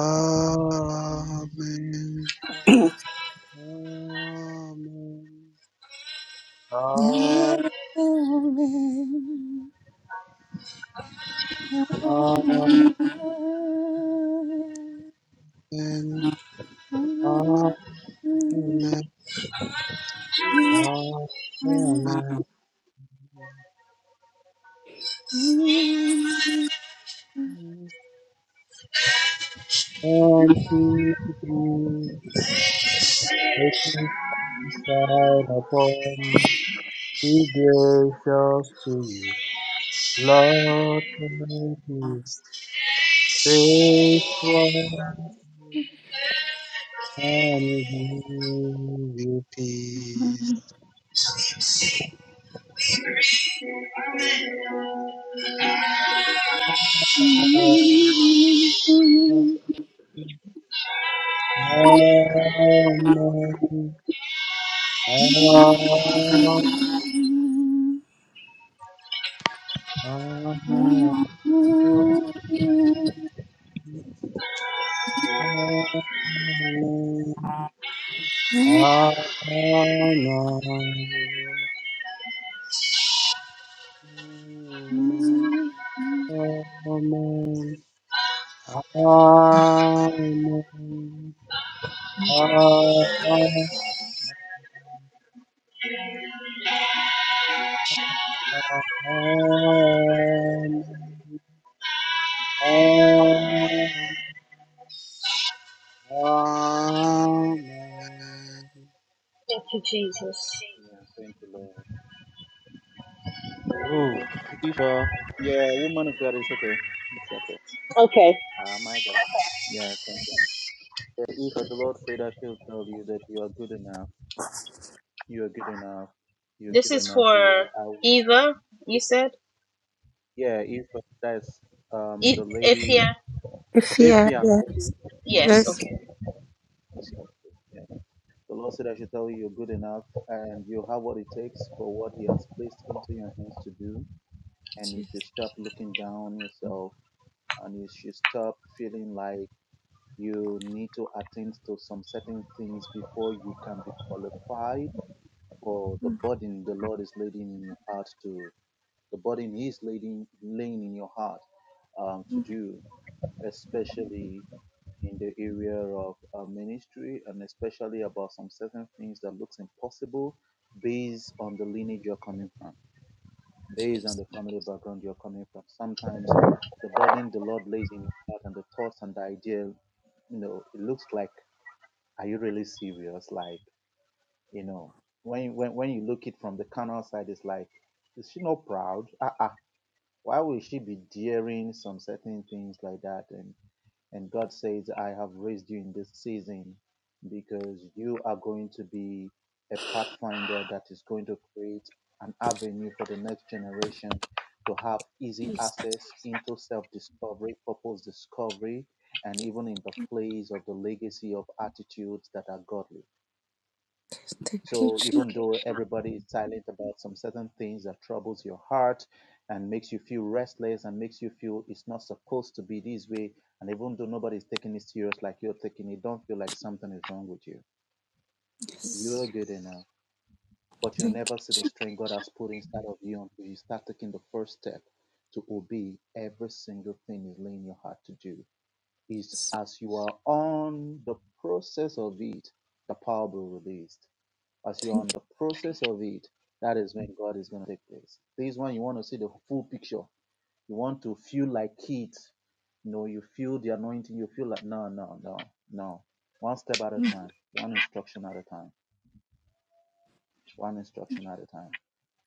[SPEAKER 13] Amen. Amen. Amen. Amen. Amen. Amen. And he began inside upon be gracious to you. Lord, thank you. Faithful and give you peace. Amen. Amen. Amen.
[SPEAKER 1] Thank you, Jesus.
[SPEAKER 9] thank you, Lord. Oh, if, uh, yeah, woman of God is okay. It's okay.
[SPEAKER 1] Okay.
[SPEAKER 9] Ah, my God. Yeah, thank you. The ego, the Lord said that He'll tell you that you are good enough. You are good enough. You're
[SPEAKER 1] This
[SPEAKER 9] good
[SPEAKER 1] is
[SPEAKER 9] enough for
[SPEAKER 1] for
[SPEAKER 9] what I will.
[SPEAKER 1] Eva, you said?
[SPEAKER 9] Yeah, if that's um the
[SPEAKER 1] E-
[SPEAKER 9] lady,
[SPEAKER 1] Ifya?
[SPEAKER 7] If
[SPEAKER 9] if
[SPEAKER 7] yeah,
[SPEAKER 9] yeah, okay,
[SPEAKER 7] yeah,
[SPEAKER 9] okay.
[SPEAKER 1] Yes,
[SPEAKER 7] yes.
[SPEAKER 1] okay.
[SPEAKER 9] yeah. The Lord said I should tell you you're good enough and you have what it takes for what He has placed into your hands to do, and you should stop looking down on yourself and you should stop feeling like you need to attend to some certain things before you can be qualified or the burden the Lord is leading in your heart to, the burden He's leading, laying in your heart um, to do, especially in the area of uh, ministry and especially about some certain things that looks impossible based on the lineage you're coming from, based on the family background you're coming from. Sometimes the burden the Lord lays in your heart and the thoughts and the idea, you know, it looks like, are you really serious? Like, you know, when when when you look it from the carnal side, it's like, is she not proud? Ah ah. Why will she be daring some certain things like that? And and God says, I have raised you in this season because you are going to be a pathfinder that is going to create an avenue for the next generation to have easy
[SPEAKER 7] Yes,
[SPEAKER 9] access into self-discovery, purpose discovery, and even in the place of the legacy of attitudes that are godly
[SPEAKER 7] Thank you,
[SPEAKER 9] so even though everybody is silent about some certain things that troubles your heart and makes you feel restless and makes you feel it's not supposed to be this way, and even though nobody's taking it serious like you're taking it, don't feel like something is wrong with you. You're
[SPEAKER 7] Jesus.
[SPEAKER 9] good enough, but you'll
[SPEAKER 7] Thank you,
[SPEAKER 9] never see the
[SPEAKER 7] Je-
[SPEAKER 9] strength God has put inside of you until you start taking the first step to obey every single thing He's laying your heart to do. Is as you are on the process of it, the power will be released as you're on
[SPEAKER 7] thank you,
[SPEAKER 9] the process of it, that is when God is going to take place. This one, you want to see the full picture. You want to feel like it. You know, you feel the anointing. You feel like, no, no, no, no. One step at a time, one instruction at a time, one instruction at a time.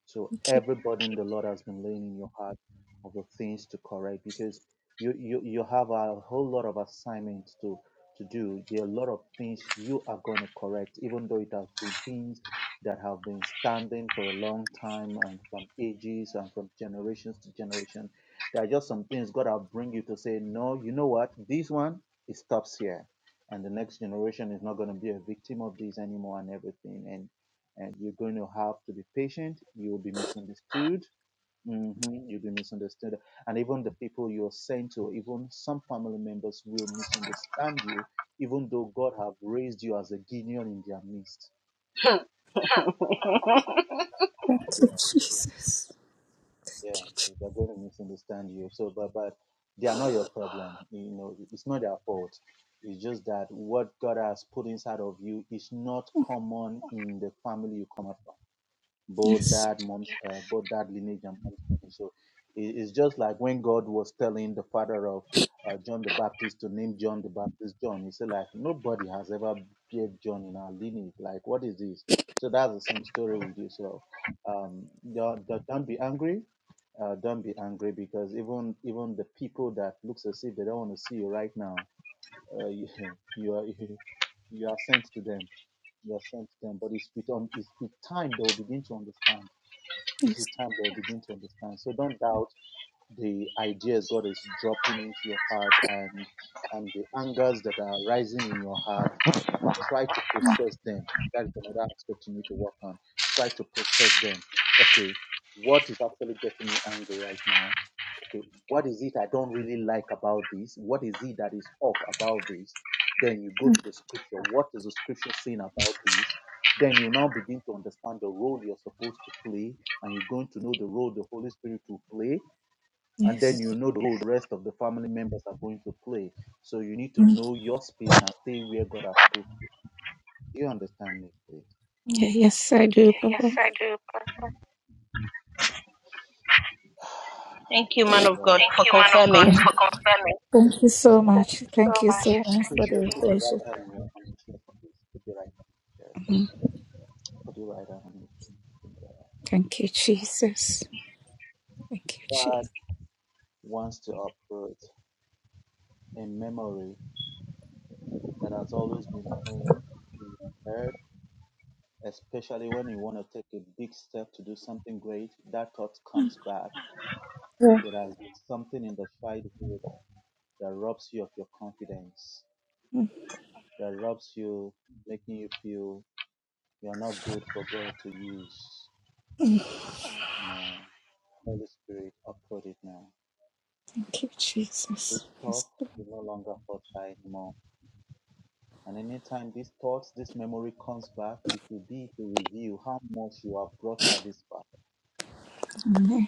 [SPEAKER 9] So
[SPEAKER 7] thank you,
[SPEAKER 9] everybody, burden the Lord has been laying in your heart of the things to correct because you you, you have a whole lot of assignments to to do. There are a lot of things you are going to correct, even though it has been things that have been standing for a long time and from ages and from generations to generation. There are just some things God will bring you to say, no, you know what? This one it stops here. And the next generation is not going to be a victim of this anymore and everything. And and you're going to have to be patient. You will be misunderstood. Mhm, You'll be misunderstood, and even the people you're sent to, even some family members will misunderstand you, even though God have raised you as a guinea in their midst.
[SPEAKER 7] thank you,
[SPEAKER 9] Yeah,
[SPEAKER 7] Jesus.
[SPEAKER 9] yeah, they're going to misunderstand you. So, but but they are not your problem. You know, it's not their fault. It's just that what God has put inside of you is not common in the family you come out from. both
[SPEAKER 7] Yes,
[SPEAKER 9] that mon- uh, both that lineage and money. So it, it's just like when God was telling the father of uh, John the Baptist to name John the Baptist John, he said like nobody has ever beared John in our lineage. Like what is this? So that's the same story with you. So um, don't, don't don't be angry. Uh, don't be angry because even even the people that looks as if they don't want to see you right now, uh, you, you are you are sent to them. You are sent to them. But it's with um, it's with time they will begin to understand it's with
[SPEAKER 7] yes,
[SPEAKER 9] time they'll begin to understand. So don't doubt the ideas God is dropping into your heart and and the angers that are rising in your heart. Uh, try to process them. That is another aspect you need to work on. Try to process them. Okay, what is actually getting me angry right now? okay, what is it I don't really like about this? What is it that is off about this? Then you go to the scripture. What is the scripture saying about this? Then you now begin to understand the role you're supposed to play, and you're going to know the role the Holy Spirit will play, and then
[SPEAKER 7] yes.
[SPEAKER 9] you know the role the rest of the family members are going to play. So you need to
[SPEAKER 7] Mm.
[SPEAKER 9] know your space and stay where God has put. you. Do you understand me, please?
[SPEAKER 7] Yeah, yes, I do,
[SPEAKER 9] Yes,
[SPEAKER 7] Papa.
[SPEAKER 9] I do.
[SPEAKER 1] Thank you,
[SPEAKER 9] It
[SPEAKER 1] man
[SPEAKER 9] is
[SPEAKER 1] of
[SPEAKER 9] well.
[SPEAKER 1] God,
[SPEAKER 9] Thank
[SPEAKER 1] for
[SPEAKER 9] you, man of God,
[SPEAKER 1] confirming.
[SPEAKER 9] for confirming.
[SPEAKER 7] Thank you so
[SPEAKER 9] Thank
[SPEAKER 7] much.
[SPEAKER 9] you
[SPEAKER 7] Thank
[SPEAKER 9] so
[SPEAKER 7] you
[SPEAKER 9] much.
[SPEAKER 7] so much
[SPEAKER 9] Thank Put
[SPEAKER 7] for
[SPEAKER 9] you,
[SPEAKER 7] the
[SPEAKER 9] your put King. your
[SPEAKER 7] reflection.
[SPEAKER 9] right hand on your chest.
[SPEAKER 7] Mm.
[SPEAKER 9] Put your right hand on your chest. Put your right hand on your chest.
[SPEAKER 7] Thank you, Jesus. Thank you,
[SPEAKER 9] God
[SPEAKER 7] Jesus.
[SPEAKER 9] wants to uproot a memory that has always been playing in your head, especially when you want to take a big step to do something great. That thought comes back.
[SPEAKER 7] Yeah.
[SPEAKER 9] It has been something in the childhood that robs you of your confidence,
[SPEAKER 7] Mm.
[SPEAKER 9] that robs you, making you feel you're not good for God to use. No. Holy Spirit, uphold it now.
[SPEAKER 7] Thank you,
[SPEAKER 9] This
[SPEAKER 7] Jesus.
[SPEAKER 9] thought
[SPEAKER 7] Yes,
[SPEAKER 9] will no longer fortify anymore. And anytime these thoughts, this memory comes back, it will be to reveal how much you have brought her this far.
[SPEAKER 7] Lord. Amen.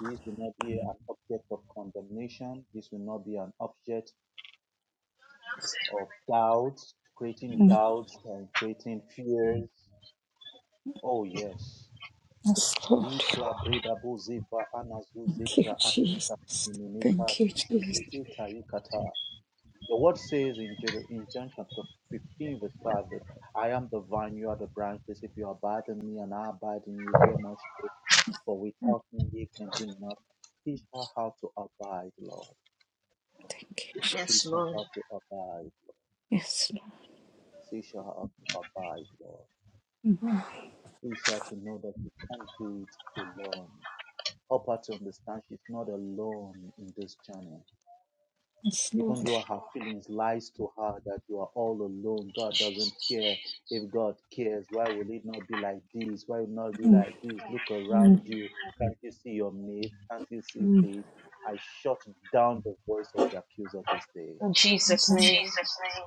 [SPEAKER 9] This will not be an object of condemnation. This will not be an object of doubt, creating
[SPEAKER 7] Mm.
[SPEAKER 9] doubts and creating fears. Oh, yes.
[SPEAKER 7] Yes, Lord.
[SPEAKER 9] Likra breda buziva anazuzi
[SPEAKER 7] Thank
[SPEAKER 9] pra
[SPEAKER 7] you, Jesus.
[SPEAKER 9] akuta mimika
[SPEAKER 7] Thank you, Jesus.
[SPEAKER 9] tuzizi ita ikata. The word says in Jer- in John chapter 15, verse 5, that I am the vine, you are the branches. If you abide in me and I abide in you, bear much fruit. For without me, ye can do nothing. Teach her how to abide, Lord.
[SPEAKER 7] Thank you,
[SPEAKER 9] Teach
[SPEAKER 7] Jesus.
[SPEAKER 9] her how to abide, Lord.
[SPEAKER 7] Yes, Lord.
[SPEAKER 9] Teach her how to abide, Lord.
[SPEAKER 7] Mm.
[SPEAKER 9] Teach her to know that she can't do it alone. Help her to understand she's not alone in this journey.
[SPEAKER 7] Yes,
[SPEAKER 9] even
[SPEAKER 7] Lord.
[SPEAKER 9] though her feelings lies to her that you are all alone god doesn't care if god cares why will it not be like this why will it not be
[SPEAKER 7] Mm,
[SPEAKER 9] like this look
[SPEAKER 7] mm,
[SPEAKER 9] around you can't you see your mate can't you see
[SPEAKER 7] mm,
[SPEAKER 9] this i shut down the voice of the accuser this day
[SPEAKER 1] In Jesus'
[SPEAKER 9] In
[SPEAKER 7] mm,
[SPEAKER 1] name.
[SPEAKER 9] Jesus' name.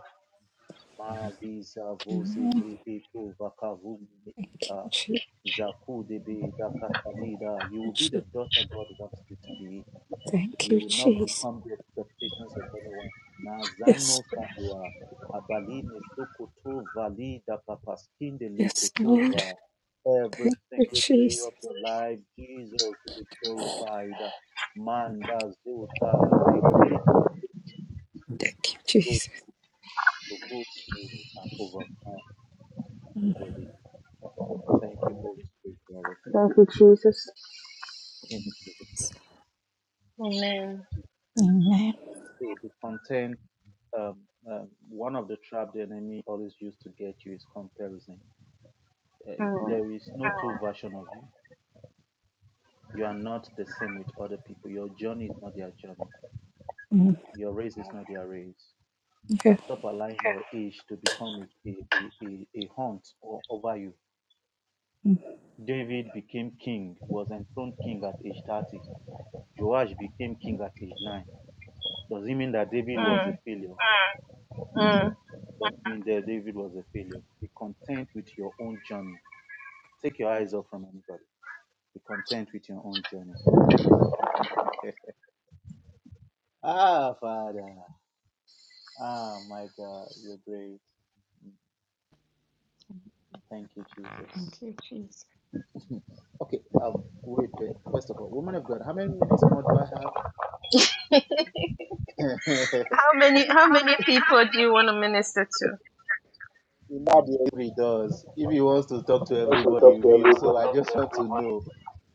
[SPEAKER 9] Maliza vuzi
[SPEAKER 7] mm.
[SPEAKER 9] gripitu vakavumi
[SPEAKER 7] Thank
[SPEAKER 9] ita
[SPEAKER 7] you,
[SPEAKER 9] zakudibi dakatalida. You will be the
[SPEAKER 7] Jesus.
[SPEAKER 9] daughter God wants you to be.
[SPEAKER 7] Thank
[SPEAKER 9] You
[SPEAKER 7] you,
[SPEAKER 9] will not
[SPEAKER 7] Jesus.
[SPEAKER 9] become the expectations of anyone. Na
[SPEAKER 7] Yes,
[SPEAKER 9] zano sadua abaline sokoto valida papaskinde
[SPEAKER 7] yes, Lord.
[SPEAKER 9] likotuva. Every
[SPEAKER 7] Thank you,
[SPEAKER 9] single day
[SPEAKER 7] Jesus.
[SPEAKER 9] of your life, Jesus be glorified. Manda zuta, the grace to go
[SPEAKER 7] Thank you,
[SPEAKER 9] to go
[SPEAKER 7] Jesus.
[SPEAKER 9] to go through and overcome is
[SPEAKER 7] Mm,
[SPEAKER 9] released. Thank you, Holy Spirit, for everything. In Jesus'
[SPEAKER 1] Amen.
[SPEAKER 9] name.
[SPEAKER 7] Amen.
[SPEAKER 9] the, the content um, um, one of the trap the enemy always used to get you is comparison. Uh,
[SPEAKER 1] Mm,
[SPEAKER 9] there is no two version of you. You are not the same with other people. Your journey is not their journey.
[SPEAKER 7] Mm,
[SPEAKER 9] Your race is not their race.
[SPEAKER 7] yeah.
[SPEAKER 9] And stop allowing your age to become a, a, a, a a hunt o- over you.
[SPEAKER 7] Mm.
[SPEAKER 9] David became king, was enthroned king at age 30. Joash became king at age 9. Does it mean that David was a
[SPEAKER 1] mm,
[SPEAKER 9] failure?
[SPEAKER 1] mm.
[SPEAKER 9] In there, David was a failure. Be content with your own journey. Take your eyes off from anybody. Be content with your own journey. ah, Father. Ah, my God, you're great. Thank you, Jesus.
[SPEAKER 7] Thank you, Jesus.
[SPEAKER 9] Okay, um, wait, wait. First of all, woman of God, how many minutes more do I have? How How many?
[SPEAKER 1] How many how
[SPEAKER 9] How
[SPEAKER 1] many people do
[SPEAKER 9] many
[SPEAKER 1] you want to
[SPEAKER 9] people?
[SPEAKER 1] minister to?
[SPEAKER 9] Nobody every does. If he wants to talk to everybody, he will. So I just want to know.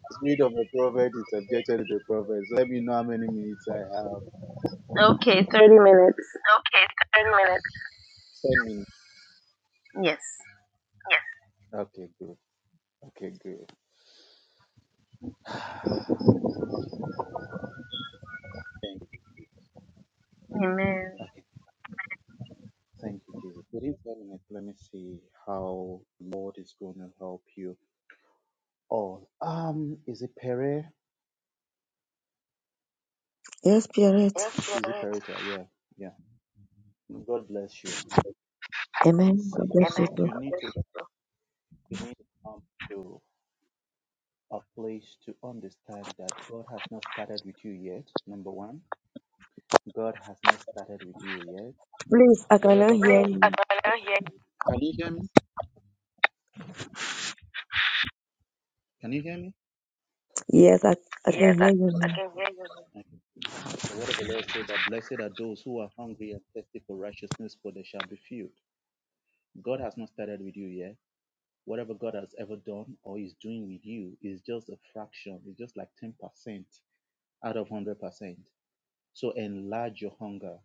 [SPEAKER 9] The spirit of a prophet is subjected to the prophet. So let me know how many minutes I have.
[SPEAKER 1] Okay, 30 Thirty minutes.
[SPEAKER 9] Okay, 10 minutes. 10 minutes.
[SPEAKER 1] Yes.
[SPEAKER 9] Yes. Okay, good. Okay, good. Thank you. Okay, thank you, Jesus. Within seven minutes, let me see how the Lord is going to help you all. Um, is it Pere?
[SPEAKER 5] Yes, Spirit.
[SPEAKER 9] Yes, Pere. Is it Pierre. Perita? Yeah, yeah. God bless you.
[SPEAKER 5] Amen. God
[SPEAKER 9] See,
[SPEAKER 5] bless you
[SPEAKER 9] Amen.
[SPEAKER 5] too.
[SPEAKER 9] you God need bless to you you need to come to a place to understand that God has not started with you yet. Number one, God has not started with you yet.
[SPEAKER 5] Please, I
[SPEAKER 9] Whatever
[SPEAKER 5] cannot
[SPEAKER 9] God. Please,
[SPEAKER 5] hear you.
[SPEAKER 9] I cannot hear you. Can you hear me? Can you hear me?
[SPEAKER 5] Yes, I, I can
[SPEAKER 9] Yes, I,
[SPEAKER 5] hear you.
[SPEAKER 9] I
[SPEAKER 5] ma'am.
[SPEAKER 9] can hear you. Okay. The word of the Lord says that blessed are those who are hungry and thirsty for righteousness, for they shall be filled. God has not started with you yet. Whatever God has ever done or is doing with you is just a fraction. It's just like 10% out of 100%. So enlarge your hunger.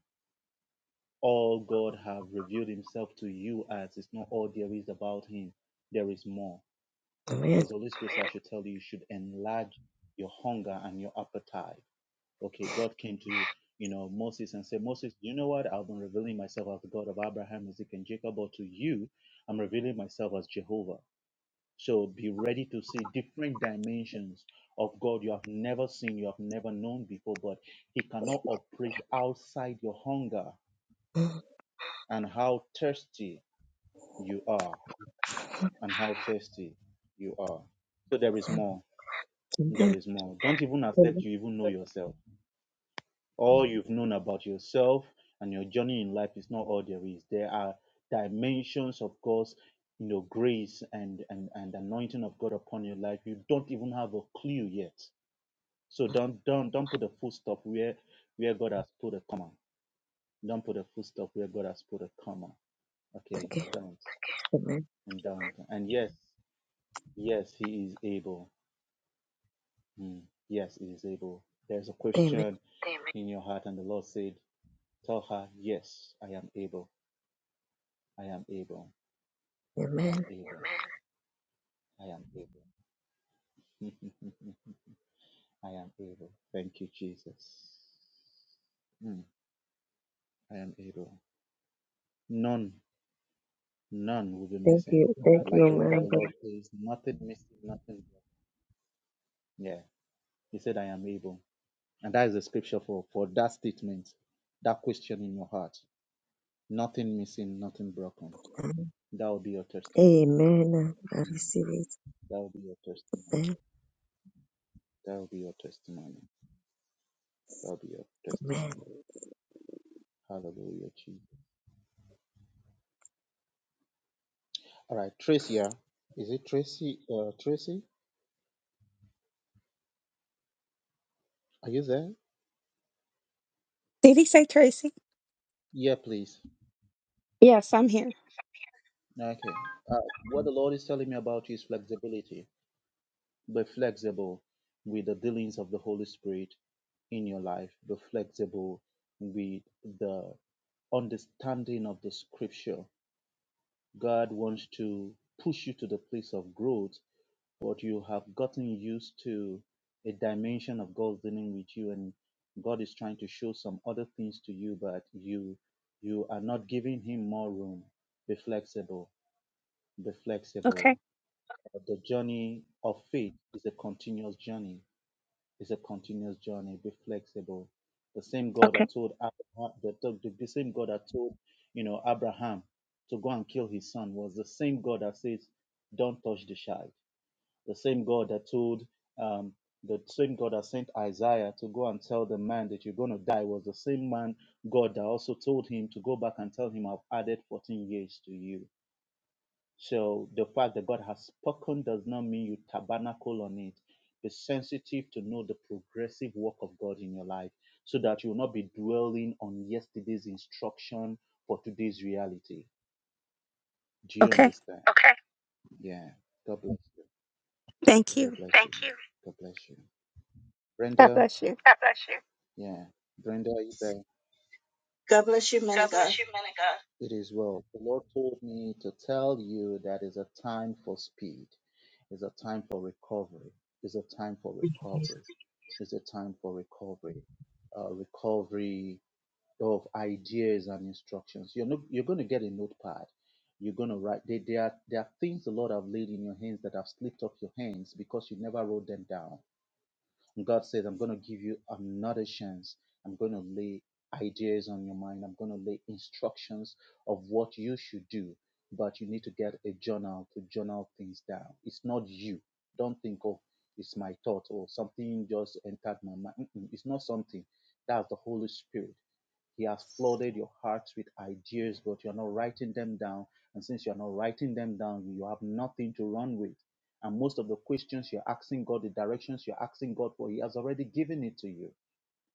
[SPEAKER 9] All God have revealed himself to you as is not all there is about him. There is more.
[SPEAKER 5] Amen.
[SPEAKER 9] because the Holy Spirit said I should tell you, you should enlarge your hunger and your appetite. Okay, God came to you know Moses and said, Moses, you know what? I've been revealing myself as the God of Abraham, Isaac, and Jacob, but to you, I'm revealing myself as Jehovah. So be ready to see different dimensions of God you have never seen, you have never known before, but He cannot operate outside your hunger and how thirsty you are, and how thirsty you are. So there is more. There is more. Don't even accept you even know yourself. All you've known about yourself and your journey in life is not all there is. There are dimensions of God's, you know, grace and and and anointing of God upon your life. You don't even have a clue yet. So don't don't don't put a full stop where where God has put a comma. Don't put a full stop where God has put a comma. Okay,
[SPEAKER 5] Okay.
[SPEAKER 9] don't
[SPEAKER 5] Amen.
[SPEAKER 9] and don't. And yes, yes, He is able. Mm. Yes, it is able. There's a
[SPEAKER 5] Amen.
[SPEAKER 9] question Amen. in your heart, and the Lord said, Tell her, Yes, I am able. I am able. I am
[SPEAKER 5] Amen.
[SPEAKER 9] able. Amen. I am able. I am able. Thank you, Jesus. Mm, I am able. None, none will be
[SPEAKER 5] Thank
[SPEAKER 9] missing.
[SPEAKER 5] you. Thank
[SPEAKER 9] Thank Like
[SPEAKER 5] you,
[SPEAKER 9] you. the word of
[SPEAKER 5] man
[SPEAKER 9] the
[SPEAKER 5] of
[SPEAKER 9] Thank you.
[SPEAKER 5] God.
[SPEAKER 9] Lord you. says, nothing missing, nothing. broken. Yeah. He said, I am able. And that is the scripture for, for that statement, that question in your heart. Nothing missing, nothing broken. That will be your testimony.
[SPEAKER 5] Amen. I
[SPEAKER 9] Mm.
[SPEAKER 5] receive
[SPEAKER 9] That will be your testimony.
[SPEAKER 5] it.
[SPEAKER 9] That will be your testimony. That will be your
[SPEAKER 5] Amen.
[SPEAKER 9] testimony. Hallelujah, Jesus. All right, Tracy. yeah? Is it Tracy? Uh, Tracy, are you there?
[SPEAKER 14] Did he say Tracy?
[SPEAKER 9] Yeah, please.
[SPEAKER 14] Yes, I'm here.
[SPEAKER 9] Okay. Uh, what the Lord is telling me about is flexibility. Be flexible with the dealings of the Holy Spirit in your life. Be flexible with the understanding of the scripture. God wants to push you to the place of growth but you have gotten used to a dimension of God's dealing with you and God is trying to show some other things to you, but you you are not giving him more room. Be flexible, be flexible. The journey of faith is a continuous journey. It's a continuous journey. Be flexible. The same God that
[SPEAKER 14] Okay.
[SPEAKER 9] told Abraham, the, the, the same God that told, you know, Abraham to go and kill his son was the same God that says, Don't touch the child the same God that told um, the same God that sent Isaiah to go and tell the man that you're going to die was the same man God that also told him to go back and tell him I've added 14 years to you. So the fact that God has spoken does not mean you tabernacle on it. Be sensitive to know the progressive work of God in your life so that you will not be dwelling on yesterday's instruction for today's reality. Do you
[SPEAKER 14] Okay.
[SPEAKER 9] understand? Okay. Yeah. God bless you.
[SPEAKER 14] Thank
[SPEAKER 9] God
[SPEAKER 14] you.
[SPEAKER 9] bless you. Thank you. God bless you.
[SPEAKER 14] God
[SPEAKER 9] Brenda,
[SPEAKER 14] bless you.
[SPEAKER 9] God bless you. yeah, Brenda, are you there?
[SPEAKER 15] God bless you, man
[SPEAKER 9] God
[SPEAKER 15] of God.
[SPEAKER 9] bless you, man of God. It is well. The Lord told me to tell you that is a time for speed, It's a time for recovery, It's a time for recovery, It's a time for recovery, uh, recovery of ideas and instructions. You're not, you're going to get a notepad. You're going to write. There, there are there are things the Lord have laid in your hands that have slipped off your hands because you never wrote them down. And God says, I'm going to give you another chance. I'm going to lay ideas on your mind. I'm going to lay instructions of what you should do. But you need to get a journal to journal things down. It's not you. Don't think, oh, it's my thought or something just entered my mind. Mm-mm, It's not something. That's the Holy Spirit. He has flooded your hearts with ideas, but you're not writing them down. And since you're not writing them down, you have nothing to run with. And most of the questions you're asking God, the directions you're asking God for, He has already given it to you.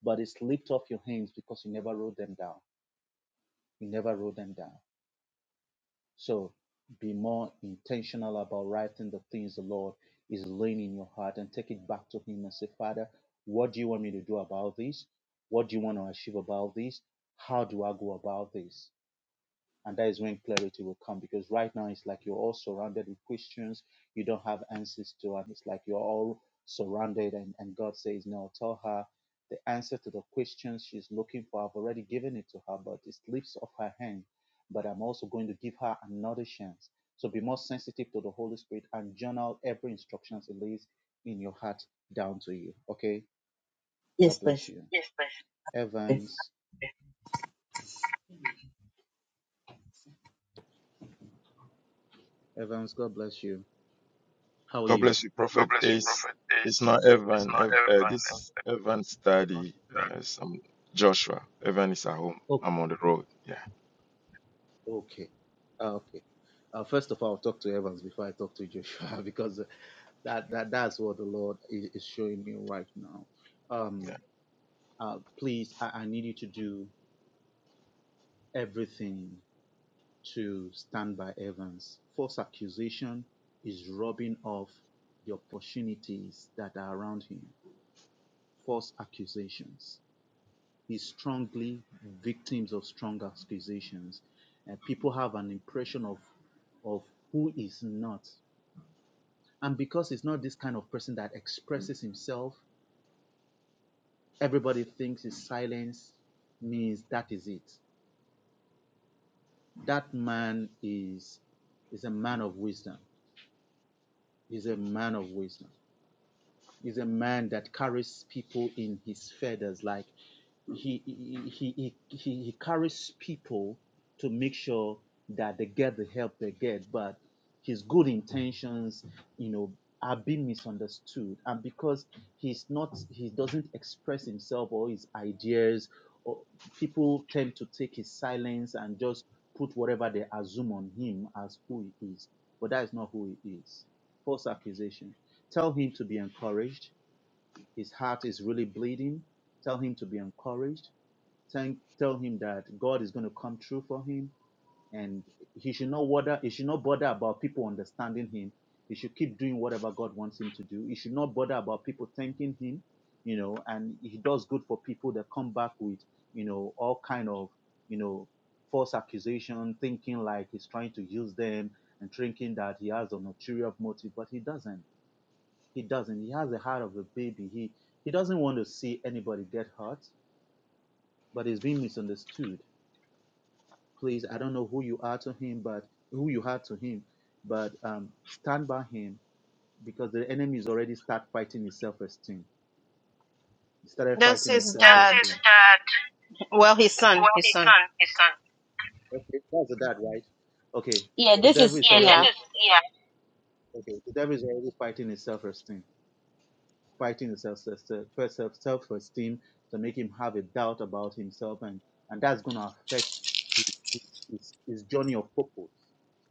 [SPEAKER 9] But it slipped off your hands because you never wrote them down. You never wrote them down. So be more intentional about writing the things the Lord is laying in your heart and take it back to Him and say, Father, what do you want me to do about this? What do you want to achieve about this? How do I go about this? And that is when clarity will come because right now it's like you're all surrounded with questions you don't have answers to. And it's like you're all surrounded, and, and God says, No, tell her the answer to the questions she's looking for. I've already given it to her, but it slips off her hand. But I'm also going to give her another chance. So be more sensitive to the Holy Spirit and journal every instruction He lays in your heart down to you. Okay? God bless you. Yes, bless Evans, Evans, God bless you. How are
[SPEAKER 3] God
[SPEAKER 9] you?
[SPEAKER 3] bless you,
[SPEAKER 9] God
[SPEAKER 3] Prophet
[SPEAKER 9] bless you,
[SPEAKER 3] Ace.
[SPEAKER 9] Prophet.
[SPEAKER 3] It's
[SPEAKER 9] It's,
[SPEAKER 3] not
[SPEAKER 9] it's
[SPEAKER 3] Evan.
[SPEAKER 9] my
[SPEAKER 3] Ev- uh, this
[SPEAKER 9] heaven.
[SPEAKER 3] is Evan's study. Uh, some Joshua. Evan is at home.
[SPEAKER 9] Oh,
[SPEAKER 3] I'm on the road. Yeah,
[SPEAKER 9] okay. Ah, okay. Uh, first of all, I'll talk to Evans before I talk to Joshua because uh, that, that that's what the Lord is, is showing me right now. Um,
[SPEAKER 3] yeah.
[SPEAKER 9] uh, please, I, I need you to do everything to stand by Evans. False accusation is rubbing off the opportunities that are around him. False accusations. is strongly victims of strong accusations. And people have an impression of of who is not. And because he's not this kind of person that expresses himself, everybody thinks his silence means that is it. That man is is a man of wisdom. He's a man of wisdom. Is a man that carries people in his feathers. Like he he he, he he carries people to make sure that they get the help they get, but his good intentions, you know, are being misunderstood. And because he's not he doesn't express himself or his ideas or people tend to take his silence and just put whatever they assume on him as who he is. But that is not who he is. False accusation. Tell him to be encouraged. His heart is really bleeding. Tell him to be encouraged. Thank, tell him that God is going to come true for him, and he should not bother. He should not bother about people understanding him. He should keep doing whatever God wants him to do. He should not bother about people thanking him, you know. And he does good for people that come back with, you know, all kind of, you know, false accusation, thinking like he's trying to use them and thinking that he has a ulterior motive, but he doesn't he doesn't. He has the heart of a baby. He he doesn't want to see anybody get hurt, but he's being misunderstood. Please, I don't know who you are to him, but who you are to him, but um, stand by him because the enemy is already start fighting his self-esteem. He started
[SPEAKER 1] That's
[SPEAKER 9] fighting his
[SPEAKER 1] his
[SPEAKER 9] That's his
[SPEAKER 1] dad.
[SPEAKER 9] self-esteem. dad.
[SPEAKER 1] Well, his son. His son.
[SPEAKER 9] Well, his son. His son. Okay, that's the dad, right? Okay,
[SPEAKER 1] Yeah,
[SPEAKER 9] the
[SPEAKER 1] this
[SPEAKER 9] devil
[SPEAKER 1] is
[SPEAKER 9] is Yeah, this
[SPEAKER 1] yeah.
[SPEAKER 9] already is yeah. okay. The devil is already fighting his self-esteem. fighting his self first self self esteem to make him have a doubt about himself and and that's going to affect his, his, his journey of purpose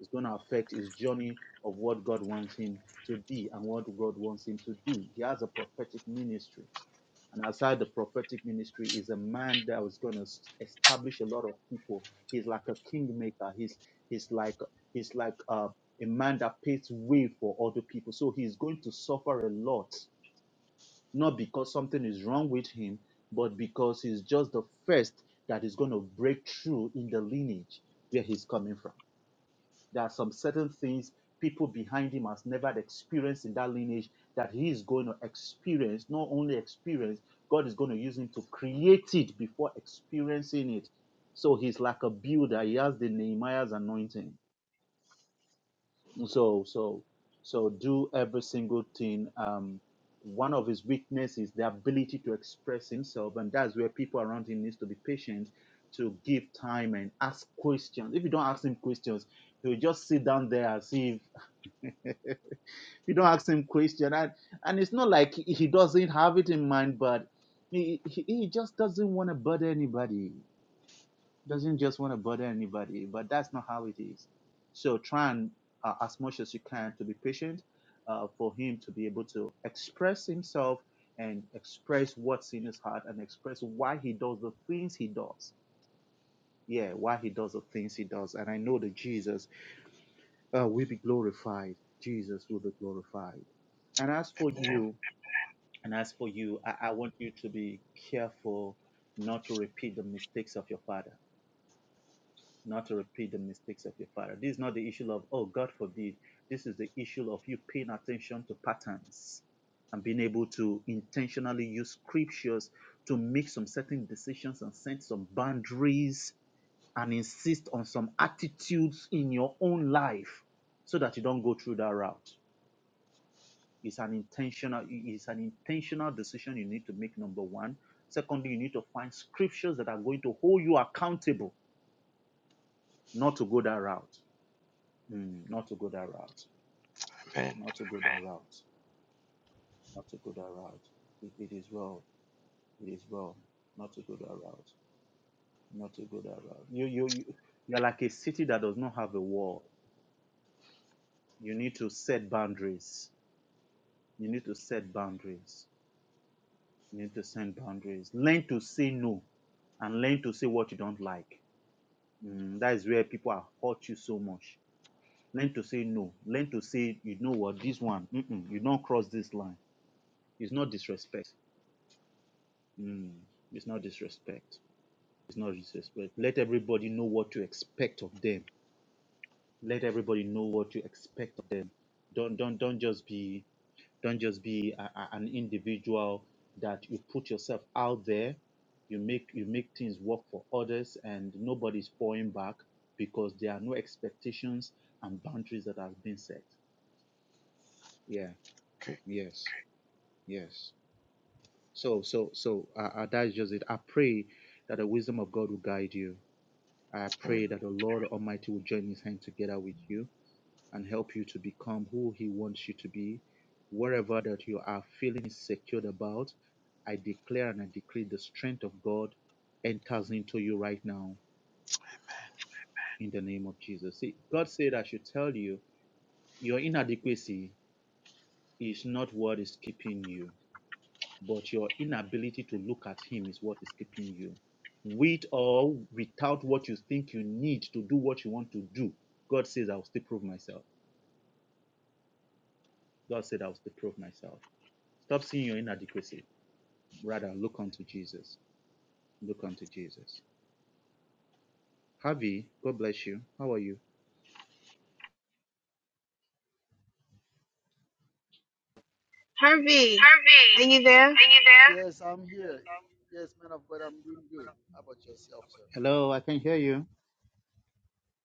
[SPEAKER 9] it's going to affect his journey of what god wants him to be and what god wants him to do he has a prophetic ministry and outside the prophetic ministry is a man that was going to establish a lot of people he's like a kingmaker he's he's like he's like uh, a man that paves way for other people so he's going to suffer a lot not because something is wrong with him, but because he's just the first that is going to break through in the lineage where he's coming from. There are some certain things people behind him has never experienced in that lineage that he is going to experience, not only experience, God is going to use him to create it before experiencing it. So he's like a builder. He has the Nehemiah's anointing so so so do every single thing um one of his weakness is the ability to express himself and that's where people around him needs to be patient to give time and ask questions if you don't ask him questions he'll just sit down there as if you don't ask him question and and it's not like he he doesn't have it in mind but he he, he just doesn't want to bother anybody doesn't just want to bother anybody, but that's not how it is. So try and uh, as much as you can to be patient uh, for him to be able to express himself and express what's in his heart and express why he does the things he does. Yeah, why he does the things he does. And I know that Jesus uh, will be glorified. Jesus will be glorified. And as for you, and as for you, I, I want you to be careful not to repeat the mistakes of your father not to repeat the mistakes of your father. This is not the issue of, oh, God forbid. This is the issue of you paying attention to patterns and being able to intentionally use scriptures to make some certain decisions and set some boundaries and insist on some attitudes in your own life so that you don't go through that route. It's an intentional, it's an intentional decision you need to make, number one. Secondly, you need to find scriptures that are going to hold you accountable not to go that route Mm, not to go that route.
[SPEAKER 3] Amen.
[SPEAKER 9] Not to go that route. Not to go that route. It, it is well. It is well. Not to go that route. Not route. You you you. You're like a city that does not have a wall. You need to set boundaries. You need to set boundaries. You need to set boundaries. Learn to say no, and learn to say what you don't like. Mm, that is where people are hurt you so much. Learn to say no. Learn to say, you know what, this one, mm-mm, you don't cross this line. It's not disrespect Mm, it's not disrespect. It's not disrespect. Let everybody know what to expect of them. Let everybody know what to expect of them. Don't don't don't just be don't just be a, a- an individual that you put yourself out there. You make you make things work for others, and nobody's pouring back because there are no expectations and boundaries that have been set. Yeah.
[SPEAKER 3] Okay.
[SPEAKER 9] Yes. Yes. So so so uh, uh, that is just it. I pray that the wisdom of God will guide you I
[SPEAKER 3] Amen.
[SPEAKER 9] pray that the Lord Almighty will join his hand together with you and help you to become who he wants you to be. Wherever that you are feeling insecure about, I declare and I decree the strength of God enters into you right now in the name of Jesus. See, God said I should tell you your inadequacy is not what is keeping you. but your inability to look at him is what is keeping you. With or without what you think you need to do what you want to do, God says, I'll still prove myself. God said, I'll still prove myself. Stop seeing your inadequacy. Rather, look unto Jesus. Look unto Jesus. Harvey, God bless you. How are you? Harvey, are you there?
[SPEAKER 2] Yes, I'm
[SPEAKER 9] Yes,
[SPEAKER 2] here. Yes, man of God, I'm doing
[SPEAKER 9] I'm, yes,
[SPEAKER 2] good.
[SPEAKER 9] I'm,
[SPEAKER 2] How about yourself, sir?
[SPEAKER 9] Hello, I can hear you. I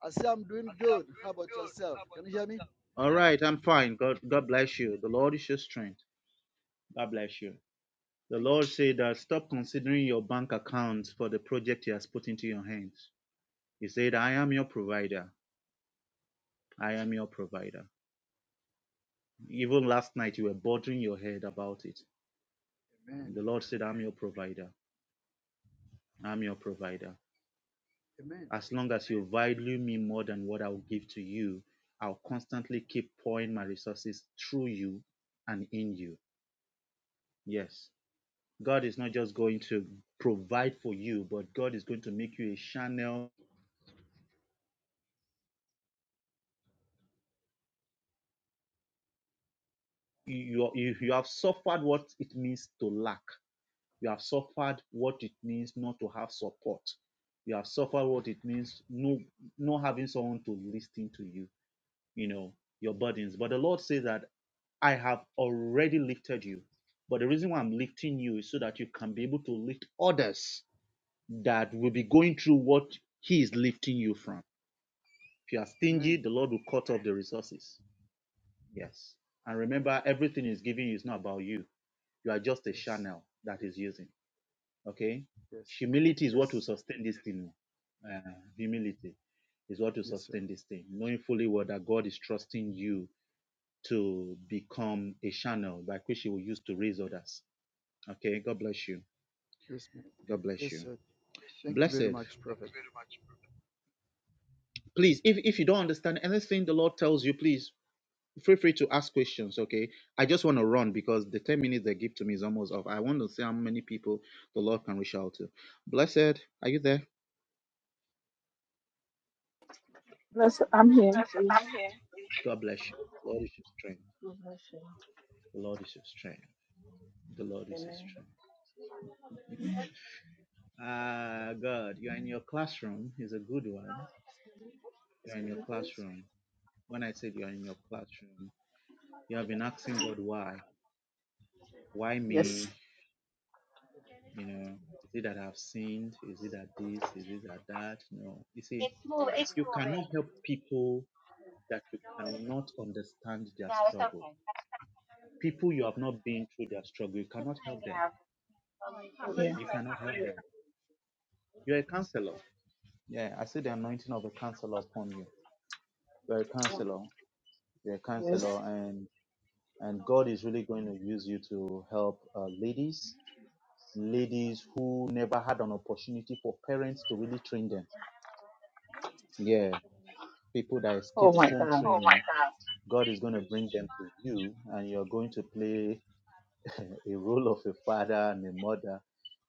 [SPEAKER 2] I say I'm doing
[SPEAKER 9] say I'm
[SPEAKER 2] good. How
[SPEAKER 9] doing
[SPEAKER 2] about
[SPEAKER 9] good.
[SPEAKER 2] yourself?
[SPEAKER 9] How about
[SPEAKER 2] Can you hear me?
[SPEAKER 9] yourself? All right, I'm fine. God, God bless you. The Lord is your strength. God bless you. The
[SPEAKER 2] Thank
[SPEAKER 9] Lord
[SPEAKER 2] you.
[SPEAKER 9] said that stop considering your bank account for the project He has put into your hands. He said, I am your provider. I am your provider. Even last night, you were bothering your head about it.
[SPEAKER 2] Amen.
[SPEAKER 9] The Lord said, I'm your provider. I'm your provider.
[SPEAKER 2] Amen.
[SPEAKER 9] As long as you value me more than what I'll give to you, I'll constantly keep pouring my resources through you and in you. Yes. God is not just going to provide for you, but God is going to make you a channel you, you you have suffered what it means to lack. You have suffered what it means not to have support. You have suffered what it means no not having someone to listen to you, you know, your burdens. But the Lord says that I have already lifted you. But the reason why I'm lifting you is so that you can be able to lift others that will be going through what He is lifting you from. If you are stingy,
[SPEAKER 2] Amen.
[SPEAKER 9] the Lord will cut off the resources. Yes. And remember, everything He's giving you is not about you you are just a
[SPEAKER 2] Yes.
[SPEAKER 9] channel that is using. Okay?
[SPEAKER 2] Yes.
[SPEAKER 9] Humility is what will
[SPEAKER 2] Yes.
[SPEAKER 9] sustain this thing. Uh, humility is what will
[SPEAKER 2] Yes, sir.
[SPEAKER 9] sustain this thing. Knowing fully well that God is trusting you to become a channel by which you will use to raise others. Okay? God bless you.
[SPEAKER 2] Yes, ma'am.
[SPEAKER 9] God bless
[SPEAKER 2] Yes,
[SPEAKER 9] you.
[SPEAKER 2] sir. Thank you
[SPEAKER 9] Blessed.
[SPEAKER 2] very much,
[SPEAKER 9] Thank
[SPEAKER 2] Prophet.
[SPEAKER 9] you very much. brother. Please, if, if you don't understand anything the Lord tells you, please feel free to ask questions okay i just want to run because the 10 minutes they give to me is almost off i want to see how many people the lord can reach out to blessed are you there
[SPEAKER 12] Bless. I'm here.
[SPEAKER 9] Yes,
[SPEAKER 12] Please.
[SPEAKER 9] I'm here. god bless you lord is your strength
[SPEAKER 12] God Bless you.
[SPEAKER 9] the lord is your strength the lord is your
[SPEAKER 12] Amen.
[SPEAKER 9] strength ah god you're in your classroom is a good one you're in your classroom when i said you're in your classroom you have been asking god why why
[SPEAKER 12] Yes.
[SPEAKER 9] me you know is it that i've sinned is it that this is it that that no you see You cannot help people that you cannot understand their struggle. People you have not been through their struggle, you cannot help them.
[SPEAKER 12] Yeah.
[SPEAKER 9] You cannot help them. You're a counselor. Yeah, I see the anointing of a counselor upon you. You're a counselor. You're a
[SPEAKER 12] Yes.
[SPEAKER 9] counselor, and and God is really going to use you to help uh, ladies, ladies who never had an opportunity for parents to really train them. Yeah, people that
[SPEAKER 12] Oh
[SPEAKER 9] escaped
[SPEAKER 12] my
[SPEAKER 9] home
[SPEAKER 12] God.
[SPEAKER 9] training. Oh my training God. God is going to bring them to you, and you're going to play a role of a father and a mother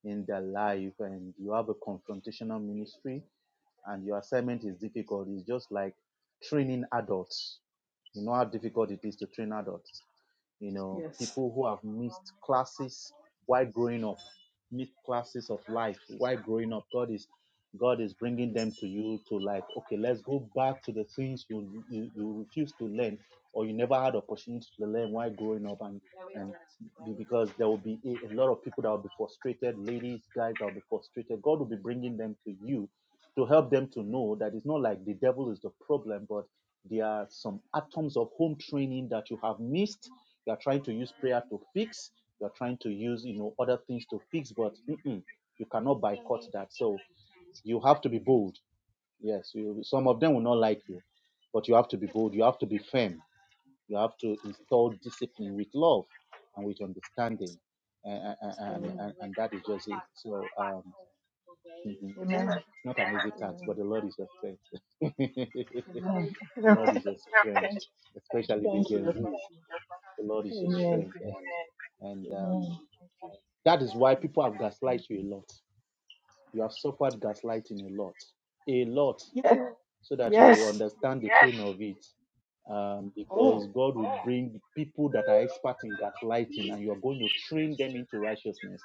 [SPEAKER 9] in their life and you have a confrontational ministry and your assignment is difficult it's just like training adults you know how difficult it is to train adults you know,
[SPEAKER 12] Yes.
[SPEAKER 9] people who have missed classes while growing up, missed classes of life while growing up. God is God is bringing them to you to like, okay, let's go back to the things you you, you refuse to learn or you never had opportunity to learn while growing up, and and be- because there will be a, a lot of people that will be frustrated, ladies, guys that will be frustrated. God will be bringing them to you to help them to know that it's not like the devil is the problem, but there are some atoms of home training that you have missed you are trying to use prayer to fix. You are trying to use you know other things to fix, but mm-mm, you cannot boycott that. So you have to be
[SPEAKER 12] Mhm.
[SPEAKER 9] bold. Yes, you, some of them will not like you, but you have to be bold. You have to be firm. You have to install discipline with love and with understanding, and and
[SPEAKER 12] Amen.
[SPEAKER 9] and, and that is just it. So um, mhm,
[SPEAKER 12] Amen.
[SPEAKER 9] it's not an easy task,
[SPEAKER 12] Amen.
[SPEAKER 9] but the Lord is your strength.
[SPEAKER 12] Amen.
[SPEAKER 9] the Lord is your strength,
[SPEAKER 12] Thank you.
[SPEAKER 9] especially the
[SPEAKER 12] Thank you.
[SPEAKER 9] Gen
[SPEAKER 12] Thank
[SPEAKER 9] Zs.
[SPEAKER 12] you.
[SPEAKER 9] The Lord is your
[SPEAKER 12] Amen.
[SPEAKER 9] strength, and, and um,
[SPEAKER 12] Amen. Thank
[SPEAKER 9] That is why people
[SPEAKER 12] you.
[SPEAKER 9] have gaslighted you a lot. You have suffered gaslighting a lot, a lot,
[SPEAKER 12] Yes.
[SPEAKER 9] so that you will
[SPEAKER 12] Yes.
[SPEAKER 9] understand the pain of it. Um,
[SPEAKER 12] Oh.
[SPEAKER 9] because God will bring people that are expert in gaslighting, and you are going to train them into righteousness.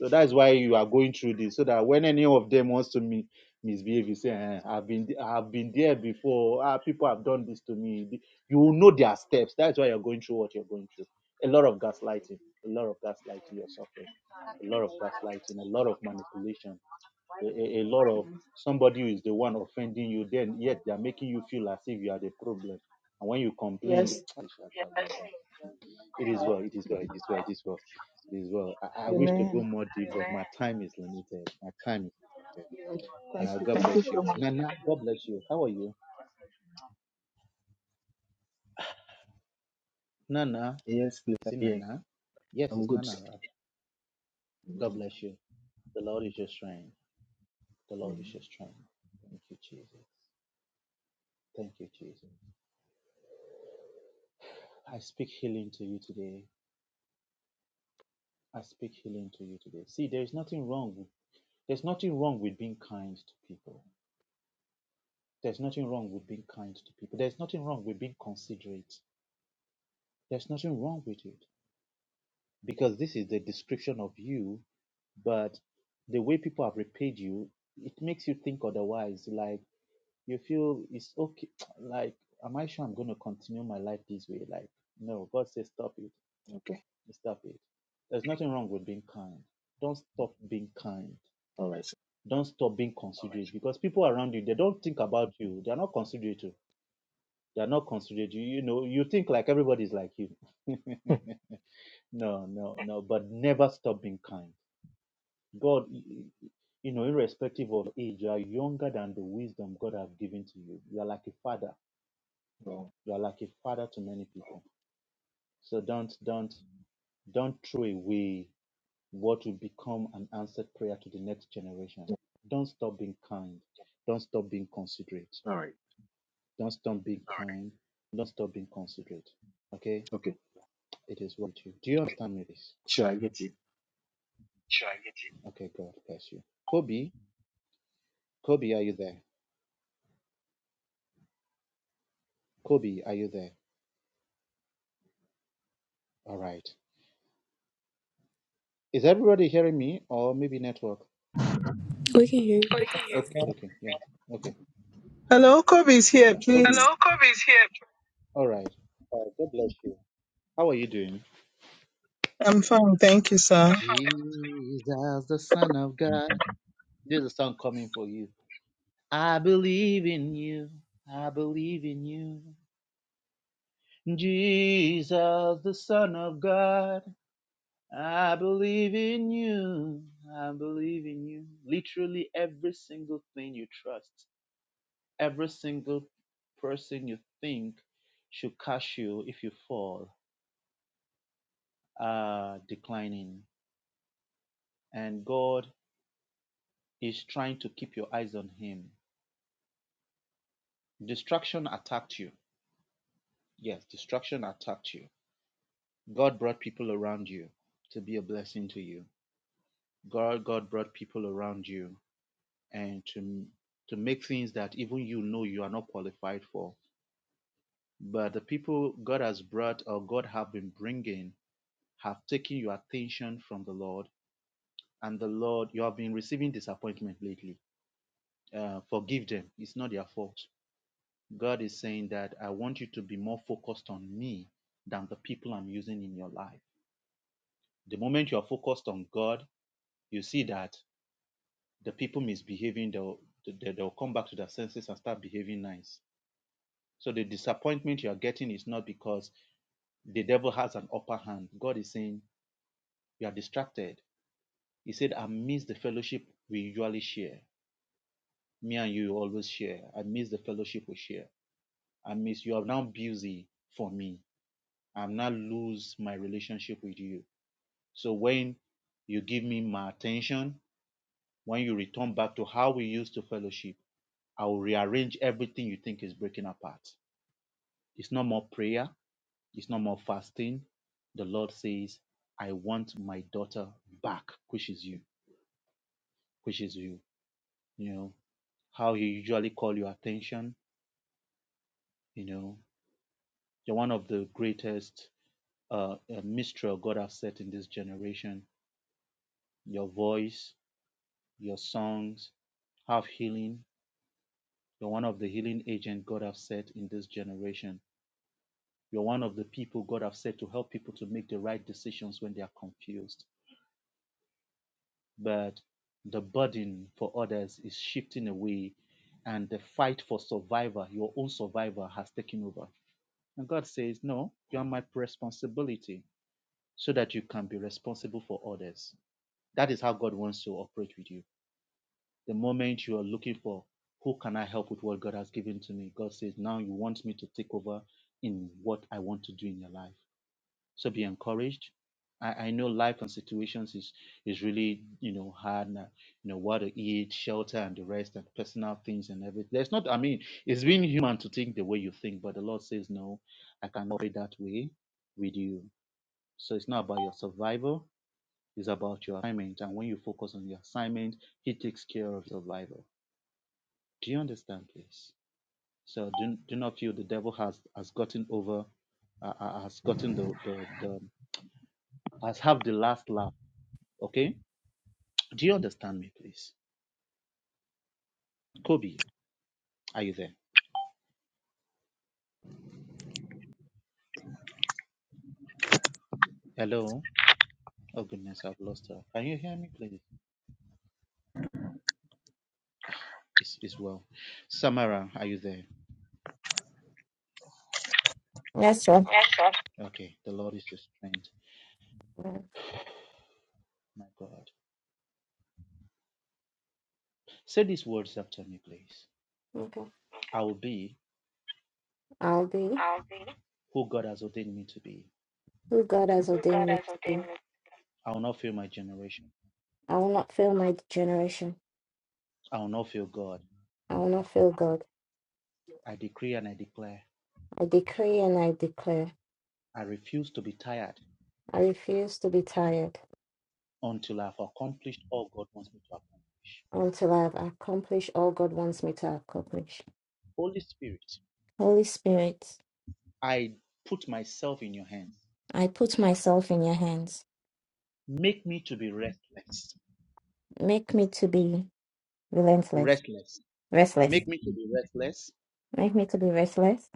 [SPEAKER 9] So that's why you are going through this, so that when any of them wants to mi- misbehave, you say, "Eh, "I've been, I've been there before. Ah, people have done this to me." You will know their steps. That's why you're going through what you're going through. A lot of gaslighting, a lot of gaslighting you're suffering, a lot of gaslighting, a lot of manipulation a, a, a lot of somebody who is the one offending you, then yet they're making you feel as if you are the problem. And when you complain,
[SPEAKER 12] Yes.
[SPEAKER 9] it is well, it is well, it is well, it is well, it is well. I, I wish to
[SPEAKER 12] Amen.
[SPEAKER 9] go more deep, but my time is limited. My time is
[SPEAKER 12] Yes, thank
[SPEAKER 9] limited. Uh,
[SPEAKER 12] you.
[SPEAKER 9] God
[SPEAKER 12] Thank
[SPEAKER 9] bless
[SPEAKER 12] you so
[SPEAKER 9] you.
[SPEAKER 12] much.
[SPEAKER 9] Nana,
[SPEAKER 12] God
[SPEAKER 9] God
[SPEAKER 12] bless you.
[SPEAKER 9] bless you. How are you? Nana,
[SPEAKER 4] Yes, please.
[SPEAKER 9] is it
[SPEAKER 4] Yeah,
[SPEAKER 9] Nana? Yes,
[SPEAKER 4] I'm
[SPEAKER 9] it's
[SPEAKER 4] good. sir.
[SPEAKER 9] Nana. right? God
[SPEAKER 4] Mm,
[SPEAKER 9] bless you. The Lord is your strength. The Lord
[SPEAKER 4] mm,
[SPEAKER 9] is your strength. Thank you, Jesus. Thank you, Jesus. I speak healing to you today. I speak healing to you today. See, there's nothing wrong. with- There's nothing wrong with being kind to people. There's nothing wrong with being kind to people. There's nothing wrong with being considerate. There's nothing wrong with it because this is the description of you, but the way people have repaid you, it makes you think otherwise. Like you feel it's okay. Like, am I sure I'm going to continue my life this way? Like, no, God says stop it.
[SPEAKER 4] Okay.
[SPEAKER 9] Stop it. There's nothing wrong with being kind. Don't stop being kind
[SPEAKER 4] All right. sir.
[SPEAKER 9] Don't stop being considerate because people around you they don't think about you. They're not considerate. you. They're not considerate. You, you know, you think like everybody's like you. no, no, no. But never stop being kind. God, you know, irrespective of age, you are younger than the wisdom God has given to you. You are like a father. You are like a father to many people. So don't, don't, don't throw away what will become an answered prayer to the next generation. Don't stop being kind. Don't stop being considerate.
[SPEAKER 4] All right.
[SPEAKER 9] Don't stop being kind. Don't stop being considerate. Okay?
[SPEAKER 4] Okay.
[SPEAKER 9] It is what you. Do you understand me this?
[SPEAKER 4] Sure, I get it.
[SPEAKER 9] sure I get you. Okay, God bless you. Kobe, Kobe, are you there? Kobe, are you there? All right. Is everybody hearing me or maybe network?
[SPEAKER 16] We can hear you.
[SPEAKER 9] Oh, yeah. Okay, okay, yeah. Okay.
[SPEAKER 17] Hello, Kobe is here,
[SPEAKER 9] Yeah, Kobe. Hello?
[SPEAKER 17] please.
[SPEAKER 9] All right. Uh, God bless you. How are you doing?
[SPEAKER 17] I'm fine, thank you, sir.
[SPEAKER 9] Jesus, the Son of God. There's a song coming for you. I believe in you. I believe in you. Jesus, the Son of God, I believe in you. I believe in you. Literally every single thing you trust, every single person you think should catch you if you fall are declining. And God is trying to keep your eyes on Him. Distraction attacked you. Yes, distraction attacked you. God brought people around you to be a blessing to you. God, God brought people around you and to to make things that even you know you are not qualified for but the people god has brought or god have been bringing have taken your attention from the lord and the lord you have been receiving disappointment lately uh, forgive them it's not their fault god is saying that i want you to be more focused on me than the people i'm using in your life the moment you are focused on god you see that the people misbehaving they'll they- they'll come back to their senses and start behaving nice So the disappointment you are getting is not because the devil has an upper hand. God is saying you are distracted. He said, I miss the fellowship we usually share. Me and you always share. I miss the fellowship we share. I miss you are now busy for me. I'm now lose my relationship with you. So when you give me my attention, when you return back to how we used to fellowship, I will rearrange everything you think is breaking apart. It's not more prayer. It's no more fasting. The Lord says, I want my daughter back, which is you, which is you. You know, how you usually call your attention, you know, you're one of the greatest uh, uh, mystery God has set in this generation. Your voice, your songs have healing. You're one of the healing agent God has set in this generation. You're one of the people God has set to help people to make the right decisions when they are confused but the burden for others is shifting away and the fight for survival your own survival has taken over and god says no you are my responsibility so that you can be responsible for others that is how god wants to operate with you the moment you are looking for who can i help with what god has given to me god says now you want me to take over in what i want to do in your life so be encouraged. I, I know life and situations is is really you know hard now. You know what to eat, shelter, and the rest, and personal things and everything. There's not. I mean, it's being human to think the way you think, but the Lord says no. I cannot be that way with you. So it's not about your survival. It's about your assignment, and when you focus on your assignment, He takes care of your survival. Do you understand, please? So do do not feel the devil has has gotten over, uh, uh, has gotten the the, the has have the last laugh Okay. Do you understand me, please? Kobe, are you there? Hello. Oh goodness, I've lost her. Can you hear me, please? It's, it's well. Samara, are you there?
[SPEAKER 8] Yes, sir.
[SPEAKER 9] Yes, sir. Okay. The Lord is your strength.
[SPEAKER 8] Mm,
[SPEAKER 9] My God. Say these words after me, please.
[SPEAKER 8] Okay.
[SPEAKER 9] I will be
[SPEAKER 8] I'll be
[SPEAKER 9] I'll be who God has ordained me to be.
[SPEAKER 8] who God has
[SPEAKER 9] who God
[SPEAKER 8] ordained me
[SPEAKER 9] has
[SPEAKER 8] to
[SPEAKER 9] ordained
[SPEAKER 8] be.
[SPEAKER 9] me. I will not fail my generation.
[SPEAKER 8] I will not fail my generation.
[SPEAKER 9] I will not fail God.
[SPEAKER 8] I will not fail God.
[SPEAKER 9] I decree and I declare.
[SPEAKER 8] I decree and I declare.
[SPEAKER 9] I refuse to be tired
[SPEAKER 8] I refuse to be tired
[SPEAKER 9] until I've accomplished all God wants me to accomplish.
[SPEAKER 8] until I have accomplished all God wants me to accomplish.
[SPEAKER 9] Holy Spirit,
[SPEAKER 8] Holy Spirit,
[SPEAKER 9] I put myself in your hands.
[SPEAKER 8] I put myself in your hands.
[SPEAKER 9] Make me to be restless,
[SPEAKER 8] Make me to be relentless,
[SPEAKER 9] restless.
[SPEAKER 8] restless.
[SPEAKER 9] Make me to be restless
[SPEAKER 8] Make me to be restless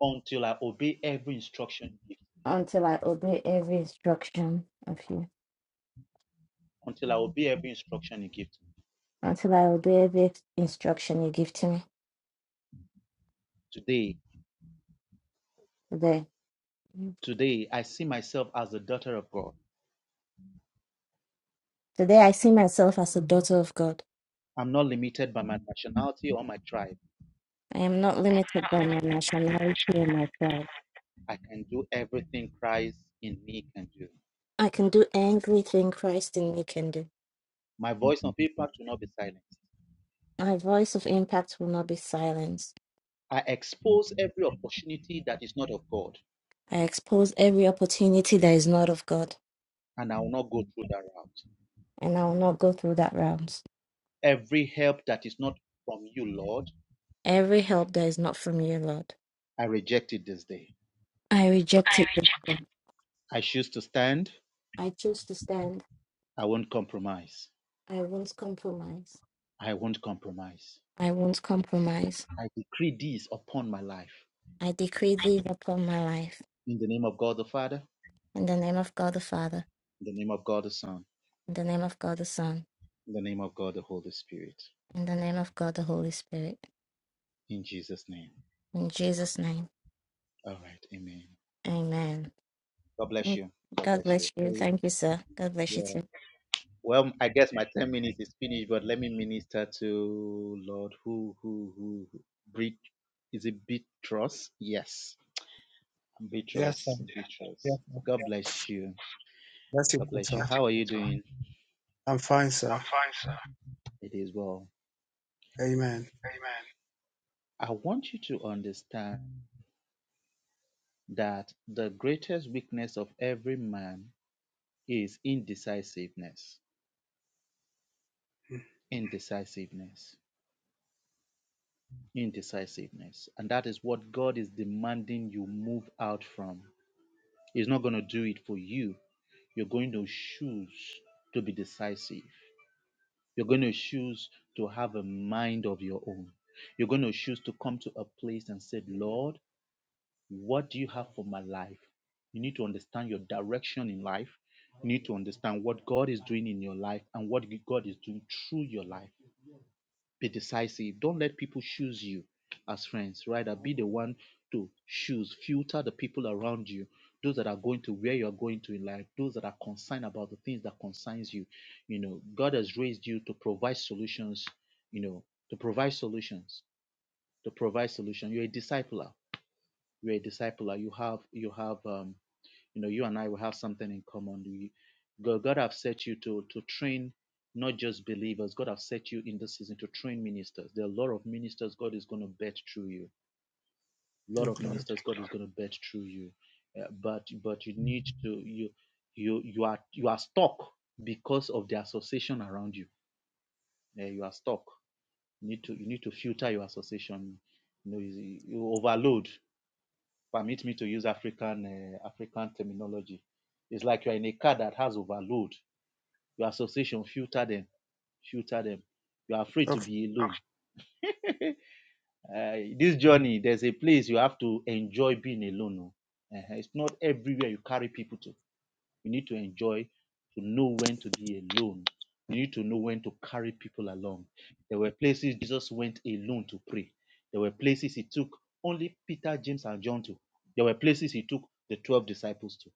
[SPEAKER 9] until I obey every instruction you give.
[SPEAKER 8] until I obey every instruction of you,
[SPEAKER 9] Until I obey every instruction you give to me.
[SPEAKER 8] until I obey every instruction you give to me
[SPEAKER 9] Today,
[SPEAKER 8] today.
[SPEAKER 9] today, I see myself as a daughter of God.
[SPEAKER 8] Today, I see myself as a daughter of God.
[SPEAKER 9] I'm not limited by my nationality or my tribe.
[SPEAKER 8] I am not limited by my nationality or my pride.
[SPEAKER 9] I can do everything Christ in me can do.
[SPEAKER 8] I can do everything Christ in me can do.
[SPEAKER 9] My voice on paper will not be silenced.
[SPEAKER 8] My voice of impact will not be silenced.
[SPEAKER 9] I expose every opportunity that is not of God.
[SPEAKER 8] I expose every opportunity that is not of God.
[SPEAKER 9] and I will not go through that route.
[SPEAKER 8] and I will not go through that round.
[SPEAKER 9] Every help that is not from you, Lord,
[SPEAKER 8] Every help that is not from you, Lord.
[SPEAKER 9] I reject it this day.
[SPEAKER 8] I reject
[SPEAKER 9] I
[SPEAKER 8] it this
[SPEAKER 9] reject.
[SPEAKER 8] day.
[SPEAKER 9] I choose to stand.
[SPEAKER 8] I choose to stand.
[SPEAKER 9] I won't compromise.
[SPEAKER 8] I won't compromise.
[SPEAKER 9] I won't compromise.
[SPEAKER 8] I won't compromise.
[SPEAKER 9] I decree this upon my life.
[SPEAKER 8] I decree these upon my life.
[SPEAKER 9] In the name of God the Father,
[SPEAKER 8] In the name of God the Father,
[SPEAKER 9] in the name of God the Son,
[SPEAKER 8] in the name of God the Son,
[SPEAKER 9] in the name of God the Holy Spirit.
[SPEAKER 8] in the name of God the Holy Spirit.
[SPEAKER 9] In Jesus' name.
[SPEAKER 8] In Jesus' name,
[SPEAKER 9] All right. Amen.
[SPEAKER 8] amen.
[SPEAKER 9] God bless
[SPEAKER 8] Mm.
[SPEAKER 9] you. God
[SPEAKER 8] God
[SPEAKER 9] bless you.
[SPEAKER 8] bless you.
[SPEAKER 9] The-
[SPEAKER 8] Thank you, sir. God bless you
[SPEAKER 9] Yeah.
[SPEAKER 8] too.
[SPEAKER 9] Well, I guess my 10 minutes is finished, but let me minister to Lord who, who, who, who Brit, is it Beatrice? Yes,
[SPEAKER 13] Yes, sir.
[SPEAKER 9] Beatrice,
[SPEAKER 13] Yes,
[SPEAKER 9] Beatrice.
[SPEAKER 13] sir.
[SPEAKER 9] God bless you.
[SPEAKER 13] That's it,
[SPEAKER 9] God
[SPEAKER 13] good,
[SPEAKER 9] bless you.
[SPEAKER 13] sir.
[SPEAKER 9] How are you doing?
[SPEAKER 13] I'm fine,
[SPEAKER 9] I'm
[SPEAKER 13] sir.
[SPEAKER 9] fine, sir. It is well.
[SPEAKER 13] Amen.
[SPEAKER 9] Amen. I want you to understand that the greatest weakness of every man is indecisiveness. Indecisiveness. Indecisiveness. And that is what God is demanding you move out from. He's not going to do it for you. You're going to choose to be decisive. You're going to choose to have a mind of your own. You're going to choose to come to a place and say, Lord, what do you have for my life? You need to understand your direction in life. You need to understand what God is doing in your life and what God is doing through your life. Be decisive. Don't let people choose you as friends. Rather, be the one to choose. Filter the people around you, those that are going to where you are going to in life, those that are concerned about the things that concerns you. You know, God has raised you to provide solutions. You know, to provide solutions, to provide solution. You're a discipler. You're a discipler. You have you have um, you know you and i will have something in common You- god, god have set you to to train not just believers god have set you in this season to train ministers there are a lot of ministers god is going to bet through you a lot
[SPEAKER 13] Mm,
[SPEAKER 9] of
[SPEAKER 13] Glory.
[SPEAKER 9] ministers god is going to bet through you Uh, but but you need to you you you are you are stuck because of the association around you Uh, you are stuck you need to you need to filter your association you know you you overload Permit me to use African uh, African terminology. It's like you're in a car that has overload. Your association filter them, filter them. You are afraid to
[SPEAKER 13] Okay.
[SPEAKER 9] be alone. Uh, this journey, there's a place you have to enjoy being alone. oh. Eh, It's not everywhere you carry people to. You need to enjoy, to know when to be alone. You need to know when to carry people along. There were places Jesus went alone to pray. There were places he took only Peter, James, and John to. There were places he took the 12 disciples to.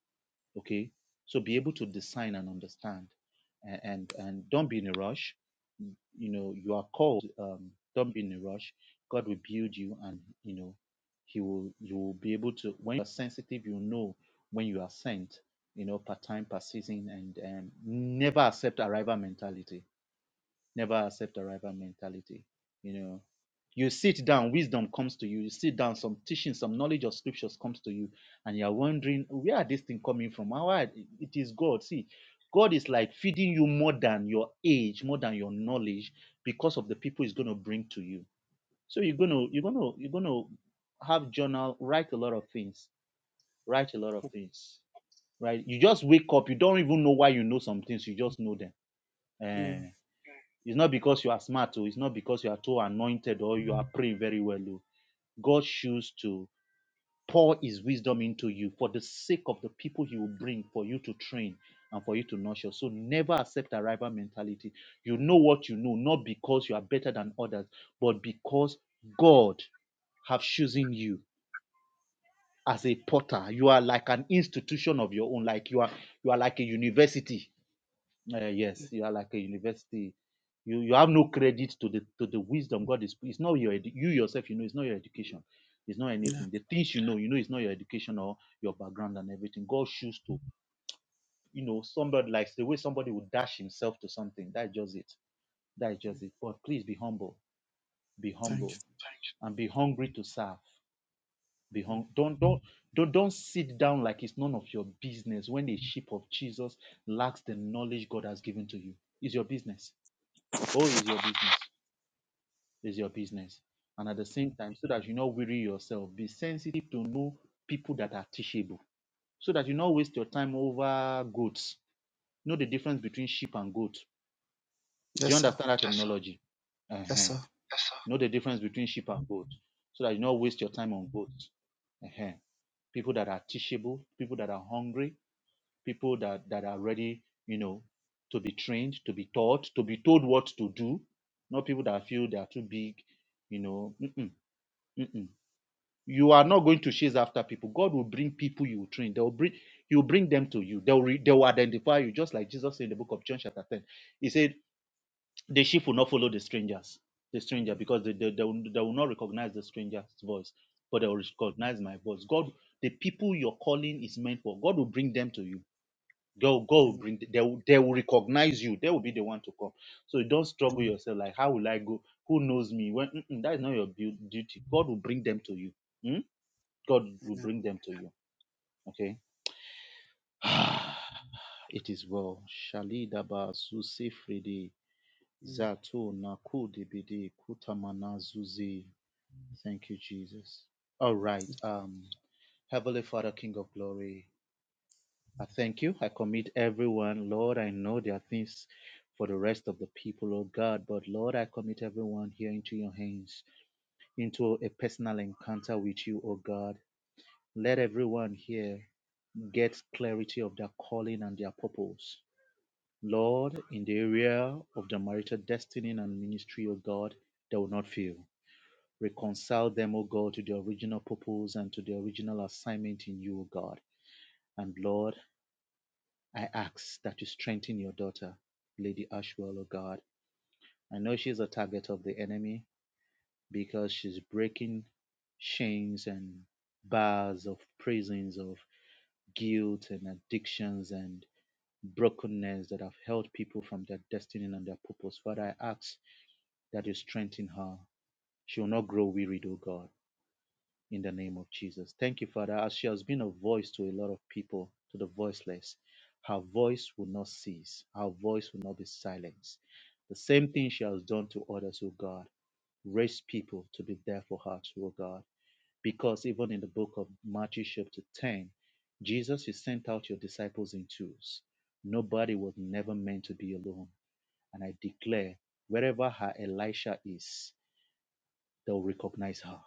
[SPEAKER 9] okay so be able to design and understand and and, and don't be in a rush you know you are called um, don't be in a rush god will build you and you know he will you will be able to when you are sensitive you know when you are sent you know per time per season and um, never accept arrival mentality Never accept arrival mentality. You know, you sit down, wisdom comes to you. You sit down, some teaching, some knowledge of scriptures comes to you, and you are wondering where are this thing coming from? How are, it is God? See, God is like feeding you more than your age, more than your knowledge, because of the people He's going to bring to you. So you're gonna, you're gonna, you're gonna have journal, write a lot of things, write a lot of things, right? You just wake up, you don't even know why you know some things, you just know them.
[SPEAKER 13] Mm,
[SPEAKER 9] Eh, it's not because you are smart, or it's not because you are too anointed or you are praying very well. Oh. God chooses to pour his wisdom into you for the sake of the people he will bring for you to train and for you to nurture. So never accept a rival mentality. You know what you know, not because you are better than others, but because God have chosen you as a potter. You are like an institution of your own, like you are you are like a university uh, yes,
[SPEAKER 13] mm,
[SPEAKER 9] you are like a university. You you have no credit to the to the wisdom God is. It's not your edu- you yourself. You know, it's not your education. It's not
[SPEAKER 13] Yeah.
[SPEAKER 9] anything. The things you know, you know, it's not your education or your background and everything. God chooses to, you know, somebody likes the way somebody would dash himself to something. That's just it. That's
[SPEAKER 13] Mm,
[SPEAKER 9] just it. But please be humble. Be
[SPEAKER 13] Thank you.
[SPEAKER 9] humble and be hungry to serve. Be
[SPEAKER 13] Mm.
[SPEAKER 9] hung. Don't don't don't don't sit down like it's none of your business when the sheep of Jesus lacks the knowledge God has given to you. It's your business. Oh, is your business. Is your business. And at the same time, so that you not weary yourself, be sensitive to know people that are teachable. So that you not waste your time over goats. Know the difference between sheep and goat. Do you
[SPEAKER 13] Yes, sir.
[SPEAKER 9] understand that Yes, sir. terminology? Uh-huh.
[SPEAKER 13] Yes,
[SPEAKER 9] Yes,
[SPEAKER 13] sir.
[SPEAKER 9] sir. Know the difference between sheep and goat. So that you not waste your time on goats. Uh-huh. People that are teachable, people that are hungry, people that that are ready, you know, to be trained, to be taught, to be told what to do, not people that feel they are too big, you know. Mm-mm, mm-mm. You are not going to chase after people. God will bring people you will train. They will bring you will bring them to you. They will re, they will identify you, just like Jesus said in the book of John chapter ten. He said, "The sheep will not follow the strangers, the stranger,
[SPEAKER 13] Mm.
[SPEAKER 9] because they they, they, will, they will not recognize the stranger's voice, but they will recognize my voice." God, the people your calling is meant for, God will bring them to you Go, go,
[SPEAKER 13] Amen.
[SPEAKER 9] bring. They will, they will recognize you. They will be the one to come. So you don't struggle yourself. Like, how will I go? Who knows me? When mm-mm, that is not your bu- duty. God will bring them to you. Hmm? God will
[SPEAKER 13] Amen.
[SPEAKER 9] bring them to you. Okay. it is well. Shali daba zuzi fridi
[SPEAKER 13] Amen.
[SPEAKER 9] zato naku dibidi kutamana zuzi. Thank you, Jesus. All right. Um, Heavenly Father, King of Glory. I thank you. I commit everyone, Lord. I know there are things for the rest of the people, oh God, but Lord, I commit everyone here into your hands, into a personal encounter with you, oh God. Let everyone here get clarity of their calling and their purpose. Lord, in the area of the marital destiny and ministry, oh God, they will not fail. Reconcile them, O God, to the original purpose and to the original assignment in you, O God. And Lord, I ask that you strengthen your daughter, Lady Ashwell, O God. I know she's a target of the enemy because she's breaking chains and bars of prisons of guilt and addictions and brokenness that have held people from their destiny and their purpose. Father, I ask that you strengthen her. She will not grow wearied, O God. in the name of Jesus. Thank you, Father. As she has been a voice to a lot of people, to the voiceless, her voice will not cease, her voice will not be silenced. The same thing she has done to others, oh God. Raise people to be there for her, too, oh God. Because even in the book of Matthew, chapter 10, Jesus, you sent out your disciples in twos. Nobody was never meant to be alone. And I declare, wherever her Elisha is, they'll recognize her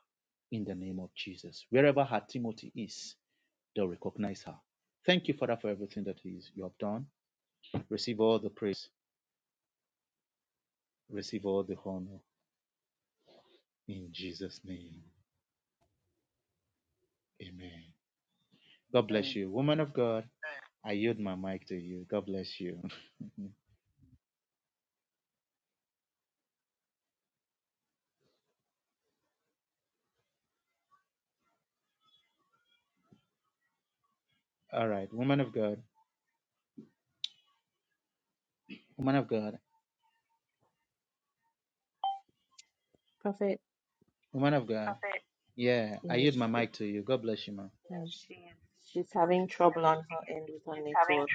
[SPEAKER 9] in the name of Jesus. Wherever her Timothy is, they'll recognize her. Thank you, Father, for everything that is you have done. Receive all the praise, receive all the honor in Jesus' name. Amen. God bless
[SPEAKER 2] Amen.
[SPEAKER 9] you. Woman of God, I yield my mic to you. God bless you. All right, woman of God, woman of God,
[SPEAKER 6] Prophet,
[SPEAKER 9] woman of God. Prophet. Yeah, I
[SPEAKER 6] yes,
[SPEAKER 9] yield my
[SPEAKER 6] she,
[SPEAKER 9] mic to you. God bless you, man.
[SPEAKER 6] and she she's having trouble on her end with her network,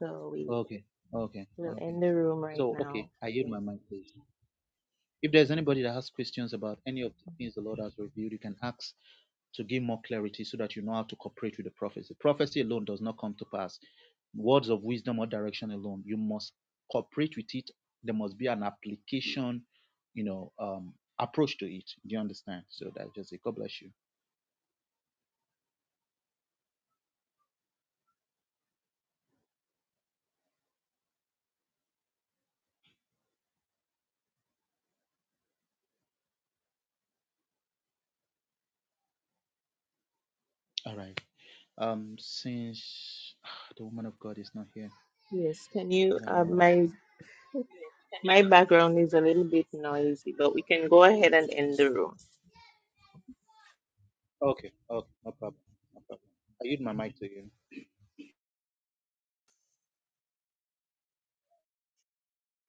[SPEAKER 6] so we
[SPEAKER 9] Okay, okay,
[SPEAKER 6] will
[SPEAKER 9] okay.
[SPEAKER 6] end the room right
[SPEAKER 9] So, okay,
[SPEAKER 6] now.
[SPEAKER 9] I yield
[SPEAKER 6] Yes,
[SPEAKER 9] my mic, please. If there's anybody that has questions about any of the things the Lord has revealed, you can ask to give more clarity so that you know how to cooperate with the prophecy. Prophecy alone does not come to pass. Words of wisdom or direction alone, you must cooperate with it. There must be an application, you know, um, approach to it. Do you understand? So that's just it. God bless you. All right. Um, since ah, the woman of God is not here,
[SPEAKER 6] Yes, can
[SPEAKER 9] I
[SPEAKER 6] you?
[SPEAKER 9] don't
[SPEAKER 6] Uh,
[SPEAKER 9] know.
[SPEAKER 6] my my background is a little bit noisy, but we can go ahead and end the room.
[SPEAKER 9] Okay. Okay. No problem. I use my mic to you.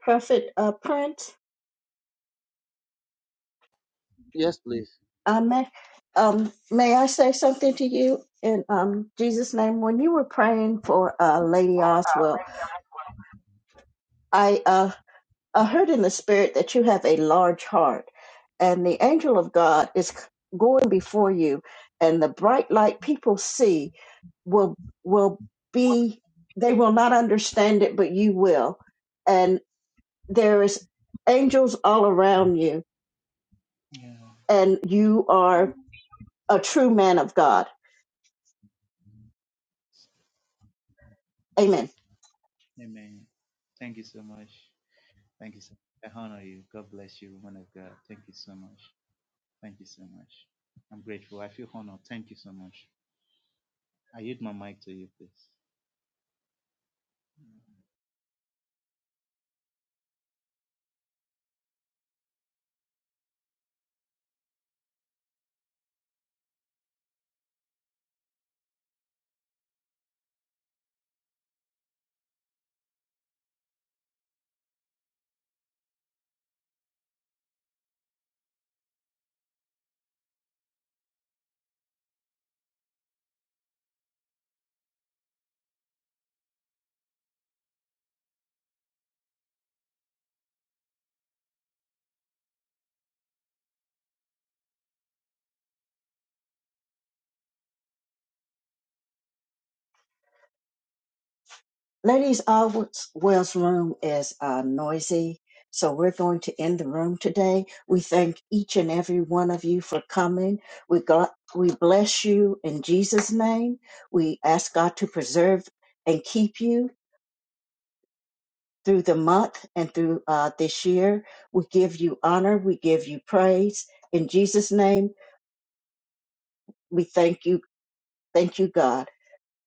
[SPEAKER 15] Prophet uh, Prince,
[SPEAKER 9] Yes, please.
[SPEAKER 15] uh, may, um, may I say something to you in um, Jesus' name? When you were praying for uh, Lady Oswell, I, uh, I heard in the spirit that you have a large heart, and the angel of God is going before you, and the bright light people see will will be they will not understand it, but you will, and there is angels all around you,
[SPEAKER 9] Yeah.
[SPEAKER 15] and you are. a true man of God. Amen.
[SPEAKER 9] Amen. Thank you so much. Thank you so much. I honor you. God bless you, woman of God. Thank you so much. Thank you so much. I'm grateful. I feel honored. Thank you so much. I yield my mic to you, please.
[SPEAKER 15] Ladies, our Wells room is uh, noisy, so we're going to end the room today. We thank each and every one of you for coming. We got, we bless you in Jesus' name. We ask God to preserve and keep you through the month and through uh, this year. We give you honor. We give you praise in Jesus' name. We thank you. Thank you, God.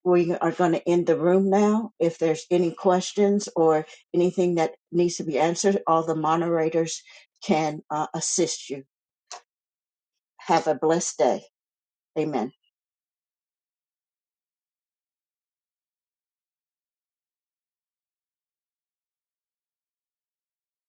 [SPEAKER 15] we are going to end the room now. If there's any questions or anything that needs to be answered, all the moderators can uh, assist you. Have a blessed day. Amen.